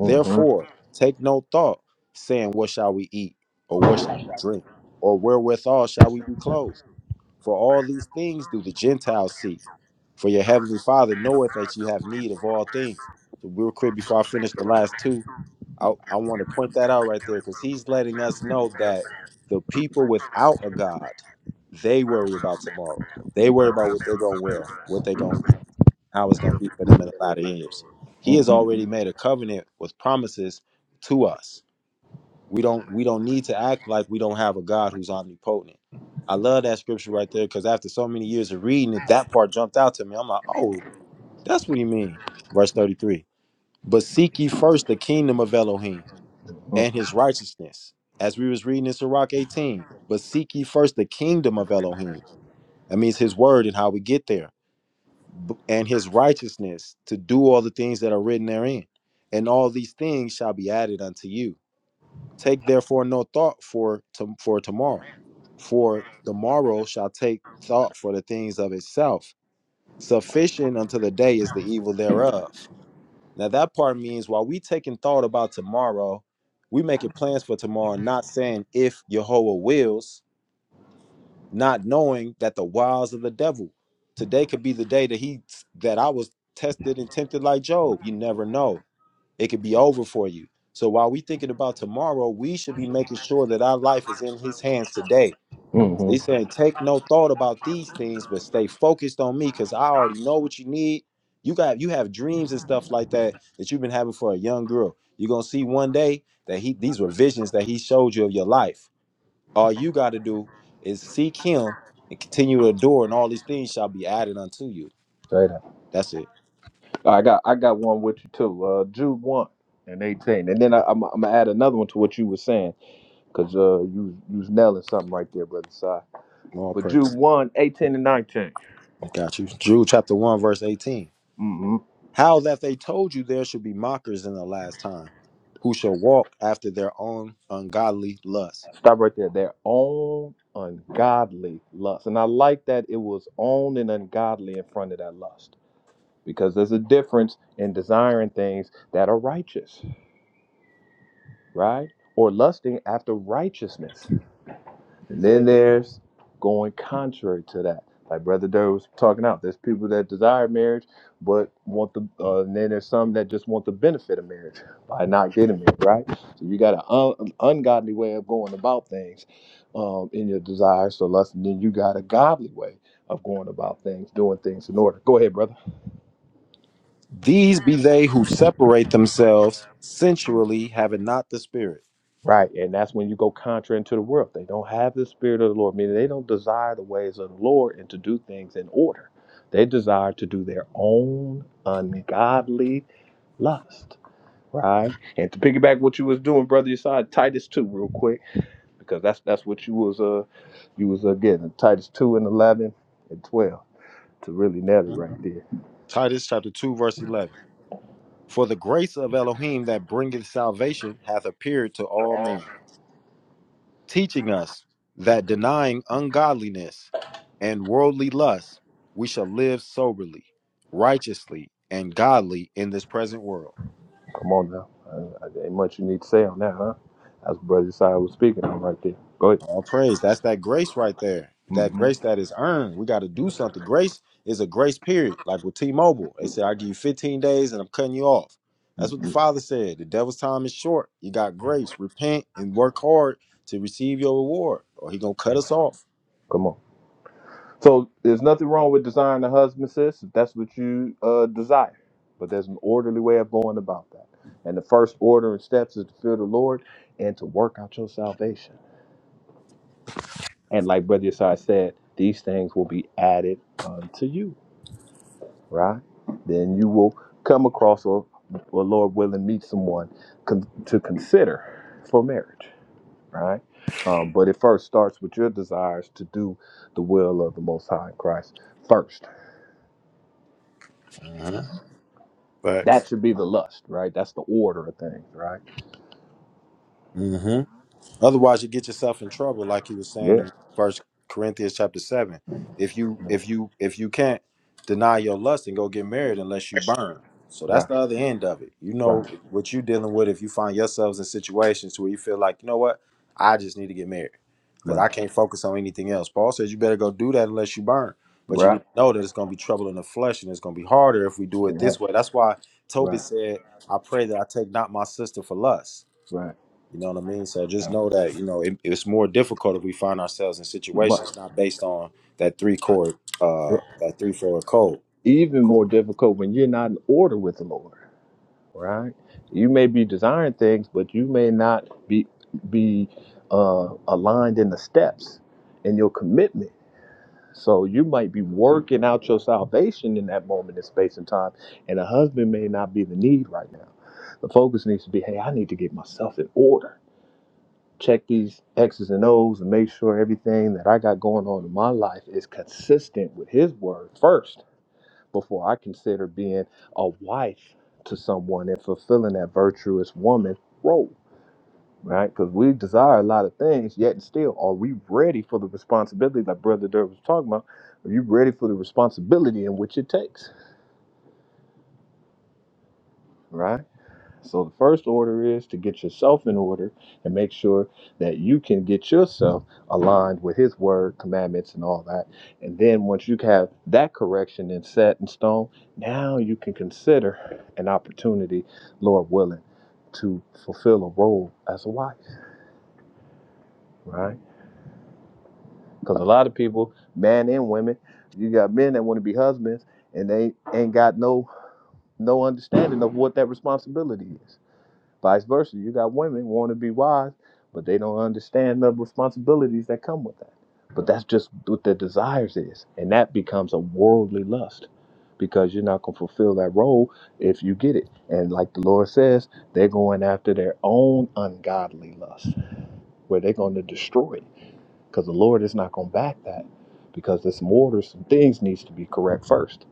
Speaker 5: Mm-hmm.
Speaker 1: take no thought, saying, What shall we eat? Or what shall we drink? Or wherewithal shall we be clothed? For all these things do the Gentiles seek. For your heavenly Father knoweth that you have need of all things. So, real quick, before I finish the last two, I, I want to point that out right there because he's letting us know that the people without a God, they worry about tomorrow. They worry about what they're going to wear, what they're going to now is going to be for them in a lot of years. He has
Speaker 5: Mm-hmm.
Speaker 1: already made a covenant with promises to us. We don't we don't need to act like we don't have a God who's omnipotent. I love that scripture right there because after so many years of reading it, that part jumped out to me. I'm like, oh, that's what he mean. Verse 33. But seek ye first the kingdom of Elohim and his righteousness. As we was reading in Sirach 18, but seek ye first the kingdom of Elohim. That means his word and how we get there b- and his righteousness to do all the things that are written therein and all these things shall be added unto you take therefore no thought for to, for tomorrow for the morrow shall take thought for the things of itself sufficient unto the day is the evil thereof now that part means while we taking thought about tomorrow we making plans for tomorrow not saying if jehovah wills not knowing that the wiles of the devil today could be the day that he that I was tested and tempted like Job. You never know. It could be over for you. So while we thinking about tomorrow, we should be making sure that our life is in his hands today. So
Speaker 5: Mm-hmm.
Speaker 1: he's saying, take no thought about these things, but stay focused on me because I already know what you need. You got you have dreams and stuff like that that you've been having for a young girl. You're gonna see one day that he these were visions that he showed you of your life all you got to do is seek him and continue to adore, and all these things shall be added unto you.
Speaker 5: Say that.
Speaker 1: That's it.
Speaker 5: I got I got one with you too. Uh, Jude one and eighteen, and then I, I'm I'm gonna add another one to what you were saying because uh you you was nailing something right there, brother. Si.
Speaker 1: All
Speaker 5: But Jude
Speaker 1: praise.
Speaker 5: one, 18, and 19.
Speaker 1: Got you. Jude chapter 1, verse 18.
Speaker 5: hmm
Speaker 1: How that they told you there should be mockers in the last time, who shall walk after their own ungodly lusts.
Speaker 5: Stop right there. Their own ungodly lust. And I like that it was own and ungodly in front of that lust because there's a difference in desiring things that are righteous, right? Or lusting after righteousness. And then there's going contrary to that. Like Brother Durr was talking out, there's people that desire marriage, but want the, uh, and then there's some that just want the benefit of marriage [LAUGHS] by not getting married, right? So you got an un- ungodly way of going about things um, in your desire, so lust, and then you got a godly way of going about things, doing things in order. Go ahead, brother.
Speaker 1: These be they who separate themselves sensually, having not the Spirit.
Speaker 5: Right. And that's when you go contrary into the world. They don't have the spirit of the Lord, meaning they don't desire the ways of the Lord and to do things in order. They desire to do their own ungodly lust. Right. And to piggyback what you was doing, brother, you saw Titus two real quick, because that's that's what you was uh you was uh, getting Titus two and eleven and twelve to really nail it
Speaker 1: Hmm.
Speaker 5: right there.
Speaker 1: Titus chapter 2, verse 11. For the grace of Elohim that bringeth salvation hath appeared to all men teaching us that denying ungodliness and worldly lust, we shall live soberly, righteously, and godly in this present world.
Speaker 5: Come on now. Uh, uh, ain't much you need to say on that, huh? That's what Brother Josiah was speaking on right there. Go ahead.
Speaker 1: All praise. That's that grace right there. That
Speaker 5: hmm
Speaker 1: grace that is earned. We got to do something. Grace is a grace period. Like with T Mobile, they said, I give you 15 days and I'm cutting you off. That's what the Father said. The devil's time is short. You got grace. Repent and work hard to receive your reward, or he going to cut us off.
Speaker 5: Come on. So there's nothing wrong with desiring a husband, sis. If that's what you uh, desire, but there's an orderly way of going about that. And the first order and steps is to fear the Lord and to work out your salvation. And like Brother Yasai said, these things will be added unto you, right? Then you will come across or, or Lord willing, meet someone con- to consider for marriage, right? Um, but it first starts with your desires to do the will of the Most High in Christ first
Speaker 1: Mhm.
Speaker 5: That
Speaker 1: Facts.
Speaker 5: should be the lust, right? That's the order of things, right?
Speaker 1: Otherwise, you get yourself in trouble, like he was saying
Speaker 5: Yeah,
Speaker 1: in First Corinthians chapter seven. If you if you if you can't deny your lust and go get married unless you burn. So that's
Speaker 5: right,
Speaker 1: the other end of it. You
Speaker 5: right,
Speaker 1: know what you're dealing with if you find yourselves in situations where you feel like, you know what, I just need to get married because
Speaker 5: right,
Speaker 1: I can't focus on anything else. Paul says you better go do that unless you burn. But you need
Speaker 5: right,
Speaker 1: to know that it's going to be trouble in the flesh and it's going to be harder if we do it this
Speaker 5: right,
Speaker 1: way. That's why Tobit
Speaker 5: right,
Speaker 1: said, I pray that I take not my sister for lust
Speaker 5: right.
Speaker 1: you know what I mean? So just
Speaker 5: Yeah.
Speaker 1: know that, you know, it, it's more difficult if we find ourselves in
Speaker 5: But
Speaker 1: situations not based on that three chord, uh, that three forward code.
Speaker 5: even more
Speaker 1: Cool.
Speaker 5: difficult when you're not in order with the Lord, right? You may be desiring things, but you may not be be uh, aligned in the steps in your commitment. So you might be working out your salvation in that moment in space and time, and a husband may not be the need right now. The focus needs to be, hey, I need to get myself in order check these X's and O's and make sure everything that I got going on in my life is consistent with His word first before I consider being a wife to someone and fulfilling that virtuous woman role, right? Because we desire a lot of things, yet and still, are we ready for the responsibility that Brother Durr was talking about? Are you ready for the responsibility in which it takes, right? So the first order is to get yourself in order and make sure that you can get yourself aligned with his word, commandments, and all that. And then once you have that correction and set in stone, now you can consider an opportunity, Lord willing, to fulfill a role as a wife, right? Because a lot of people, men and women, you got men that want to be husbands and they ain't got no no understanding of what that responsibility is Vice versa, you got women want to be wise, but they don't understand the responsibilities that come with that. But that's just what their desires is, and that becomes a worldly lust because you're not going to fulfill that role if you get it. And like the Lord says, they're going after their own ungodly lust, where they're going to destroy it because the Lord is not going to back that because there's some some things needs to be correct first.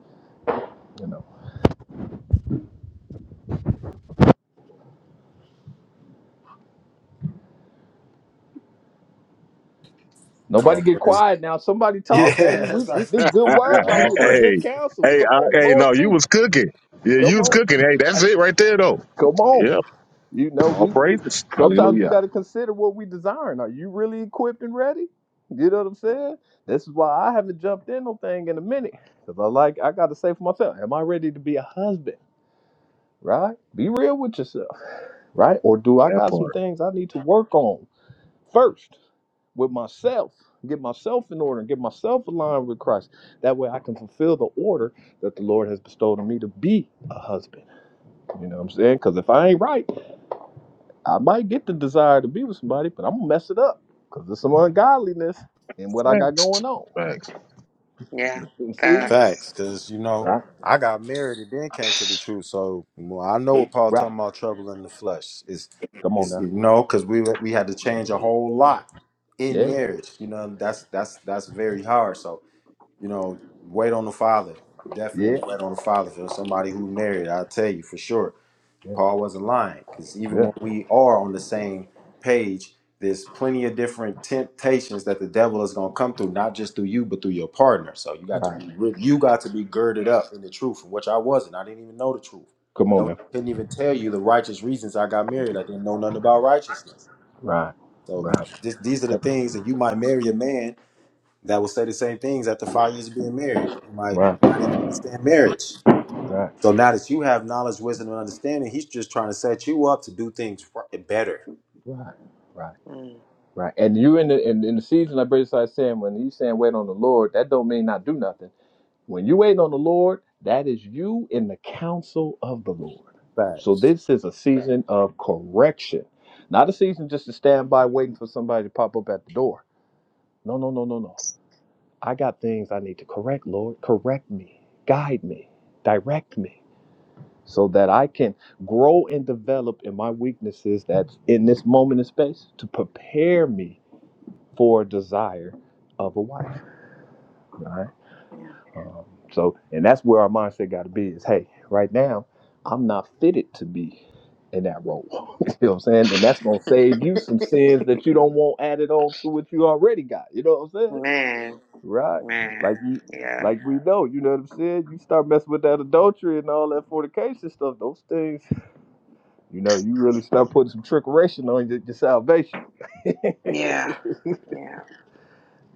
Speaker 5: You know. Nobody
Speaker 1: All
Speaker 5: get
Speaker 1: praise.
Speaker 5: quiet now. Somebody
Speaker 1: Yeah,
Speaker 5: talk,
Speaker 1: [LAUGHS]
Speaker 5: baby. We,
Speaker 1: that's right.
Speaker 5: we this
Speaker 2: [LAUGHS]
Speaker 5: good word right
Speaker 1: All
Speaker 5: here. This
Speaker 1: praise.
Speaker 5: good
Speaker 2: hey,
Speaker 5: counsel.
Speaker 2: hey,
Speaker 5: Come
Speaker 2: I,
Speaker 5: on, the
Speaker 2: hey,
Speaker 5: Lord
Speaker 2: no, you
Speaker 5: speaking.
Speaker 2: was cooking. Yeah,
Speaker 1: Yes,
Speaker 2: you
Speaker 5: Come
Speaker 2: was
Speaker 1: sir.
Speaker 5: on,
Speaker 2: cooking. Hey,
Speaker 5: Hey,
Speaker 2: that's it right there, though.
Speaker 5: come
Speaker 1: Uh,
Speaker 5: on.
Speaker 2: Yep.
Speaker 5: You know
Speaker 2: All
Speaker 5: we
Speaker 2: praises.
Speaker 5: sometimes we
Speaker 2: Hallelujah.
Speaker 5: got to consider what we desiring. Are you really equipped and ready? You know what I'm saying? This is why I haven't jumped in no thing in a minute because I like I got to say for myself, am I ready to be a husband? Right? Be real with yourself, right? Or do I
Speaker 2: That
Speaker 5: got some
Speaker 2: part.
Speaker 5: things I need to work on first? with myself, get myself in order, and get myself aligned with Christ. That way I can fulfill the order that the Lord has bestowed on me to be a husband. You know what I'm saying? Because if I ain't right, I might get the desire to be with somebody, but I'm going to mess it up because there's some ungodliness in what I got going
Speaker 2: Facts.
Speaker 5: on. [LAUGHS]
Speaker 2: Facts.
Speaker 4: Yeah.
Speaker 5: You See?
Speaker 4: Facts.
Speaker 1: Facts, because you know
Speaker 5: Right.
Speaker 1: I got married and then came to
Speaker 4: [SIGHS]
Speaker 1: the truth. So well, I know what Paul
Speaker 5: Right.
Speaker 1: talking about trouble in the flesh is,
Speaker 5: Come on
Speaker 1: is
Speaker 5: now.
Speaker 1: you know, because we we had to change a whole lot in
Speaker 5: Yeah.
Speaker 1: marriage. You know that's that's that's very hard. So you know, wait on the father.
Speaker 5: Yeah.
Speaker 1: Definitely wait on the father. If there's somebody who married, I'll tell you for sure.
Speaker 5: Yeah.
Speaker 1: Paul wasn't lying because even
Speaker 5: Yeah.
Speaker 1: when we are on the same page, there's plenty of different temptations that the devil is going to come through, not just through you, but through your partner. So you got to
Speaker 5: Right.
Speaker 1: be re- you got to be girded up in the truth, which I wasn't. I didn't even know the truth.
Speaker 5: Come on
Speaker 1: No,
Speaker 5: now.
Speaker 1: couldn't even tell you the righteous reasons I got married. I didn't know nothing about righteousness.
Speaker 5: Right.
Speaker 1: So you,
Speaker 5: Right.
Speaker 1: this, these are the
Speaker 5: Right.
Speaker 1: things that you might marry a man that will say the same things after five years of being married. You might not
Speaker 5: Right.
Speaker 1: even understand marriage. So now that you have knowledge, wisdom, and understanding, he's just trying to set you up to do things ri- better.
Speaker 5: Right. Right.
Speaker 4: Mm.
Speaker 5: Right. And you in the in, in the season like Brother started saying, when he's saying wait on the Lord, that don't mean not do nothing. When you wait on the Lord, that is you in the counsel of the Lord. So
Speaker 1: Facts.
Speaker 5: this is a season of correction. Not a season just to stand by waiting for somebody to pop up at the door. No, no, no, no, no. I got things I need to correct, Lord. Correct me, guide me, direct me, so that I can grow and develop in my weaknesses that's in this moment in space to prepare me for desire of a wife. All Right. Um, so, and that's where our mindset got to be is, hey, right now, I'm not fitted to be in that role. [LAUGHS] you know what I'm saying? And that's going to save you some sins that you don't want added on to what you already got. You know what I'm saying?
Speaker 4: Man,
Speaker 5: Right.
Speaker 4: man,
Speaker 5: Like you.
Speaker 4: yeah,
Speaker 5: Like we know, you know what I'm saying? You start messing with that adultery and all that fornication stuff, those things, you know, you really start putting some trickeration on your, your salvation. [LAUGHS] you
Speaker 4: yeah, yeah,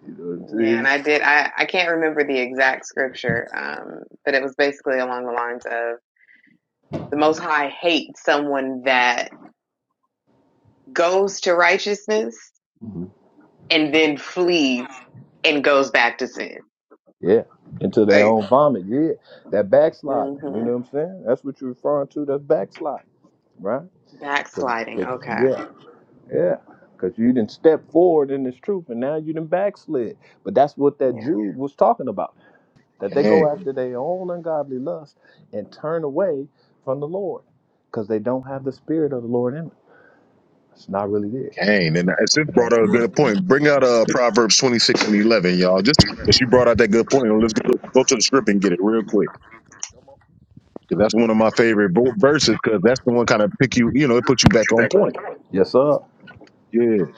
Speaker 5: know what I'm
Speaker 4: yeah. And
Speaker 5: saying?
Speaker 4: I did. I I can't remember the exact scripture, um, but it was basically along the lines of the Most High hates someone that goes to righteousness and then flees and goes back to sin.
Speaker 5: Yeah, into their
Speaker 4: Right.
Speaker 5: own vomit. Yeah, that backslide.
Speaker 4: hmm
Speaker 5: You know what I'm saying? That's what you're referring to. That's backslide, right? 'Cause-
Speaker 4: Backsliding.
Speaker 5: 'cause-
Speaker 4: Okay.
Speaker 5: yeah, yeah. Because you didn't step forward in this truth, and now you didn't backslid. But that's what that
Speaker 4: Yeah.
Speaker 5: Jude was talking about. That they go
Speaker 2: Gang.
Speaker 5: after their own ungodly lust and turn away from the Lord, because they don't have the spirit of the Lord in them. It's not really there.
Speaker 2: Gang. And since
Speaker 5: You know
Speaker 2: brought
Speaker 5: what
Speaker 2: out
Speaker 5: I'm
Speaker 2: a
Speaker 4: hmm
Speaker 5: saying?
Speaker 2: good point. Bring out uh, Proverbs 26 and 11, y'all. Just because she brought out that good point. Let's go, go to the script and get it real quick. Because that's one of my favorite bo- verses because that's the one kind of pick you, you know, it puts you back on point.
Speaker 5: Yes, sir.
Speaker 2: Yeah.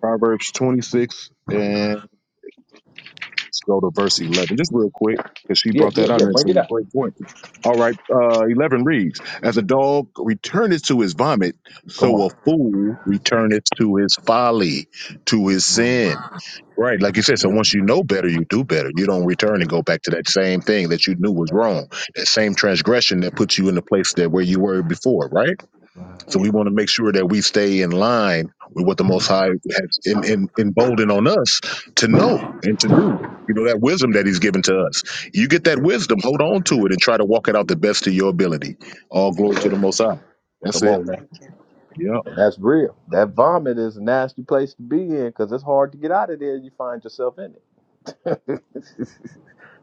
Speaker 2: Proverbs 26 Let's go to verse 11, just real quick, because she
Speaker 5: Yeah,
Speaker 2: brought
Speaker 5: yeah,
Speaker 2: that out
Speaker 5: yeah.
Speaker 2: and it's
Speaker 5: Bring
Speaker 2: a
Speaker 5: it out.
Speaker 2: great point. All right, uh, 11 reads As a dog returneth to his vomit,
Speaker 5: Come
Speaker 2: so
Speaker 5: on.
Speaker 2: a fool returneth to his folly, to his sin. Right, like you said, so once you know better, you do better. You don't return and go back to that same thing that you knew was wrong, that same transgression that puts you in the place that where you were before, right?
Speaker 5: Right.
Speaker 2: So
Speaker 4: Yeah.
Speaker 2: we want to make sure that we stay in line with what the Most High has in, in, emboldened on us to know and to do. You know, that wisdom that He's given to us. You get that wisdom, hold on to it, and try to walk it out the best of your ability. All glory to the Most High. That's
Speaker 5: Come
Speaker 2: it.
Speaker 5: on, man.
Speaker 4: Thank you.
Speaker 2: Yep.
Speaker 5: That's real. That vomit is a nasty place to be in because it's hard to get out of there. You find yourself in it. [LAUGHS]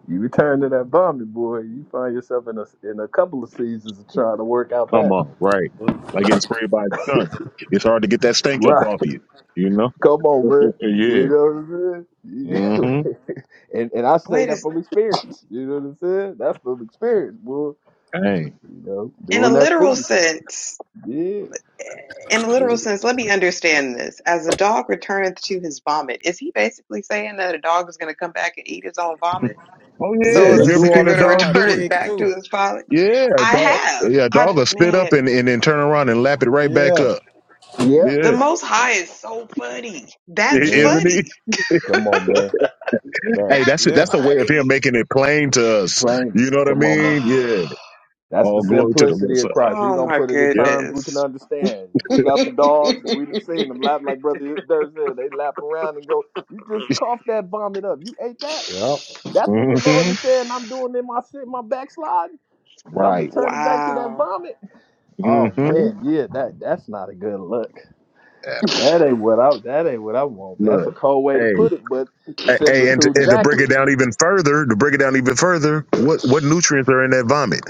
Speaker 5: you return to that vomit, boy. You find yourself in a in a couple of seasons of trying to work out
Speaker 2: Come
Speaker 5: that.
Speaker 2: on. Right. Like getting sprayed by a gun. It's hard to get that stink up
Speaker 5: Right.
Speaker 2: off you, you know?
Speaker 5: [LAUGHS] Come on,
Speaker 2: [LAUGHS]
Speaker 5: man. You
Speaker 2: yeah.
Speaker 5: know what I'm
Speaker 2: Mm
Speaker 5: saying? [LAUGHS] and and I say
Speaker 4: Wait a
Speaker 5: that from experience. You know what I'm saying? That's from experience, boy.
Speaker 2: hmm. Dang.
Speaker 5: You know,
Speaker 4: In a
Speaker 5: doing that
Speaker 4: literal
Speaker 5: foolishness.
Speaker 4: sense,
Speaker 5: Yeah.
Speaker 4: in a literal sense, let me understand this. As a dog returneth to his vomit, is he basically saying that a dog is going to come back and eat his own vomit?
Speaker 2: Oh,
Speaker 1: Yeah,
Speaker 4: So
Speaker 2: yeah.
Speaker 4: is
Speaker 5: Yeah.
Speaker 1: they
Speaker 2: You
Speaker 4: the
Speaker 2: ever
Speaker 1: do
Speaker 4: sinner
Speaker 1: all
Speaker 2: seen
Speaker 1: the
Speaker 2: a
Speaker 4: going to [LAUGHS]
Speaker 2: dog
Speaker 1: time.
Speaker 2: do
Speaker 4: return
Speaker 2: it?
Speaker 4: it
Speaker 1: Pigs
Speaker 4: back to
Speaker 1: too.
Speaker 4: his father?
Speaker 2: Yeah,
Speaker 4: I
Speaker 2: dog.
Speaker 4: have.
Speaker 2: Yeah,
Speaker 4: I
Speaker 2: dog
Speaker 4: just,
Speaker 2: will spit up
Speaker 4: man,
Speaker 2: and, and then turn around and lap it right back
Speaker 1: Yeah.
Speaker 2: up.
Speaker 5: Yep.
Speaker 2: Yeah,
Speaker 4: the
Speaker 2: [LAUGHS]
Speaker 4: Most High is so funny.
Speaker 2: I-
Speaker 4: That's
Speaker 5: Man.
Speaker 2: isn't he?
Speaker 4: funny.
Speaker 2: [LAUGHS]
Speaker 5: Come on, man. Man.
Speaker 2: Hey, that's
Speaker 4: That's
Speaker 2: it. That's
Speaker 1: Yeah.
Speaker 2: the way of him
Speaker 4: funny.
Speaker 2: making it plain to us. You
Speaker 5: Planes.
Speaker 2: know what I
Speaker 5: Come on now.
Speaker 2: mean?
Speaker 4: [SIGHS]
Speaker 2: Yeah.
Speaker 5: That's the
Speaker 2: All glory to the
Speaker 5: simplicity of
Speaker 2: Messiah.
Speaker 5: Christ. He's
Speaker 4: Oh, oh
Speaker 5: gonna
Speaker 4: my
Speaker 5: put it in
Speaker 2: Yep.
Speaker 5: terms we can
Speaker 4: goodness.
Speaker 5: understand. We got some
Speaker 4: [LAUGHS]
Speaker 5: dogs and we done seen them lap like brother Thursday. They lap around and go, You just cough that vomit up. You ate that?
Speaker 1: Yeah,
Speaker 2: [LAUGHS]
Speaker 5: That's what the Lord
Speaker 2: hmm
Speaker 5: is saying I'm doing in my sin, my backslide. Is I'm
Speaker 2: Right.
Speaker 5: returning back to that
Speaker 4: wow.
Speaker 5: vomit.
Speaker 2: hmm
Speaker 5: Oh
Speaker 2: Yeah.
Speaker 5: man, yeah, that that's not a good look. That ain't what I that ain't what I want. That's a
Speaker 2: Look.
Speaker 5: cold way to
Speaker 2: Hey,
Speaker 5: put it, but the
Speaker 2: hey, hey, and to,
Speaker 5: similitude is
Speaker 2: and to break it
Speaker 5: accurate.
Speaker 2: down even further, to break it down even further, what what nutrients are in that vomit?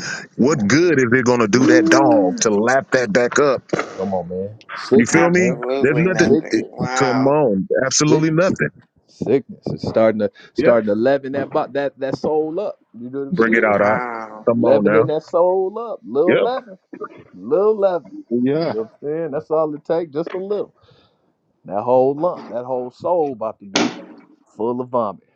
Speaker 5: Come
Speaker 2: What
Speaker 5: on, man.
Speaker 2: good is it going to do that dog
Speaker 5: Ooh.
Speaker 2: to lap that back up?
Speaker 5: Come on, man.
Speaker 2: You
Speaker 5: Sickness,
Speaker 2: feel me?
Speaker 5: man.
Speaker 2: There's
Speaker 4: Absolutely
Speaker 2: nothing.
Speaker 4: nothing.
Speaker 2: It,
Speaker 5: Sickness.
Speaker 2: come
Speaker 4: Wow.
Speaker 2: on,
Speaker 5: Sick.
Speaker 2: absolutely nothing.
Speaker 5: Sickness. is starting to
Speaker 2: Yep,
Speaker 5: starting to leaven that bo- that that soul up. You know what I'm
Speaker 2: bring it
Speaker 5: saying?
Speaker 2: out. I
Speaker 4: Wow.
Speaker 2: come on
Speaker 5: Leavening
Speaker 2: now.
Speaker 5: that soul up. Little
Speaker 2: Yep,
Speaker 5: leaven. Little leaven. You
Speaker 2: Yeah.
Speaker 5: know what I'm saying? That's all it takes, just a little. That whole lump, that whole soul about to be full of vomit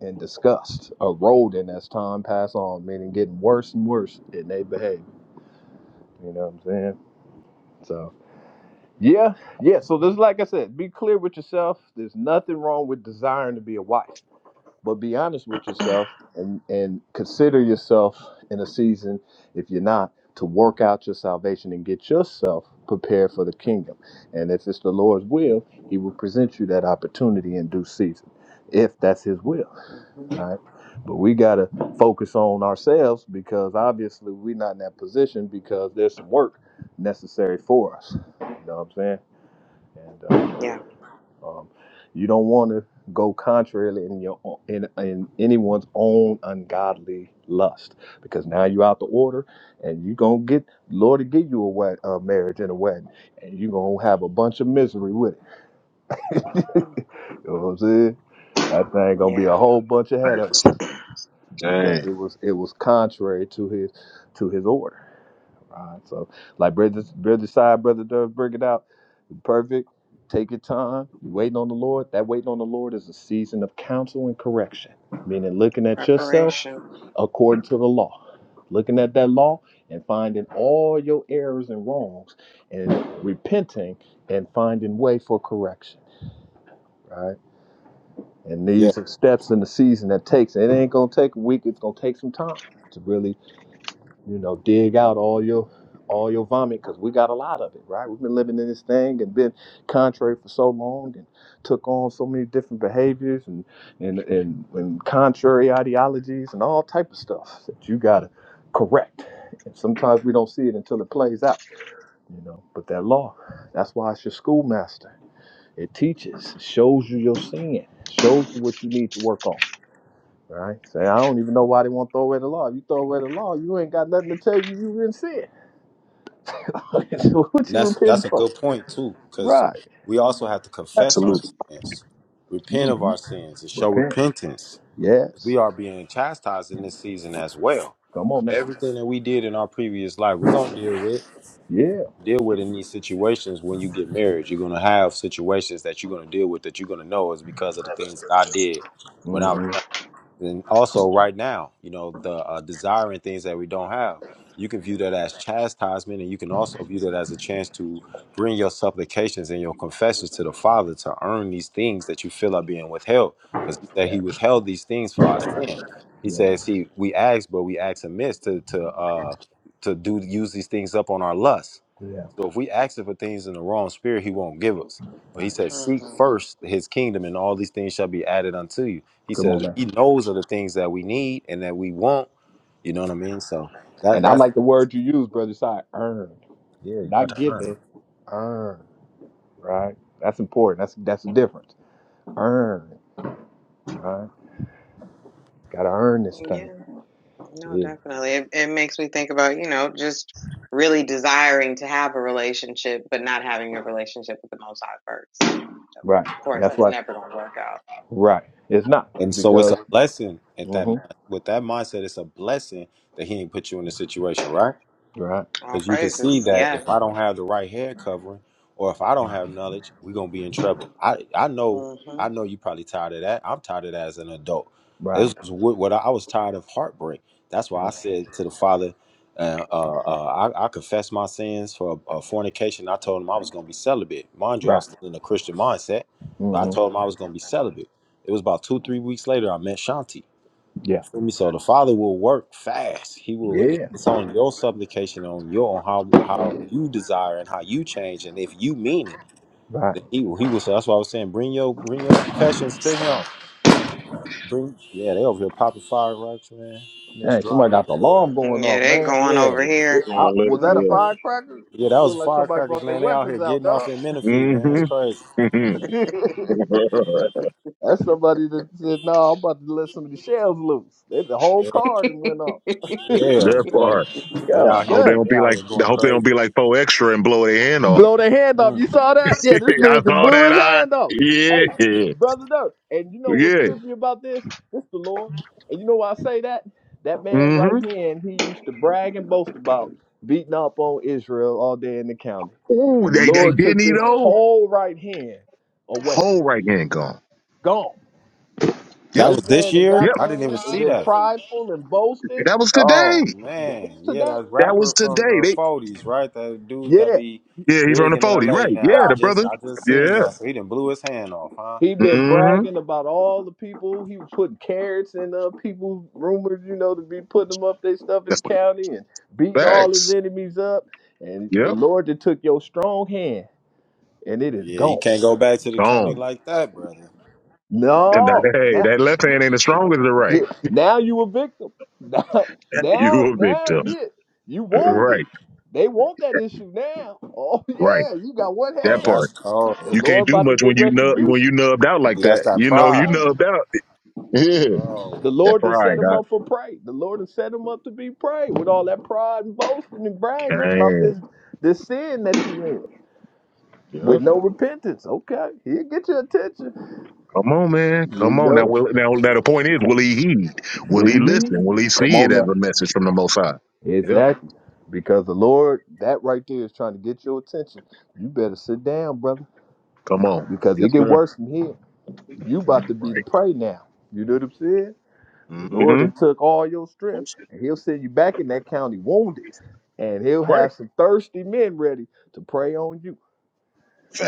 Speaker 5: and disgust, eroding as time pass on, meaning getting worse and worse in their behavior. You know what I'm saying? So yeah, yeah. So this, like I said, be clear with yourself. There's nothing wrong with desiring to be a wife. but be honest with yourself and and consider yourself in a season if you're not to work out your salvation and get yourself prepared for the kingdom and if it's the lord's will he will present you that opportunity in due season if that's his will
Speaker 4: hmm
Speaker 5: right but we got to focus on ourselves because obviously we're not in that position because there's some work necessary for us you know what i'm saying
Speaker 4: Yeah.
Speaker 5: um, you don't want to go contrarily in your own- in, in anyone's own ungodly lust because now you're out the order and you're gonna get Lord to give you a wed- a marriage and a wedding and you're gonna have a bunch of misery with it. [LAUGHS] You know what I'm saying? That thing gonna be a
Speaker 4: Yeah.
Speaker 5: whole bunch of headaches
Speaker 2: Thanks.
Speaker 5: because
Speaker 2: Dang.
Speaker 5: it was it was contrary to his to his order. Right. So, like brother, brother side, brother Durf, bring it out. Perfect. Take your time. You waiting on the Lord. That waiting on the Lord is a season of counsel and correction, meaning looking at yourself
Speaker 4: Preparation.
Speaker 5: according to the law, looking at that law and finding all your errors and wrongs, and repenting and finding way for correction. Right. And
Speaker 1: yeah,
Speaker 5: these are steps in the season that takes. It ain't gonna take a week. It's gonna take some time to really you know, dig out all your all your vomit because we got a lot of it, right? We've been living in this thing and been contrary for so long and took on so many different behaviors and and and, and contrary ideologies and all type of stuff that you gotta correct. And sometimes we don't see it until it plays out, you know. But that law, that's why it's your schoolmaster. It teaches, it shows you your sin, it shows you what you need to work on Right? Say, I don't even know why they want to throw away the law. If you throw away the law, you ain't got nothing to tell you you didn't sin. [LAUGHS] so what
Speaker 1: and
Speaker 5: you
Speaker 1: that's
Speaker 5: repenting
Speaker 1: that's a
Speaker 5: for?
Speaker 1: good point too, because
Speaker 5: Right.
Speaker 1: we also have to confess our
Speaker 2: absolutely.
Speaker 1: sins, repent of
Speaker 5: hmm
Speaker 1: our sins, and show
Speaker 5: Repent.
Speaker 1: repentance. We
Speaker 5: Yes.
Speaker 1: are being chastised in this season as well.
Speaker 5: Come on now.
Speaker 1: Everything that we did in our previous life, we're gonna deal with.
Speaker 5: Yeah.
Speaker 1: deal with in these situations when you get married. You're gonna have situations that you're gonna deal with that you're gonna know is because of the things that I did when I was.
Speaker 5: hmm
Speaker 1: And also, right now, you know, the uh, desiring things that we don't have, you can view that as chastisement, and you can also view that as a chance to bring your supplications and your confessions to the Father to earn these things that you feel are being withheld, because He said
Speaker 5: Yeah.
Speaker 1: He withheld these things for our sin. He
Speaker 5: Yeah.
Speaker 1: says He we ask, but we ask amiss to to uh, to do use these things up on our lust.
Speaker 5: Yeah.
Speaker 1: So if we asking for things in the wrong spirit, he won't give us. But he
Speaker 5: Right.
Speaker 1: said, Seek
Speaker 4: hmm
Speaker 1: first his kingdom, and all these things shall be added unto you. He
Speaker 5: Come on
Speaker 1: said
Speaker 5: now.
Speaker 1: he knows of the things that we need and that we want. You know what I mean? So that
Speaker 5: And I
Speaker 1: that's
Speaker 5: like the word you use, brother. Side earn,
Speaker 1: Yeah, you got
Speaker 5: not
Speaker 1: to earn.
Speaker 5: given. Earn. Right. That's important. That's that's the difference. Earn. Right. Got to earn this
Speaker 4: Yeah.
Speaker 5: thing.
Speaker 4: No,
Speaker 5: Yeah.
Speaker 4: definitely. It, it makes me think about, you know, just really desiring to have a relationship, but not having a relationship with the Most High first. So,
Speaker 5: Right.
Speaker 4: of course,
Speaker 5: That's
Speaker 4: it's
Speaker 5: why.
Speaker 4: never going to work out.
Speaker 5: Right. It's not
Speaker 1: And so it's
Speaker 5: because.
Speaker 1: a blessing at that
Speaker 5: hmm
Speaker 1: mind- with that mindset, it's a blessing that he ain't put you in a situation, right?
Speaker 5: Right.
Speaker 4: All
Speaker 1: Because you can see
Speaker 4: praises.
Speaker 1: that
Speaker 4: Yeah.
Speaker 1: if I don't have the right hair covering, or if I don't have knowledge, we're gonna be in trouble. I I know
Speaker 4: hmm
Speaker 1: I know you probably tired of that. I'm tired of that as an adult.
Speaker 5: Right.
Speaker 1: This was what, what I, I was tired of heartbreak. That's why I said to the father, uh, uh, uh, I, I confessed my sins for uh, fornication. I told him I was gonna be celibate. Mind you, I
Speaker 5: Right.
Speaker 1: was still in a Christian mindset, but I
Speaker 5: hmm
Speaker 1: told him I was gonna be celibate. It was about two three weeks later I met Shanti.
Speaker 5: Yeah.
Speaker 1: Hear me. So the Father will work fast. He will.
Speaker 5: Yeah.
Speaker 1: It's on your supplication, on your on how how you desire and how you change, and if you mean it,
Speaker 5: Right.
Speaker 1: then He will. He will. So that's why I was saying, bring your bring your confessions to Him. Bring yeah, they over here popping fireworks, man, in this
Speaker 5: Dang,
Speaker 1: dry
Speaker 5: somebody got the alarm
Speaker 1: neighborhood.
Speaker 5: going
Speaker 4: Yeah,
Speaker 5: off,
Speaker 4: they
Speaker 5: man.
Speaker 4: going
Speaker 1: Yeah,
Speaker 4: over
Speaker 5: It-
Speaker 4: here.
Speaker 5: I,
Speaker 2: Going later.
Speaker 5: was that
Speaker 4: hmm
Speaker 5: a
Speaker 2: Yeah.
Speaker 5: firecracker?
Speaker 1: yeah, that
Speaker 5: It
Speaker 1: was
Speaker 5: looked like somebody
Speaker 1: firecrackers,
Speaker 5: brought their
Speaker 1: man. They out here
Speaker 5: weapons out,
Speaker 1: getting off
Speaker 5: dog.
Speaker 1: in Menifee, man. It's
Speaker 2: Mm-hmm.
Speaker 1: crazy.
Speaker 2: yeah.
Speaker 5: [LAUGHS]
Speaker 2: [LAUGHS]
Speaker 5: That's somebody that said, "No, I'm about to let some of the shells loose." They, the whole
Speaker 1: Yeah,
Speaker 5: car and went off.
Speaker 1: yeah,
Speaker 2: that
Speaker 1: man.
Speaker 2: part.
Speaker 1: They out
Speaker 5: God
Speaker 2: I hope
Speaker 1: here,
Speaker 2: they
Speaker 5: damn.
Speaker 2: don't
Speaker 1: they
Speaker 2: be
Speaker 1: out
Speaker 2: like.
Speaker 1: here
Speaker 2: I
Speaker 1: going
Speaker 2: hope they don't
Speaker 1: crazy.
Speaker 2: be like four extra and blow their hand off.
Speaker 5: blow their hand off. You
Speaker 1: Mm.
Speaker 5: saw
Speaker 2: [LAUGHS] I
Speaker 5: that? Yeah, this dude that
Speaker 2: saw
Speaker 5: blew
Speaker 2: that.
Speaker 5: his
Speaker 2: I
Speaker 5: hand off. Hey,
Speaker 2: yeah
Speaker 5: brother Dirk, and you know what's
Speaker 2: yeah.
Speaker 5: trippy about this? This the Lord. And you know why I say that? That man right
Speaker 2: Mm-hmm.
Speaker 5: here, and he used to brag and boast about beating up on Israel all day in the county.
Speaker 2: Ooh,
Speaker 5: And the
Speaker 2: they they
Speaker 5: Lord
Speaker 2: didn't
Speaker 5: took
Speaker 2: eat
Speaker 5: this
Speaker 2: old
Speaker 5: whole right hand away.
Speaker 2: whole right hand gone.
Speaker 5: Gone.
Speaker 1: That
Speaker 2: Yep
Speaker 5: This
Speaker 1: was this
Speaker 5: man that
Speaker 1: year.
Speaker 5: got
Speaker 1: I
Speaker 2: yep.
Speaker 1: didn't even
Speaker 5: fame and
Speaker 1: see
Speaker 5: been
Speaker 1: that.
Speaker 5: prideful and boasting,
Speaker 2: That was
Speaker 1: Oh
Speaker 2: today.
Speaker 5: that
Speaker 1: man,
Speaker 5: was
Speaker 1: yeah,
Speaker 5: today.
Speaker 1: that
Speaker 2: That was
Speaker 1: rapper from
Speaker 2: today.
Speaker 1: the
Speaker 2: They.
Speaker 1: '40s, right? That dude that
Speaker 5: Yeah.
Speaker 1: be
Speaker 2: Yeah, he from
Speaker 1: big
Speaker 2: the
Speaker 1: in
Speaker 2: 40s.
Speaker 1: L.A.
Speaker 2: Right.
Speaker 1: now.
Speaker 2: Yeah,
Speaker 1: I
Speaker 5: Yeah.
Speaker 2: the brother.
Speaker 1: just, I just seen
Speaker 2: Yeah.
Speaker 1: that. So he done blew his hand off, huh?
Speaker 5: He been
Speaker 2: Mm-hmm.
Speaker 5: bragging about all the people. He was putting carrots in uh people rumored, you know, to be putting them up their stuff in the
Speaker 2: That's what it
Speaker 5: county and beating all his
Speaker 2: Facts.
Speaker 5: enemies up. And the
Speaker 2: Yep.
Speaker 5: Lord that took your strong hand and it is
Speaker 1: Yeah, he
Speaker 5: gone.
Speaker 1: can't go back to the county
Speaker 2: Gone.
Speaker 1: like that, brother.
Speaker 2: And that,
Speaker 5: No,
Speaker 2: hey,
Speaker 5: now,
Speaker 2: that left hand ain't as strong as the right.
Speaker 5: now you a victim. [LAUGHS] Now, now,
Speaker 2: You a
Speaker 5: now,
Speaker 2: victim.
Speaker 5: yeah, you want it.
Speaker 2: Right.
Speaker 5: They want that issue now. [LAUGHS] Oh
Speaker 2: Right.
Speaker 5: yeah, you got one
Speaker 1: Oh,
Speaker 2: That
Speaker 5: hand.
Speaker 1: that's
Speaker 2: part.
Speaker 5: The
Speaker 2: You
Speaker 1: cold.
Speaker 2: can't
Speaker 5: Lord
Speaker 2: do
Speaker 5: about to
Speaker 2: much when
Speaker 5: get
Speaker 2: you nub when
Speaker 5: retribution.
Speaker 2: you nubbed out like
Speaker 1: See, that's
Speaker 2: that.
Speaker 1: that
Speaker 2: You
Speaker 5: Come
Speaker 2: know, you
Speaker 1: pride.
Speaker 5: on.
Speaker 2: nubbed out. Yeah.
Speaker 1: Oh,
Speaker 5: The
Speaker 2: That
Speaker 5: Lord has set
Speaker 2: pride.
Speaker 5: him
Speaker 2: I
Speaker 5: up for prey. The Lord has set him up to be prey with all that pride and boasting and bragging about
Speaker 2: can.
Speaker 5: this this sin that you in
Speaker 2: not
Speaker 5: with
Speaker 2: Yep.
Speaker 5: no repentance. Okay, he'll get your attention.
Speaker 2: Come on, man. Come
Speaker 5: You
Speaker 2: on. Now,
Speaker 5: know,
Speaker 2: will, now, now the point is, will he heed? Will
Speaker 5: with
Speaker 2: he listen?
Speaker 5: him.
Speaker 2: Will he
Speaker 5: Come
Speaker 2: see it
Speaker 5: on
Speaker 2: as
Speaker 5: now.
Speaker 2: a message from the Most High?
Speaker 5: Exactly. Because the Lord, that right there is trying to get your attention. You better sit down, brother,
Speaker 2: Come on.
Speaker 5: because it
Speaker 2: Yes,
Speaker 5: get
Speaker 2: sir.
Speaker 5: worse from here. You about to be the
Speaker 2: Right.
Speaker 5: prey now. You know what I'm saying? The Lord
Speaker 2: Mm-hmm.
Speaker 5: that took all your strength, and He'll send you back in that county wounded. and he'll
Speaker 2: Right.
Speaker 5: have some thirsty men ready to prey on you.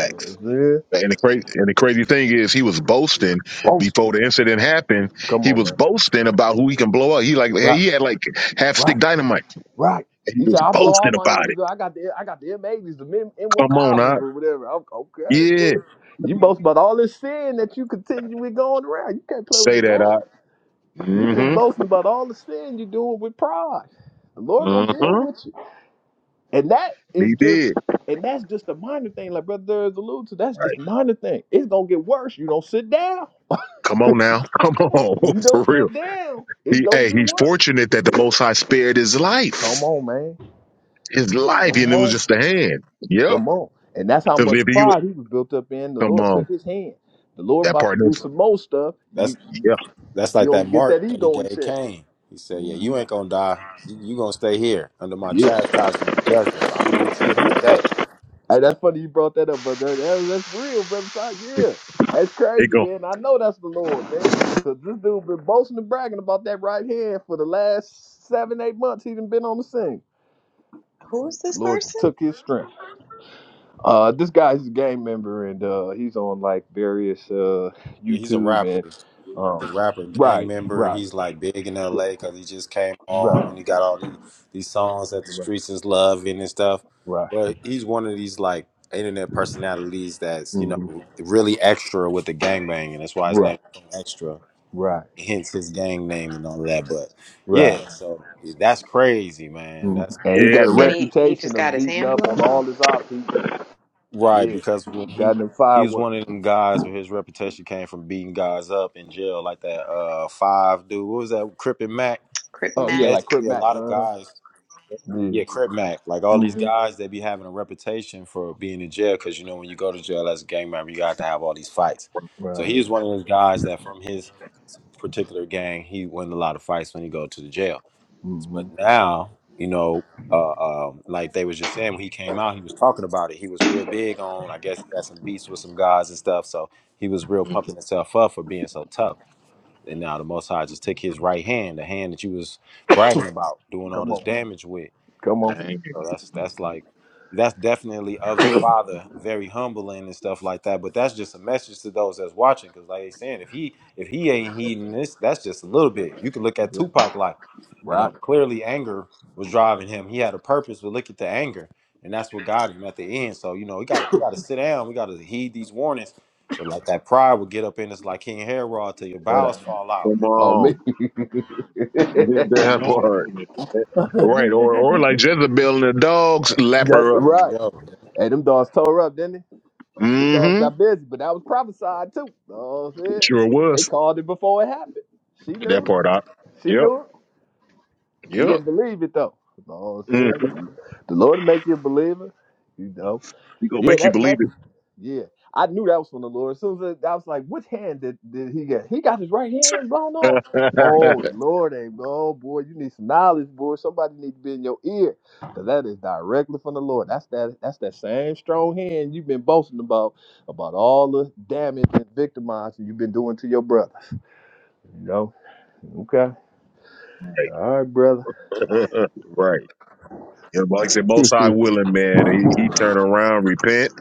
Speaker 5: You know what I'm saying?
Speaker 2: And the crazy and the crazy thing is, he was boasting
Speaker 5: Boast.
Speaker 2: before the incident happened.
Speaker 5: Come
Speaker 2: He
Speaker 5: on,
Speaker 2: was
Speaker 5: man.
Speaker 2: boasting about who he can blow up. He like, hey,
Speaker 5: Right,
Speaker 2: he had like half stick
Speaker 5: right,
Speaker 2: dynamite.
Speaker 5: right.
Speaker 2: And he
Speaker 5: He said,
Speaker 2: was
Speaker 5: "I blow all
Speaker 2: boasting
Speaker 5: my
Speaker 2: about
Speaker 5: enemies.
Speaker 2: it.
Speaker 5: up. I got the I got the M80s, the M
Speaker 2: Come on, I
Speaker 5: M1000s, or whatever." I'm, okay,
Speaker 2: yeah,
Speaker 5: bro. You boast about all this sin that you continually going around. You can't play with the
Speaker 2: say that,
Speaker 5: Lord.
Speaker 2: I.
Speaker 5: You just
Speaker 2: Mm-hmm.
Speaker 5: boasting about all the sin you're doing with pride. The Lord gonna deal
Speaker 2: Mm-hmm.
Speaker 5: with you, and that is
Speaker 2: He
Speaker 5: just
Speaker 2: did.
Speaker 5: and that's just a minor thing. Like brother Durst alluded to, that's just a
Speaker 2: Right.
Speaker 5: minor thing. It's gonna get worse. You don't sit down.
Speaker 2: Come
Speaker 5: [LAUGHS]
Speaker 2: on now. [LAUGHS] Come on,
Speaker 5: You
Speaker 2: [LAUGHS] for
Speaker 5: don't
Speaker 2: real.
Speaker 5: sit down, it's
Speaker 2: He,
Speaker 5: gonna
Speaker 2: hey,
Speaker 5: get
Speaker 2: he's
Speaker 5: worse.
Speaker 2: fortunate that the Most High spared his
Speaker 5: Come
Speaker 2: life.
Speaker 5: on, man.
Speaker 2: His life, and
Speaker 5: Come
Speaker 2: it was
Speaker 5: on.
Speaker 2: just a hand. Yep.
Speaker 5: Come on. And that's how
Speaker 2: Because
Speaker 5: much
Speaker 2: if he, would-
Speaker 5: pride he was built up in. The
Speaker 2: come
Speaker 5: Lord took
Speaker 2: on,
Speaker 5: his hand. The Lord
Speaker 2: that
Speaker 5: about to
Speaker 2: part
Speaker 5: do
Speaker 2: is
Speaker 5: some more stuff. You
Speaker 1: that's
Speaker 2: yeah.
Speaker 1: that's
Speaker 5: you
Speaker 1: like that
Speaker 5: don't get that
Speaker 1: mark that he
Speaker 5: ego in
Speaker 1: gave
Speaker 5: check.
Speaker 1: Cain. He said, "Yeah,
Speaker 5: hmm
Speaker 1: you ain't gonna die. You, you gonna stay here under my
Speaker 5: Yeah.
Speaker 1: chastisement and judgment. But I'm gonna get you with
Speaker 5: Yeah.
Speaker 1: that day." That's
Speaker 5: Hey, that's
Speaker 1: cold.
Speaker 5: funny you brought that up, brother. That- that's real, brother. Ty. Yeah. That's
Speaker 2: They
Speaker 5: crazy,
Speaker 2: go.
Speaker 5: man. I know that's the Lord, man. Cause this dude been boasting and bragging about that right hand for the last seven, eight months. He done been on the scene.
Speaker 4: Who's this
Speaker 5: Lord
Speaker 4: person?
Speaker 5: took his strength. Uh, this guy's a gang member, and uh, he's on like various uh,
Speaker 1: Yeah, he's a
Speaker 5: YouTube and
Speaker 1: rapper.
Speaker 5: um,
Speaker 1: the rapper gang
Speaker 5: right,
Speaker 1: member.
Speaker 5: right,
Speaker 1: He's like big in L.A. because he just came home
Speaker 5: right,
Speaker 1: and he got all these these songs that the
Speaker 5: right,
Speaker 1: streets is loving and stuff.
Speaker 5: right,
Speaker 1: But he's one of these like internet personalities that's you know
Speaker 5: hmm
Speaker 1: really extra with the gang bang, and that's why his
Speaker 5: right,
Speaker 1: name is so extra.
Speaker 5: right,
Speaker 1: Hence his gang name and all of that. But
Speaker 5: right.
Speaker 1: yeah, so that's crazy, man.
Speaker 5: hmm
Speaker 1: That's
Speaker 5: And he
Speaker 1: really
Speaker 5: got
Speaker 2: Yeah,
Speaker 5: a
Speaker 1: crazy.
Speaker 4: And
Speaker 2: man.
Speaker 4: he, he
Speaker 5: reputation
Speaker 4: just got
Speaker 5: of
Speaker 4: his
Speaker 5: beating
Speaker 4: hand
Speaker 5: up
Speaker 4: blown
Speaker 5: on all
Speaker 4: off.
Speaker 5: his ops. He,
Speaker 1: right
Speaker 5: yeah,
Speaker 1: because when he.
Speaker 5: got them
Speaker 1: He was
Speaker 5: fireworks.
Speaker 1: one of them guys where his reputation came from beating guys up in jail, like that uh five dude. What was that? Crippin' Mac
Speaker 4: Crip
Speaker 5: Oh
Speaker 1: So
Speaker 5: yeah,
Speaker 4: Matt.
Speaker 5: like Crip
Speaker 1: basically, a
Speaker 5: Mac.
Speaker 1: lot of
Speaker 5: Uh-huh.
Speaker 1: guys,
Speaker 5: Yeah.
Speaker 1: yeah, Crip Mac, like all these
Speaker 5: hmm
Speaker 1: guys, they be having a reputation for being in jail because you know when you go to jail as a gang member, you got to have all these fights. So
Speaker 5: Right.
Speaker 1: he was one of those guys that from his particular gang, he won a lot of fights when he go to the jail.
Speaker 5: hmm
Speaker 1: But now, you know, uh, um, like they was just saying, when he came out, he was talking about it. He was real big on, I guess, he had some beats with some guys and stuff. So he was real pumping himself up for being so tough. And now the Most High just took his right hand, the hand that you was bragging about, doing all
Speaker 5: Come
Speaker 1: this
Speaker 5: on,
Speaker 1: damage with.
Speaker 5: come on.
Speaker 1: So that's that's like that's definitely of the father, very humbling and stuff like that. But that's just a message to those that's watching, because like they saying, if he if he ain't heeding this, that's just a little bit. You can look at
Speaker 5: Yeah.
Speaker 1: Tupac like, you know,
Speaker 5: Rock
Speaker 1: clearly anger was driving him. He had a purpose, but look at the anger, and that's what got him at the end. So you know, we got to got to sit down. We got to heed these warnings. But like that pride will get up in us like King Herod till your
Speaker 5: that
Speaker 1: bowels
Speaker 5: up.
Speaker 1: fall out.
Speaker 2: Come
Speaker 5: Oh me.
Speaker 2: on.
Speaker 5: [LAUGHS]
Speaker 2: Get that part. Right. Or or like
Speaker 5: That-
Speaker 2: Jezebel and the dogs, lap her
Speaker 1: There
Speaker 2: up.
Speaker 1: you
Speaker 5: right. Hey, them dogs tore up, didn't they? Them dogs
Speaker 2: Mm-hmm.
Speaker 5: got busy, but that was prophesied too. Know what I'm
Speaker 2: It
Speaker 5: saying?
Speaker 2: sure
Speaker 5: They
Speaker 2: was.
Speaker 5: called it before it happened. She
Speaker 2: Get that
Speaker 5: knew it.
Speaker 2: part out.
Speaker 5: She
Speaker 2: Yep.
Speaker 5: knew it. She
Speaker 2: Yep.
Speaker 5: didn't believe it though. Know what I'm
Speaker 2: Mm.
Speaker 5: saying? The Lord make you a believer. You know.
Speaker 2: [LAUGHS] he gonna
Speaker 5: Yeah,
Speaker 2: make you
Speaker 5: that,
Speaker 2: believe
Speaker 5: that's yeah, I knew that was from the Lord. As soon as I I was like, which hand did, did he get? He got his right hand blown off.
Speaker 2: it.
Speaker 5: Oh
Speaker 2: right.
Speaker 5: Lord, ain't oh boy, you need some knowledge, boy. Somebody need to be in your ear, cause that is directly from the Lord. That's that. That's that same strong hand you've been boasting about, about all the damage and victimizing you've been doing to your brother. You know? Okay. All right, brother.
Speaker 2: [LAUGHS] right. Yeah, but like I said, most high willing, man. He he turn around, repent,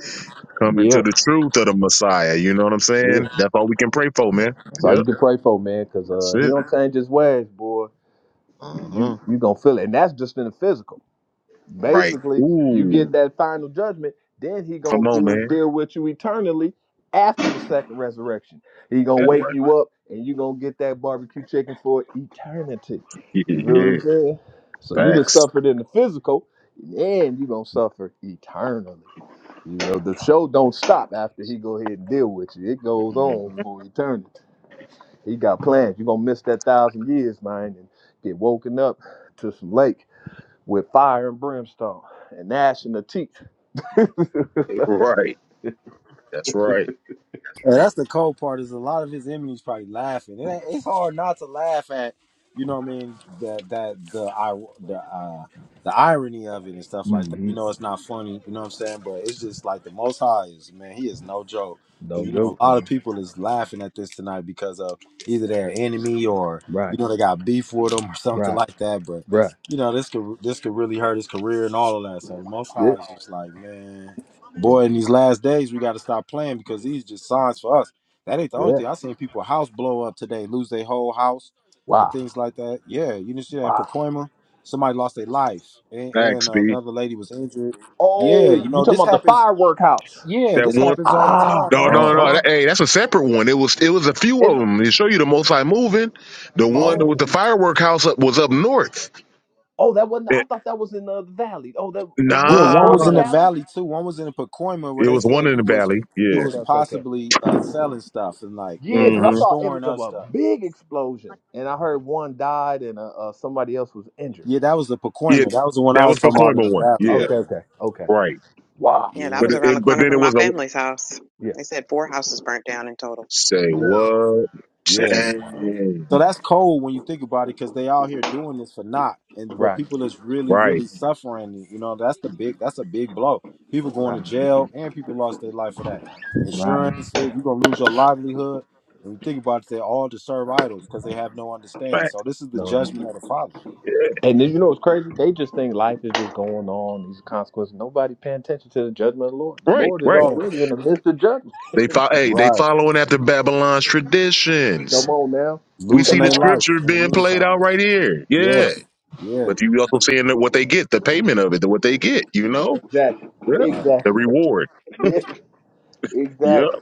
Speaker 2: come
Speaker 5: Yeah.
Speaker 2: into the truth of the Messiah. You know what I'm
Speaker 5: Yeah.
Speaker 2: saying? That's all we can pray for, man.
Speaker 5: That's all you
Speaker 2: Yep.
Speaker 5: can pray for, man, cause
Speaker 2: That's
Speaker 5: uh, he
Speaker 2: it.
Speaker 5: don't change his ways, boy. You
Speaker 2: Uh-huh.
Speaker 5: you gonna feel it, and that's just in the physical.
Speaker 2: Right.
Speaker 5: Basically, you get
Speaker 2: Ooh.
Speaker 5: that final judgment, then he
Speaker 2: Come
Speaker 5: gonna
Speaker 2: on,
Speaker 5: do,
Speaker 2: man.
Speaker 5: deal with you eternally after the second resurrection. He gonna
Speaker 2: That
Speaker 5: wake
Speaker 2: way.
Speaker 5: you up and you gonna get that barbecue chicken for eternity.
Speaker 2: [LAUGHS]
Speaker 5: You feel what I'm
Speaker 2: yeah.
Speaker 5: saying? So you just
Speaker 2: Facts.
Speaker 5: suffered in the physical, and you gonna suffer eternally. You know, the show don't stop after he go ahead and deal with you. It goes on for eternity. He got plans. You're gonna miss that thousand years, man, and get woken up to some lake with fire and brimstone and gnashing the teeth.
Speaker 2: Right. That's right.
Speaker 1: And that's the cold part is a lot of his enemies probably laughing. It, ain't- it's hard not to laugh at, you know what I mean? That that the I the uh the irony of it and stuff like that.
Speaker 5: Mm-hmm.
Speaker 1: You know, it's not funny. You know what I'm saying? But it's just like the Most High is man. He is no joke. Cause
Speaker 5: No
Speaker 1: you know a
Speaker 5: joke,
Speaker 1: lot of
Speaker 5: man.
Speaker 1: people is laughing at this tonight because of either their enemy or
Speaker 5: Right,
Speaker 1: you know they got beef with them [LAUGHS] or something
Speaker 5: right,
Speaker 1: like that. But
Speaker 5: right.
Speaker 1: you know this could this could really hurt his career and all of that. So the Most
Speaker 5: Yeah,
Speaker 1: High is just like man
Speaker 5: yeah,
Speaker 1: boy, in these last days, we got to stop playing because these just signs for us. That ain't the only
Speaker 5: yeah.
Speaker 1: thing. I seen people house blow up today, lose their whole house and
Speaker 5: Wow,
Speaker 1: things like that. Yeah, you didn't see that in
Speaker 5: wow.
Speaker 1: Pacoima. Somebody lost their life, and,
Speaker 2: Thanks,
Speaker 1: and uh,
Speaker 2: B.
Speaker 1: another lady was injured.
Speaker 5: Oh,
Speaker 1: Yeah, you
Speaker 5: you
Speaker 1: know
Speaker 5: talking
Speaker 1: this
Speaker 5: about the
Speaker 1: happens.
Speaker 5: firework house?
Speaker 1: Yeah,
Speaker 2: That
Speaker 1: this
Speaker 2: one.
Speaker 1: happens all the
Speaker 5: Ah,
Speaker 1: time. You
Speaker 2: No,
Speaker 1: know,
Speaker 5: uh
Speaker 2: no,
Speaker 1: so
Speaker 2: no.
Speaker 5: huh.
Speaker 1: these.
Speaker 2: That, hey, that's a separate one. It was. It was a few
Speaker 5: Is
Speaker 2: of
Speaker 5: it?
Speaker 2: them. They show you the Most High moving. The
Speaker 1: Yeah,
Speaker 2: one
Speaker 1: man.
Speaker 2: with
Speaker 5: Oh,
Speaker 2: the firework house up was up north.
Speaker 5: oh, that wasn't. I
Speaker 2: It,
Speaker 5: thought that was in the valley. Oh, that
Speaker 1: yeah.
Speaker 5: would like
Speaker 1: One
Speaker 2: nah,
Speaker 1: was
Speaker 5: Northern
Speaker 1: in the
Speaker 5: Cali.
Speaker 1: valley too. One was in the Pacoima where
Speaker 2: it
Speaker 1: they
Speaker 2: was one
Speaker 1: said
Speaker 2: in
Speaker 1: he
Speaker 2: the
Speaker 1: was
Speaker 2: valley.
Speaker 1: he
Speaker 2: Yeah.
Speaker 1: was
Speaker 5: Okay, okay, okay.
Speaker 1: possibly uh, selling stuff and like
Speaker 5: Yeah,
Speaker 1: yeah
Speaker 5: because
Speaker 1: or
Speaker 5: I
Speaker 2: hmm
Speaker 5: saw an
Speaker 1: storing
Speaker 5: image of
Speaker 1: up
Speaker 5: a
Speaker 1: stuff.
Speaker 5: big explosion, and I heard one died and uh, uh, somebody else was injured.
Speaker 1: Yeah, that was the
Speaker 2: Yeah.
Speaker 1: Pacoima. That was the one I
Speaker 2: That was
Speaker 1: was talking about in
Speaker 2: Pacoima
Speaker 1: the
Speaker 2: one.
Speaker 1: valley.
Speaker 2: Yeah.
Speaker 5: Okay,
Speaker 1: Yeah.
Speaker 5: okay, okay.
Speaker 2: Right.
Speaker 5: Wow.
Speaker 4: Yeah, that
Speaker 2: But
Speaker 4: was
Speaker 2: it,
Speaker 1: Yeah,
Speaker 4: around the
Speaker 2: it- But
Speaker 4: corner
Speaker 2: then it
Speaker 4: from my
Speaker 2: was a
Speaker 4: family's house.
Speaker 5: Yeah.
Speaker 4: They said four houses burnt down in total.
Speaker 2: say
Speaker 1: yeah,
Speaker 2: what?
Speaker 1: yeah.
Speaker 4: Hmm?
Speaker 5: Wow.
Speaker 2: Dang.
Speaker 1: So that's cold when you think about it, because they out here doing this for not, and but
Speaker 5: Right.
Speaker 1: people is really,
Speaker 2: Right.
Speaker 1: really suffering. You know, that's the big, that's a big blow. People going
Speaker 5: Right.
Speaker 1: to jail, and people lost their life for that.
Speaker 5: Right.
Speaker 1: Insurance said you're gonna lose your livelihood. And when you think about it, they all deserve idols because they have no understanding.
Speaker 2: Fact.
Speaker 1: So this is the
Speaker 5: Knowing.
Speaker 1: judgment of the Father.
Speaker 5: And then, you know what's crazy? They just think life is just going on. These are consequences. Nobody paying attention to the judgment of the Lord. The
Speaker 2: Right.
Speaker 5: Lord is
Speaker 2: Right.
Speaker 1: Yeah,
Speaker 5: already in the midst of judgment.
Speaker 2: They follow. Hey, they
Speaker 1: right.
Speaker 2: following after Babylon's traditions.
Speaker 5: Come on now.
Speaker 2: We
Speaker 1: Losing
Speaker 2: see
Speaker 5: Come
Speaker 2: the
Speaker 1: their
Speaker 5: on.
Speaker 1: life
Speaker 2: scripture
Speaker 1: in the
Speaker 2: being played out
Speaker 1: meantime.
Speaker 2: right here. Yeah.
Speaker 1: Yes, yeah,
Speaker 2: But you also seeing that what they get, the payment of it, the what they get, you know?
Speaker 5: Exactly.
Speaker 2: Yeah.
Speaker 1: right.
Speaker 2: The
Speaker 5: Exactly. [LAUGHS]
Speaker 2: reward.
Speaker 5: Yeah.
Speaker 1: [LAUGHS] yeah.
Speaker 2: Yeah.
Speaker 5: Exactly.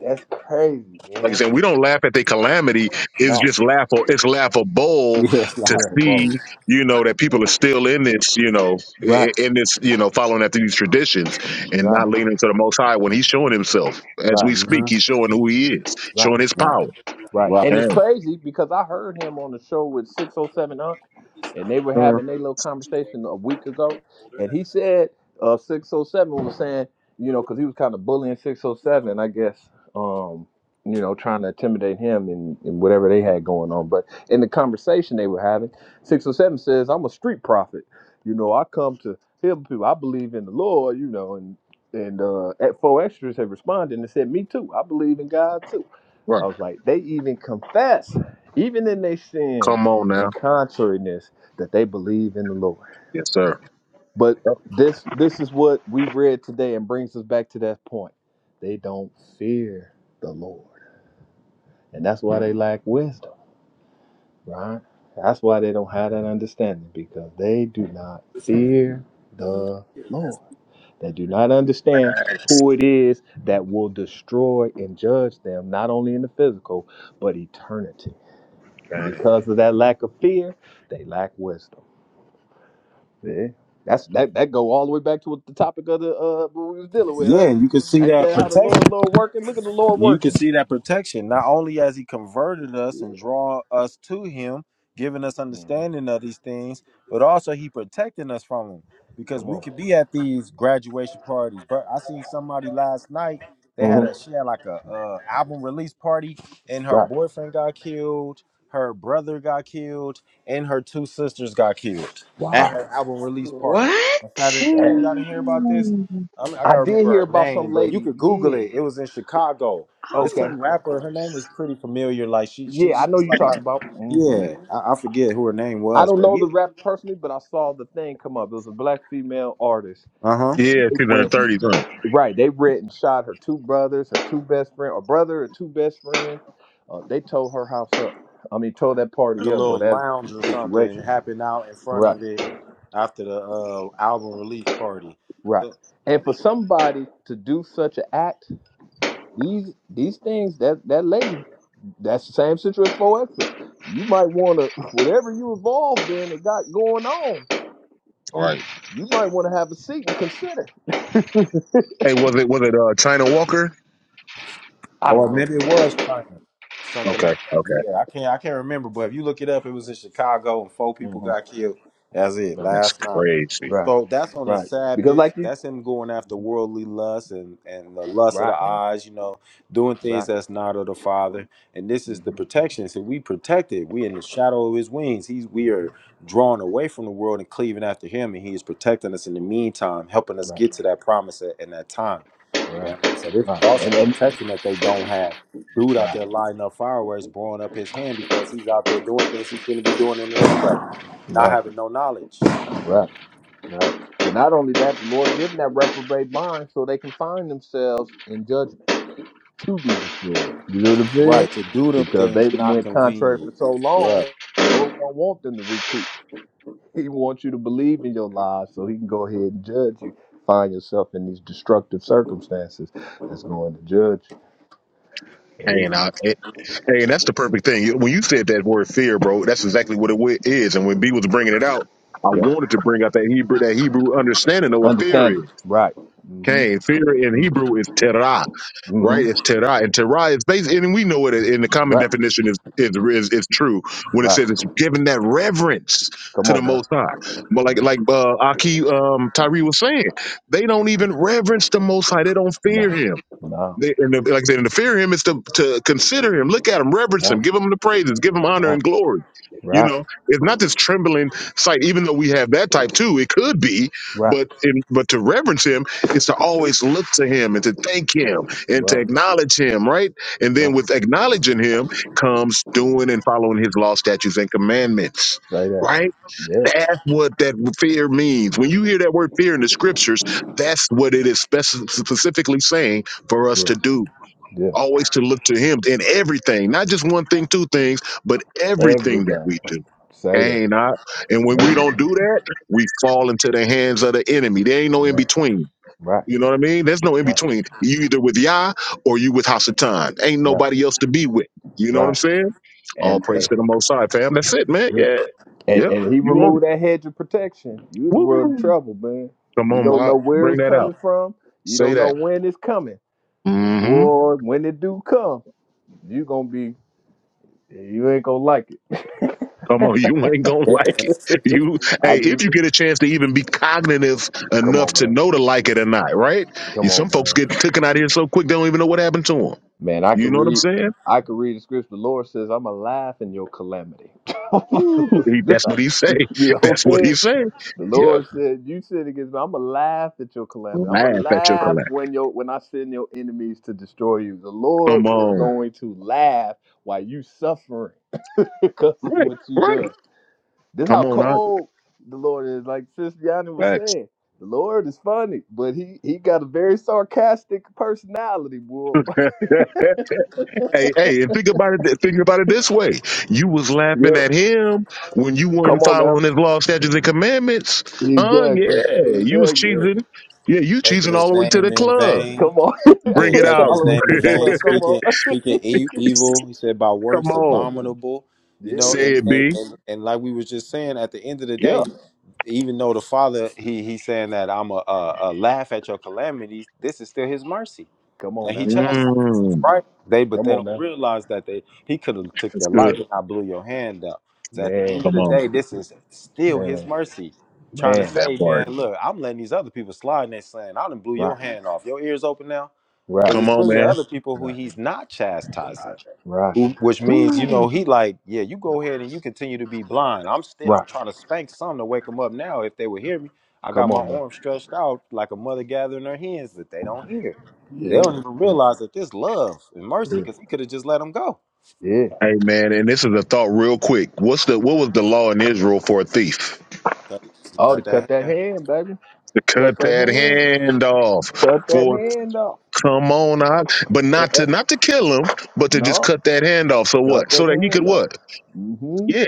Speaker 5: That's crazy,
Speaker 2: Like I
Speaker 5: man.
Speaker 2: said, we don't laugh at the calamity. It's
Speaker 5: No.
Speaker 2: just laughable. It's laughable
Speaker 1: It's
Speaker 2: to
Speaker 1: not [LAUGHS]
Speaker 5: Yeah.
Speaker 1: for both.
Speaker 2: see, you know, that people are still in this, you know, i-
Speaker 5: Right.
Speaker 2: i- in this, you know, following after these traditions and
Speaker 5: Right.
Speaker 2: not leaning to the Most High when He's showing Himself as
Speaker 5: Right.
Speaker 2: we speak.
Speaker 1: hmm
Speaker 2: He's showing who He is,
Speaker 5: Right.
Speaker 2: showing His
Speaker 1: Right,
Speaker 2: power.
Speaker 5: Right.
Speaker 1: right.
Speaker 5: And it's
Speaker 2: Dang.
Speaker 5: crazy because I heard him on the show with 607 Unc, and they were
Speaker 2: Mhm.
Speaker 5: having their little conversation a week ago. And he said uh, 607 was saying, you know, because he was kind of bullying 607, I guess, um, you know, trying to intimidate him and, and whatever they had going on. But in the conversation they were having, 607 says, I'm a street prophet. You know, I come to heal people. I believe in the Lord, you know, and and uh, at four extras had responded and said, "Me too. I believe in God too." I
Speaker 2: Right.
Speaker 5: was like, they even confess, even in their sin
Speaker 2: Come on
Speaker 5: and
Speaker 2: now.
Speaker 5: contrariness, that they believe in the Lord.
Speaker 2: Yes, sir.
Speaker 5: But this this is what we read today and brings us back to that point. They don't fear the Lord. And that's why they lack wisdom, right? That's why they don't have that understanding, because they do not fear the Lord. They do not understand who it is that will destroy and judge them, not only in the physical, but eternity And
Speaker 2: Dang.
Speaker 5: because of that lack of fear, they lack wisdom. Yeah. That's that that go all the way back to what the topic of the uh what we was dealing with,
Speaker 1: Yeah,
Speaker 5: huh?
Speaker 1: you can see
Speaker 5: Ain't
Speaker 1: that
Speaker 5: that how the
Speaker 1: protection.
Speaker 5: Lord Lord working? Look at the Lord
Speaker 1: You can
Speaker 5: working.
Speaker 1: see that protection. Not only has he converted us
Speaker 5: Yeah.
Speaker 1: and draw us to him, giving us
Speaker 5: Mhm.
Speaker 1: understanding of these things, but also he protecting us from them. Because
Speaker 5: Come
Speaker 1: we
Speaker 5: on.
Speaker 1: could be at these graduation parties. But I seen somebody last night. They had a
Speaker 5: Mhm.
Speaker 1: she had like a uh, album release party, and her
Speaker 5: Right.
Speaker 1: boyfriend got killed, her brother got killed, and her two sisters got killed at
Speaker 5: Wow.
Speaker 1: her album release party. on Saturday.
Speaker 4: What?
Speaker 1: Yeah,
Speaker 5: Yeah.
Speaker 1: y'all didn't hear about this? I, mean, I
Speaker 5: I
Speaker 1: gotta
Speaker 5: did
Speaker 1: remember
Speaker 5: hear
Speaker 1: her
Speaker 5: about
Speaker 1: name,
Speaker 5: some
Speaker 1: but you
Speaker 5: lady.
Speaker 1: could Google
Speaker 5: Yeah.
Speaker 1: it. It was in Chicago. It's
Speaker 4: Oh
Speaker 5: Okay.
Speaker 4: my,
Speaker 1: some
Speaker 4: of
Speaker 1: rapper. Her name was
Speaker 4: course.
Speaker 1: pretty familiar. Like she, she,
Speaker 5: Yeah, I know
Speaker 1: she's
Speaker 5: you
Speaker 1: like
Speaker 5: talking
Speaker 1: her.
Speaker 5: about. hmm
Speaker 1: Yeah, I, I forget who her name
Speaker 5: I
Speaker 1: was,
Speaker 5: don't
Speaker 1: but
Speaker 5: know
Speaker 1: yeah.
Speaker 5: the rap personally, but I saw the thing come up. It was a black female artist,
Speaker 1: Uh huh.
Speaker 5: and
Speaker 2: Yeah,
Speaker 5: they went.
Speaker 2: 230, huh?
Speaker 5: Right. They went and shot her two brothers, her two best friend, or brother, or two best friends. Uh, they tore her house up. I mean, tore that
Speaker 1: Like a
Speaker 5: party up or
Speaker 1: little
Speaker 4: Mm,
Speaker 5: that
Speaker 1: lounge or something
Speaker 5: situation.
Speaker 1: happened out in front
Speaker 5: Right.
Speaker 1: of it after the uh, album release party.
Speaker 5: Right.
Speaker 1: So-
Speaker 5: And for somebody to do such an act, these these things that that lady, that's the same situation for extra. You might want to [LAUGHS] whatever you involved in or got going on.
Speaker 2: Right.
Speaker 5: You might want to have a seat and consider. [LAUGHS]
Speaker 2: Hey, was it was it uh, China Walker?
Speaker 5: I don't
Speaker 1: Or
Speaker 5: know the
Speaker 1: maybe it
Speaker 5: name.
Speaker 1: was China, something
Speaker 2: Okay,
Speaker 1: like that.
Speaker 2: okay,
Speaker 1: Yeah, I can't, I can't remember. But if you look it up, it was in Chicago, and four people
Speaker 5: hmm
Speaker 1: got killed. That's it.
Speaker 5: Right.
Speaker 2: that's
Speaker 1: Last night.
Speaker 2: crazy.
Speaker 5: Right.
Speaker 1: So that's on the
Speaker 5: Right. Because
Speaker 1: Sabbath.
Speaker 5: like you.
Speaker 1: That's him going after worldly lust and, and the lust of the
Speaker 5: right,
Speaker 1: eyes, you know, doing
Speaker 5: Right.
Speaker 1: things that's not of the Father. And this is the
Speaker 5: hmm
Speaker 1: protection. So we protected. We in the shadow of his wings. He's we are drawn away from the world and cleaving after him. And he is protecting us in the meantime, helping us
Speaker 5: Right,
Speaker 1: get to that promise at, in that time. You know
Speaker 5: right,
Speaker 1: what I mean? So this
Speaker 5: right,
Speaker 1: is also
Speaker 5: and
Speaker 1: the
Speaker 5: and
Speaker 1: protection that they don't have. Dude out
Speaker 5: right,
Speaker 1: there lighting up fireworks, blowing up his hand because he's out there doing things he shouldn't be doing in the first place, not
Speaker 5: right,
Speaker 1: having no knowledge.
Speaker 5: right, right. But not only that, the Lord giving that reprobate mind so they can find themselves in judgment to be destroyed. You know what I'm saying?
Speaker 1: Right, to do them
Speaker 5: Because they
Speaker 1: things
Speaker 5: didn't
Speaker 1: not
Speaker 5: went contrary for
Speaker 1: convenient.
Speaker 5: so long,
Speaker 1: Right.
Speaker 5: the Lord don't want them to recoup. [LAUGHS] He wants you to believe in your lies so He can go ahead and judge you. Find yourself in these destructive circumstances that's going to judge you.
Speaker 2: Hey,
Speaker 5: Hey,
Speaker 2: and I, it, hey, and that's the perfect thing. When you said that word fear, bro, that's exactly what it wa- is. And when B was bringing it out, I
Speaker 5: yeah,
Speaker 2: wanted to bring out that Hebrew that Hebrew understanding of what fear
Speaker 5: understand it.
Speaker 2: is.
Speaker 5: Right. Mm-hmm.
Speaker 2: Cain. Fear in Hebrew is terah,
Speaker 5: Mm-hmm.
Speaker 2: right?
Speaker 5: Mm-hmm.
Speaker 2: It's terah, and terah is based, and we know it in the common
Speaker 5: Right.
Speaker 2: definition is is is, is true when it
Speaker 5: Right.
Speaker 2: says it's giving that reverence
Speaker 5: Come
Speaker 2: to
Speaker 5: on
Speaker 2: the
Speaker 5: now.
Speaker 2: Most High. But like
Speaker 5: No,
Speaker 2: like uh, Aki um, Tyree was saying, they don't even reverence the Most High. They don't fear Him.
Speaker 5: no,
Speaker 2: They, and the, like I said, and to fear him is to, to consider him, look at him, reverence
Speaker 5: no.
Speaker 2: him, give him the praises, give him honor
Speaker 5: Right,
Speaker 2: and glory. You
Speaker 5: right,
Speaker 2: know, it's not this trembling sight, even though we have that type too. It could be,
Speaker 5: right,
Speaker 2: but in, but to reverence him is to always look to him and to thank him and to
Speaker 5: right, right,
Speaker 2: acknowledge him, right? And then
Speaker 5: right.
Speaker 2: with acknowledging him comes doing and following his law, statutes, and commandments,
Speaker 5: Say that.
Speaker 2: right?
Speaker 5: Yeah,
Speaker 2: That's what that fear means. When you hear that word fear in the scriptures, that's what it is spec- specifically saying for us
Speaker 5: yeah,
Speaker 2: to do.
Speaker 5: yeah.
Speaker 2: Always to look to Him in everything, not just one thing, two things, but everything that
Speaker 5: Everything.
Speaker 2: we do.
Speaker 5: Say that.
Speaker 2: Ain't I? And when
Speaker 5: Say
Speaker 2: we
Speaker 5: that.
Speaker 2: don't do that, we fall into the hands of the enemy. There ain't no in
Speaker 5: No,
Speaker 2: between.
Speaker 5: right,
Speaker 2: You know what I mean? There's no in
Speaker 5: right,
Speaker 2: between. You either with Yah or you with Hasatan. Ain't
Speaker 5: right,
Speaker 2: nobody else to be with. You know what I'm
Speaker 5: right.
Speaker 2: saying? All
Speaker 5: And, and
Speaker 2: praise to the Most High, fam. That's it, man.
Speaker 5: yeah.
Speaker 2: Yeah,
Speaker 5: And,
Speaker 2: yeah.
Speaker 5: and he
Speaker 2: You want it?
Speaker 5: removed that hedge of protection. You in the world of
Speaker 2: Woo!
Speaker 5: trouble, man.
Speaker 2: Come
Speaker 5: You
Speaker 2: on,
Speaker 5: don't know
Speaker 2: Mark.
Speaker 5: where
Speaker 2: Bring
Speaker 5: it's
Speaker 2: that
Speaker 5: coming
Speaker 2: out.
Speaker 5: from. You
Speaker 2: Say
Speaker 5: don't know
Speaker 2: that.
Speaker 5: when it's coming. But
Speaker 2: hmm
Speaker 5: boy, when it do come, you gonna be you ain't gonna like
Speaker 2: Come
Speaker 5: it.
Speaker 2: on, [LAUGHS] you ain't gonna
Speaker 1: Yeah,
Speaker 2: like it. You,
Speaker 5: [LAUGHS] I
Speaker 2: hey, if
Speaker 5: just
Speaker 2: you get a chance to even be cognitive
Speaker 5: come
Speaker 2: enough
Speaker 5: on,
Speaker 2: to
Speaker 5: man.
Speaker 2: know to like it or not, right?
Speaker 5: Come
Speaker 2: You,
Speaker 5: on,
Speaker 2: some
Speaker 5: man.
Speaker 2: folks get taken out here so quick they don't even know what happened to them.
Speaker 5: Man, I
Speaker 2: You
Speaker 5: could
Speaker 2: know what I'm
Speaker 5: read.
Speaker 2: saying?
Speaker 5: I could read the scripture. The Lord says, "I'm alive in your calamity."
Speaker 2: Ooh, he,
Speaker 5: [LAUGHS] this,
Speaker 2: that's
Speaker 5: uh,
Speaker 2: what he
Speaker 5: you
Speaker 2: say.
Speaker 5: know
Speaker 2: [LAUGHS]
Speaker 5: what I'm
Speaker 2: That's what he
Speaker 5: saying?
Speaker 2: say.
Speaker 5: The
Speaker 2: Yep.
Speaker 5: Lord said, "You sin against me. I'm alive at your calamity. I'm
Speaker 2: Laugh at your
Speaker 5: alive
Speaker 2: collapse.
Speaker 5: when your when I send your enemies to destroy you. The
Speaker 2: Come
Speaker 5: Lord was
Speaker 2: on.
Speaker 5: going to laugh while you suffering [LAUGHS] because of
Speaker 2: Right.
Speaker 5: what you done.
Speaker 2: Right.
Speaker 5: This how
Speaker 2: Come on, I.
Speaker 5: cold the Lord is. Like Sis Yanni was
Speaker 2: Facts.
Speaker 5: saying, the Lord is funny, but he he got a very sarcastic personality, boy. [LAUGHS]
Speaker 2: [LAUGHS] Hey, hey, and think about it. Think about it this way: you was laughing
Speaker 5: Yeah.
Speaker 2: at him when you
Speaker 5: Come
Speaker 2: weren't
Speaker 5: on now.
Speaker 2: following his law, statutes, and commandments. Uh,
Speaker 5: Exactly.
Speaker 1: yeah,
Speaker 2: yeah, you was
Speaker 5: Exactly.
Speaker 1: yeah.
Speaker 2: cheesing. Yeah, you
Speaker 1: Taking
Speaker 2: cheesing all
Speaker 1: his
Speaker 2: the way to
Speaker 1: name
Speaker 2: the
Speaker 1: in
Speaker 2: club.
Speaker 1: vain.
Speaker 5: Come on.
Speaker 2: Bring
Speaker 1: Yeah,
Speaker 2: it
Speaker 5: [LAUGHS]
Speaker 1: taking
Speaker 2: out.
Speaker 5: All
Speaker 1: his
Speaker 5: the way
Speaker 1: name
Speaker 5: to
Speaker 1: in
Speaker 5: the
Speaker 2: [LAUGHS]
Speaker 1: vain,
Speaker 5: club. Come on.
Speaker 1: speaking speaking
Speaker 5: [LAUGHS]
Speaker 1: e- evil. He said by
Speaker 2: Come
Speaker 1: works
Speaker 2: on,
Speaker 1: abominable. You know,
Speaker 5: yeah.
Speaker 2: say
Speaker 1: and,
Speaker 2: it,
Speaker 1: and
Speaker 2: B.
Speaker 1: and and like we was just saying, at the end of the
Speaker 2: Yeah,
Speaker 1: day, even though the father he he's saying that I'm a, a, a laugh at your calamities, this is still his mercy.
Speaker 5: Come
Speaker 1: Now
Speaker 5: on
Speaker 1: he
Speaker 5: now.
Speaker 1: chastises us,
Speaker 2: mm,
Speaker 1: right? They but
Speaker 5: Come
Speaker 1: they
Speaker 5: on
Speaker 1: don't
Speaker 5: now.
Speaker 1: realize that they he could have took
Speaker 2: that's
Speaker 1: your life
Speaker 2: good.
Speaker 1: and I blew your hand up. So at the end
Speaker 5: Man.
Speaker 1: of
Speaker 2: Come
Speaker 1: the
Speaker 2: on,
Speaker 1: day, this is still his
Speaker 5: Man.
Speaker 1: mercy. Trying to
Speaker 5: Man.
Speaker 1: say,
Speaker 2: that part.
Speaker 1: man, look, I'm letting these other people slide and they saying, I done blew your
Speaker 5: Rock.
Speaker 1: hand off. Your ears open now? Because
Speaker 5: Rock.
Speaker 2: Come
Speaker 1: there's
Speaker 2: on,
Speaker 1: plenty of
Speaker 2: man.
Speaker 1: other people who
Speaker 5: Rock.
Speaker 1: he's not chastising.
Speaker 5: Rock.
Speaker 1: Who- which means you know
Speaker 2: Woo.
Speaker 1: he like yeah you go ahead and you continue to be blind i'm still i'm
Speaker 5: Rock.
Speaker 1: trying to spank some to wake them up now if they would hear me i got
Speaker 5: Come
Speaker 1: my
Speaker 5: on now.
Speaker 1: arm stretched out like a mother gathering her hens that they don't hear they
Speaker 5: Yeah.
Speaker 1: don't even
Speaker 2: Hey,
Speaker 1: realize that this love and mercy
Speaker 5: Yeah.
Speaker 1: because he could have just let them go
Speaker 5: Yeah.
Speaker 2: hey, man, and this is a thought, real quick. What's the what was the law in Israel for a thief?
Speaker 1: Cut it.
Speaker 5: Oh, to
Speaker 1: cut
Speaker 5: cut
Speaker 1: that
Speaker 5: that
Speaker 1: hand.
Speaker 5: hand, baby.
Speaker 2: To
Speaker 5: Cut
Speaker 2: cut
Speaker 5: that
Speaker 2: that
Speaker 5: hand.
Speaker 2: hand off.
Speaker 5: Cut that
Speaker 2: For
Speaker 5: hand off.
Speaker 2: Come on out, but
Speaker 5: Eh,
Speaker 2: not
Speaker 5: eh.
Speaker 2: to not to kill him, but to just
Speaker 5: No.
Speaker 2: cut that hand off. So
Speaker 5: Cut
Speaker 2: what?
Speaker 5: that
Speaker 2: So that he could
Speaker 5: hand off.
Speaker 2: what?
Speaker 5: Mm-hmm.
Speaker 2: Yeah,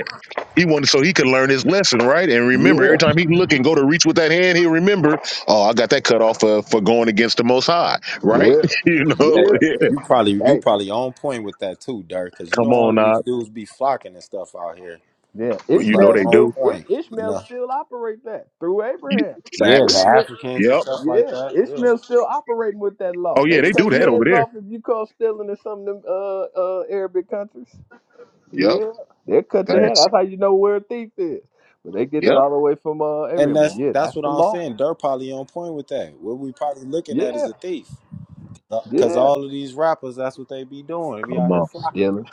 Speaker 2: he wanted so he could learn his lesson, right? And remember, every
Speaker 5: Yeah.
Speaker 2: time he look and go to reach with that hand, he'll remember. Oh, I got that cut off for, for going against the Most High, right?
Speaker 5: Yeah.
Speaker 2: [LAUGHS] you know,
Speaker 1: Hey,
Speaker 5: Yeah.
Speaker 2: yeah.
Speaker 1: you probably you
Speaker 5: Hey.
Speaker 1: probably on point with that too Dirk, because you
Speaker 2: Come
Speaker 1: know all
Speaker 2: on,
Speaker 1: these
Speaker 2: out,
Speaker 1: dudes be flocking and stuff out here
Speaker 5: Yeah,
Speaker 2: but
Speaker 1: they
Speaker 2: you know
Speaker 1: probably
Speaker 5: Ishmael
Speaker 2: they
Speaker 1: on
Speaker 2: do.
Speaker 5: still I-
Speaker 1: point you
Speaker 5: Ishmael
Speaker 1: know
Speaker 5: still operate that through Abraham.
Speaker 1: yeah and
Speaker 2: Facts.
Speaker 1: the
Speaker 5: Ishmael,
Speaker 1: africans and
Speaker 2: Yep.
Speaker 1: stuff like
Speaker 5: yeah,
Speaker 1: that Yeah.
Speaker 5: Ishmael still operating with that law.
Speaker 2: Oh
Speaker 5: They
Speaker 2: yeah, they do
Speaker 5: cutting
Speaker 2: that over
Speaker 5: hands
Speaker 2: there.
Speaker 5: off if you call stealing in some of them uh, uh, Arabic countries.
Speaker 2: Yep.
Speaker 5: Yeah, they cut your hand.
Speaker 2: Facts.
Speaker 5: That's how you know where a thief is. But they get that
Speaker 2: Yep.
Speaker 5: all the way from uh,
Speaker 1: And
Speaker 5: Abraham.
Speaker 1: that's
Speaker 5: But yeah,
Speaker 1: that's
Speaker 5: that's
Speaker 1: what
Speaker 5: the
Speaker 1: I was
Speaker 5: law.
Speaker 1: saying. They're probably on point with that. What we probably looking at is
Speaker 5: Yeah,
Speaker 1: a thief, because
Speaker 5: yeah,
Speaker 1: all of these rappers, that's what they be doing. They be out
Speaker 2: Come
Speaker 1: here
Speaker 2: on.
Speaker 1: flocking.
Speaker 5: stealing.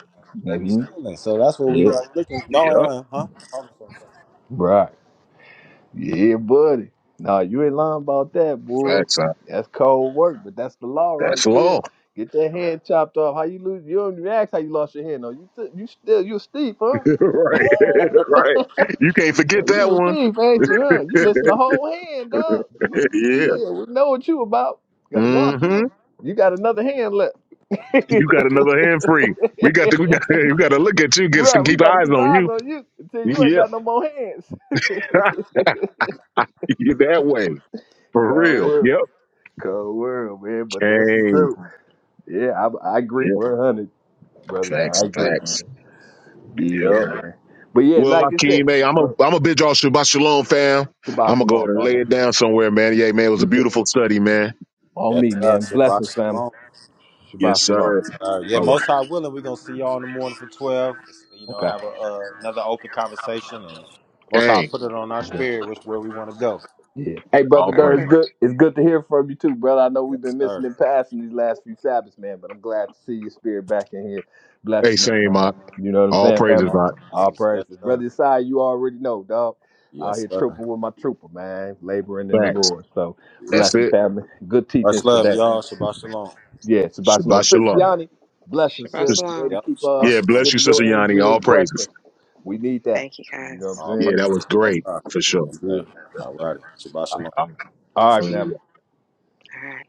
Speaker 1: They be
Speaker 5: hmm
Speaker 1: stealing. So that's what we
Speaker 5: Yeah,
Speaker 1: are looking. No,
Speaker 2: Yep.
Speaker 1: uh, huh? Hold on.
Speaker 5: right. Yeah, buddy. Nah, you ain't lying about that, boy.
Speaker 2: Facts. Ock.
Speaker 5: That's cold work, but that's the law right
Speaker 2: That's law.
Speaker 5: there. Get that hand chopped off. How you lose? You don't even ask how you lost your hand, though. You th- you still you a thief, huh?
Speaker 2: [LAUGHS] right. [LAUGHS] right. You can't
Speaker 5: Uh,
Speaker 2: forget
Speaker 5: You
Speaker 2: that
Speaker 5: a
Speaker 2: one.
Speaker 5: thief, ain't you, huh?
Speaker 2: [LAUGHS]
Speaker 5: You missing the whole hand, dog. You,
Speaker 2: yeah.
Speaker 5: yeah, we know what you about. Got to watch
Speaker 2: hmm
Speaker 5: you. You got another hand left. [LAUGHS] right,
Speaker 2: You got another hand free. We got to we got [LAUGHS] we got to look at you. Get some
Speaker 5: we
Speaker 2: keep
Speaker 5: got to
Speaker 2: eyes
Speaker 5: keep
Speaker 2: on
Speaker 5: eyes
Speaker 2: you.
Speaker 5: on you until you ain't
Speaker 2: Yeah,
Speaker 5: got no more hands. [LAUGHS]
Speaker 2: [LAUGHS] you that way for
Speaker 5: Cold
Speaker 2: real.
Speaker 5: world,
Speaker 2: Yep.
Speaker 5: cold world, man. But that's the
Speaker 2: Change.
Speaker 5: truth. Yeah, I, I agree
Speaker 2: Yep.
Speaker 5: 100, brother. Don.
Speaker 2: Facts.
Speaker 5: I agree. Man.
Speaker 2: Facts.
Speaker 5: Yeah,
Speaker 2: Yep.
Speaker 5: man. But yeah,
Speaker 2: Well,
Speaker 5: like I said,
Speaker 2: Akeem, hey, I'm
Speaker 5: go
Speaker 2: a
Speaker 5: ahead.
Speaker 2: I'm a bid y'all Shabbat Shalom, fam.
Speaker 5: Shabbat
Speaker 2: I'm gonna go
Speaker 5: shalom,
Speaker 2: and lay
Speaker 5: family.
Speaker 2: it down somewhere, man. Yeah, man, it was
Speaker 5: Me
Speaker 2: a
Speaker 5: too.
Speaker 2: beautiful study, man.
Speaker 5: On
Speaker 1: Yes,
Speaker 5: me,
Speaker 1: sir.
Speaker 5: man. Blessings,
Speaker 1: Shabbat
Speaker 5: family.
Speaker 1: shalom.
Speaker 2: Yes,
Speaker 5: Shabbat shalom.
Speaker 2: sir.
Speaker 1: Uh, yeah,
Speaker 2: All right.
Speaker 1: most high willing, we gonna see y'all in the morning for twelve. You know,
Speaker 5: Okay.
Speaker 1: have a, uh, another open conversation, and most high
Speaker 2: Hey,
Speaker 1: put it on our spirit, which where we want to go.
Speaker 5: Yeah. Hey, brother
Speaker 2: all
Speaker 5: Durr, it's
Speaker 4: perfect.
Speaker 5: good. It's good to hear from you too, brother. I know we've
Speaker 1: Yes,
Speaker 5: been missing
Speaker 1: sir.
Speaker 5: and passing these last few Sabbaths, man. But I'm glad to see your spirit back in here,
Speaker 2: hey,
Speaker 5: blessing us,
Speaker 2: same,
Speaker 5: man.
Speaker 2: Mark.
Speaker 5: You know what I'm
Speaker 2: All
Speaker 5: saying,
Speaker 2: praises,
Speaker 5: family?
Speaker 1: All
Speaker 2: Mark.
Speaker 5: All
Speaker 1: praises. Yes,
Speaker 5: praises, brother
Speaker 1: sir.
Speaker 5: Aside. You already know, dog. Out
Speaker 1: Yes,
Speaker 5: here
Speaker 1: sir.
Speaker 5: trooping with my trooper, man, laboring in the
Speaker 2: Facts.
Speaker 5: Lord. So
Speaker 2: That's
Speaker 1: Yes.
Speaker 5: blessing,
Speaker 2: it.
Speaker 5: family. Good
Speaker 1: Much
Speaker 5: teachings
Speaker 1: love,
Speaker 5: today.
Speaker 1: y'all. Shabbat shalom.
Speaker 5: Yeah, it's about to know.
Speaker 2: Shabbat
Speaker 5: Sis
Speaker 2: Shalom.
Speaker 5: Yanni, blessing,
Speaker 4: Shabbat
Speaker 5: sis.
Speaker 2: Just,
Speaker 5: Way to
Speaker 4: shalom.
Speaker 1: Yep.
Speaker 5: keep up,
Speaker 1: Shabbat
Speaker 2: yeah,
Speaker 1: shalom.
Speaker 2: bless you,
Speaker 5: giving
Speaker 2: Sister
Speaker 5: your
Speaker 2: Yanni.
Speaker 5: energy
Speaker 2: All
Speaker 5: and
Speaker 2: praises.
Speaker 5: questions. We need that.
Speaker 4: Thank you
Speaker 5: You know
Speaker 4: guys.
Speaker 5: what
Speaker 1: All
Speaker 2: Yeah,
Speaker 1: praise
Speaker 5: I'm saying?
Speaker 2: that
Speaker 1: to
Speaker 2: was
Speaker 1: the Most
Speaker 2: great
Speaker 1: High.
Speaker 2: for sure.
Speaker 1: Yes, sir.
Speaker 5: Yeah.
Speaker 1: All righty. Shabbat shalom.
Speaker 2: Um,
Speaker 5: All right, family.
Speaker 2: Hallelujah.
Speaker 4: All right.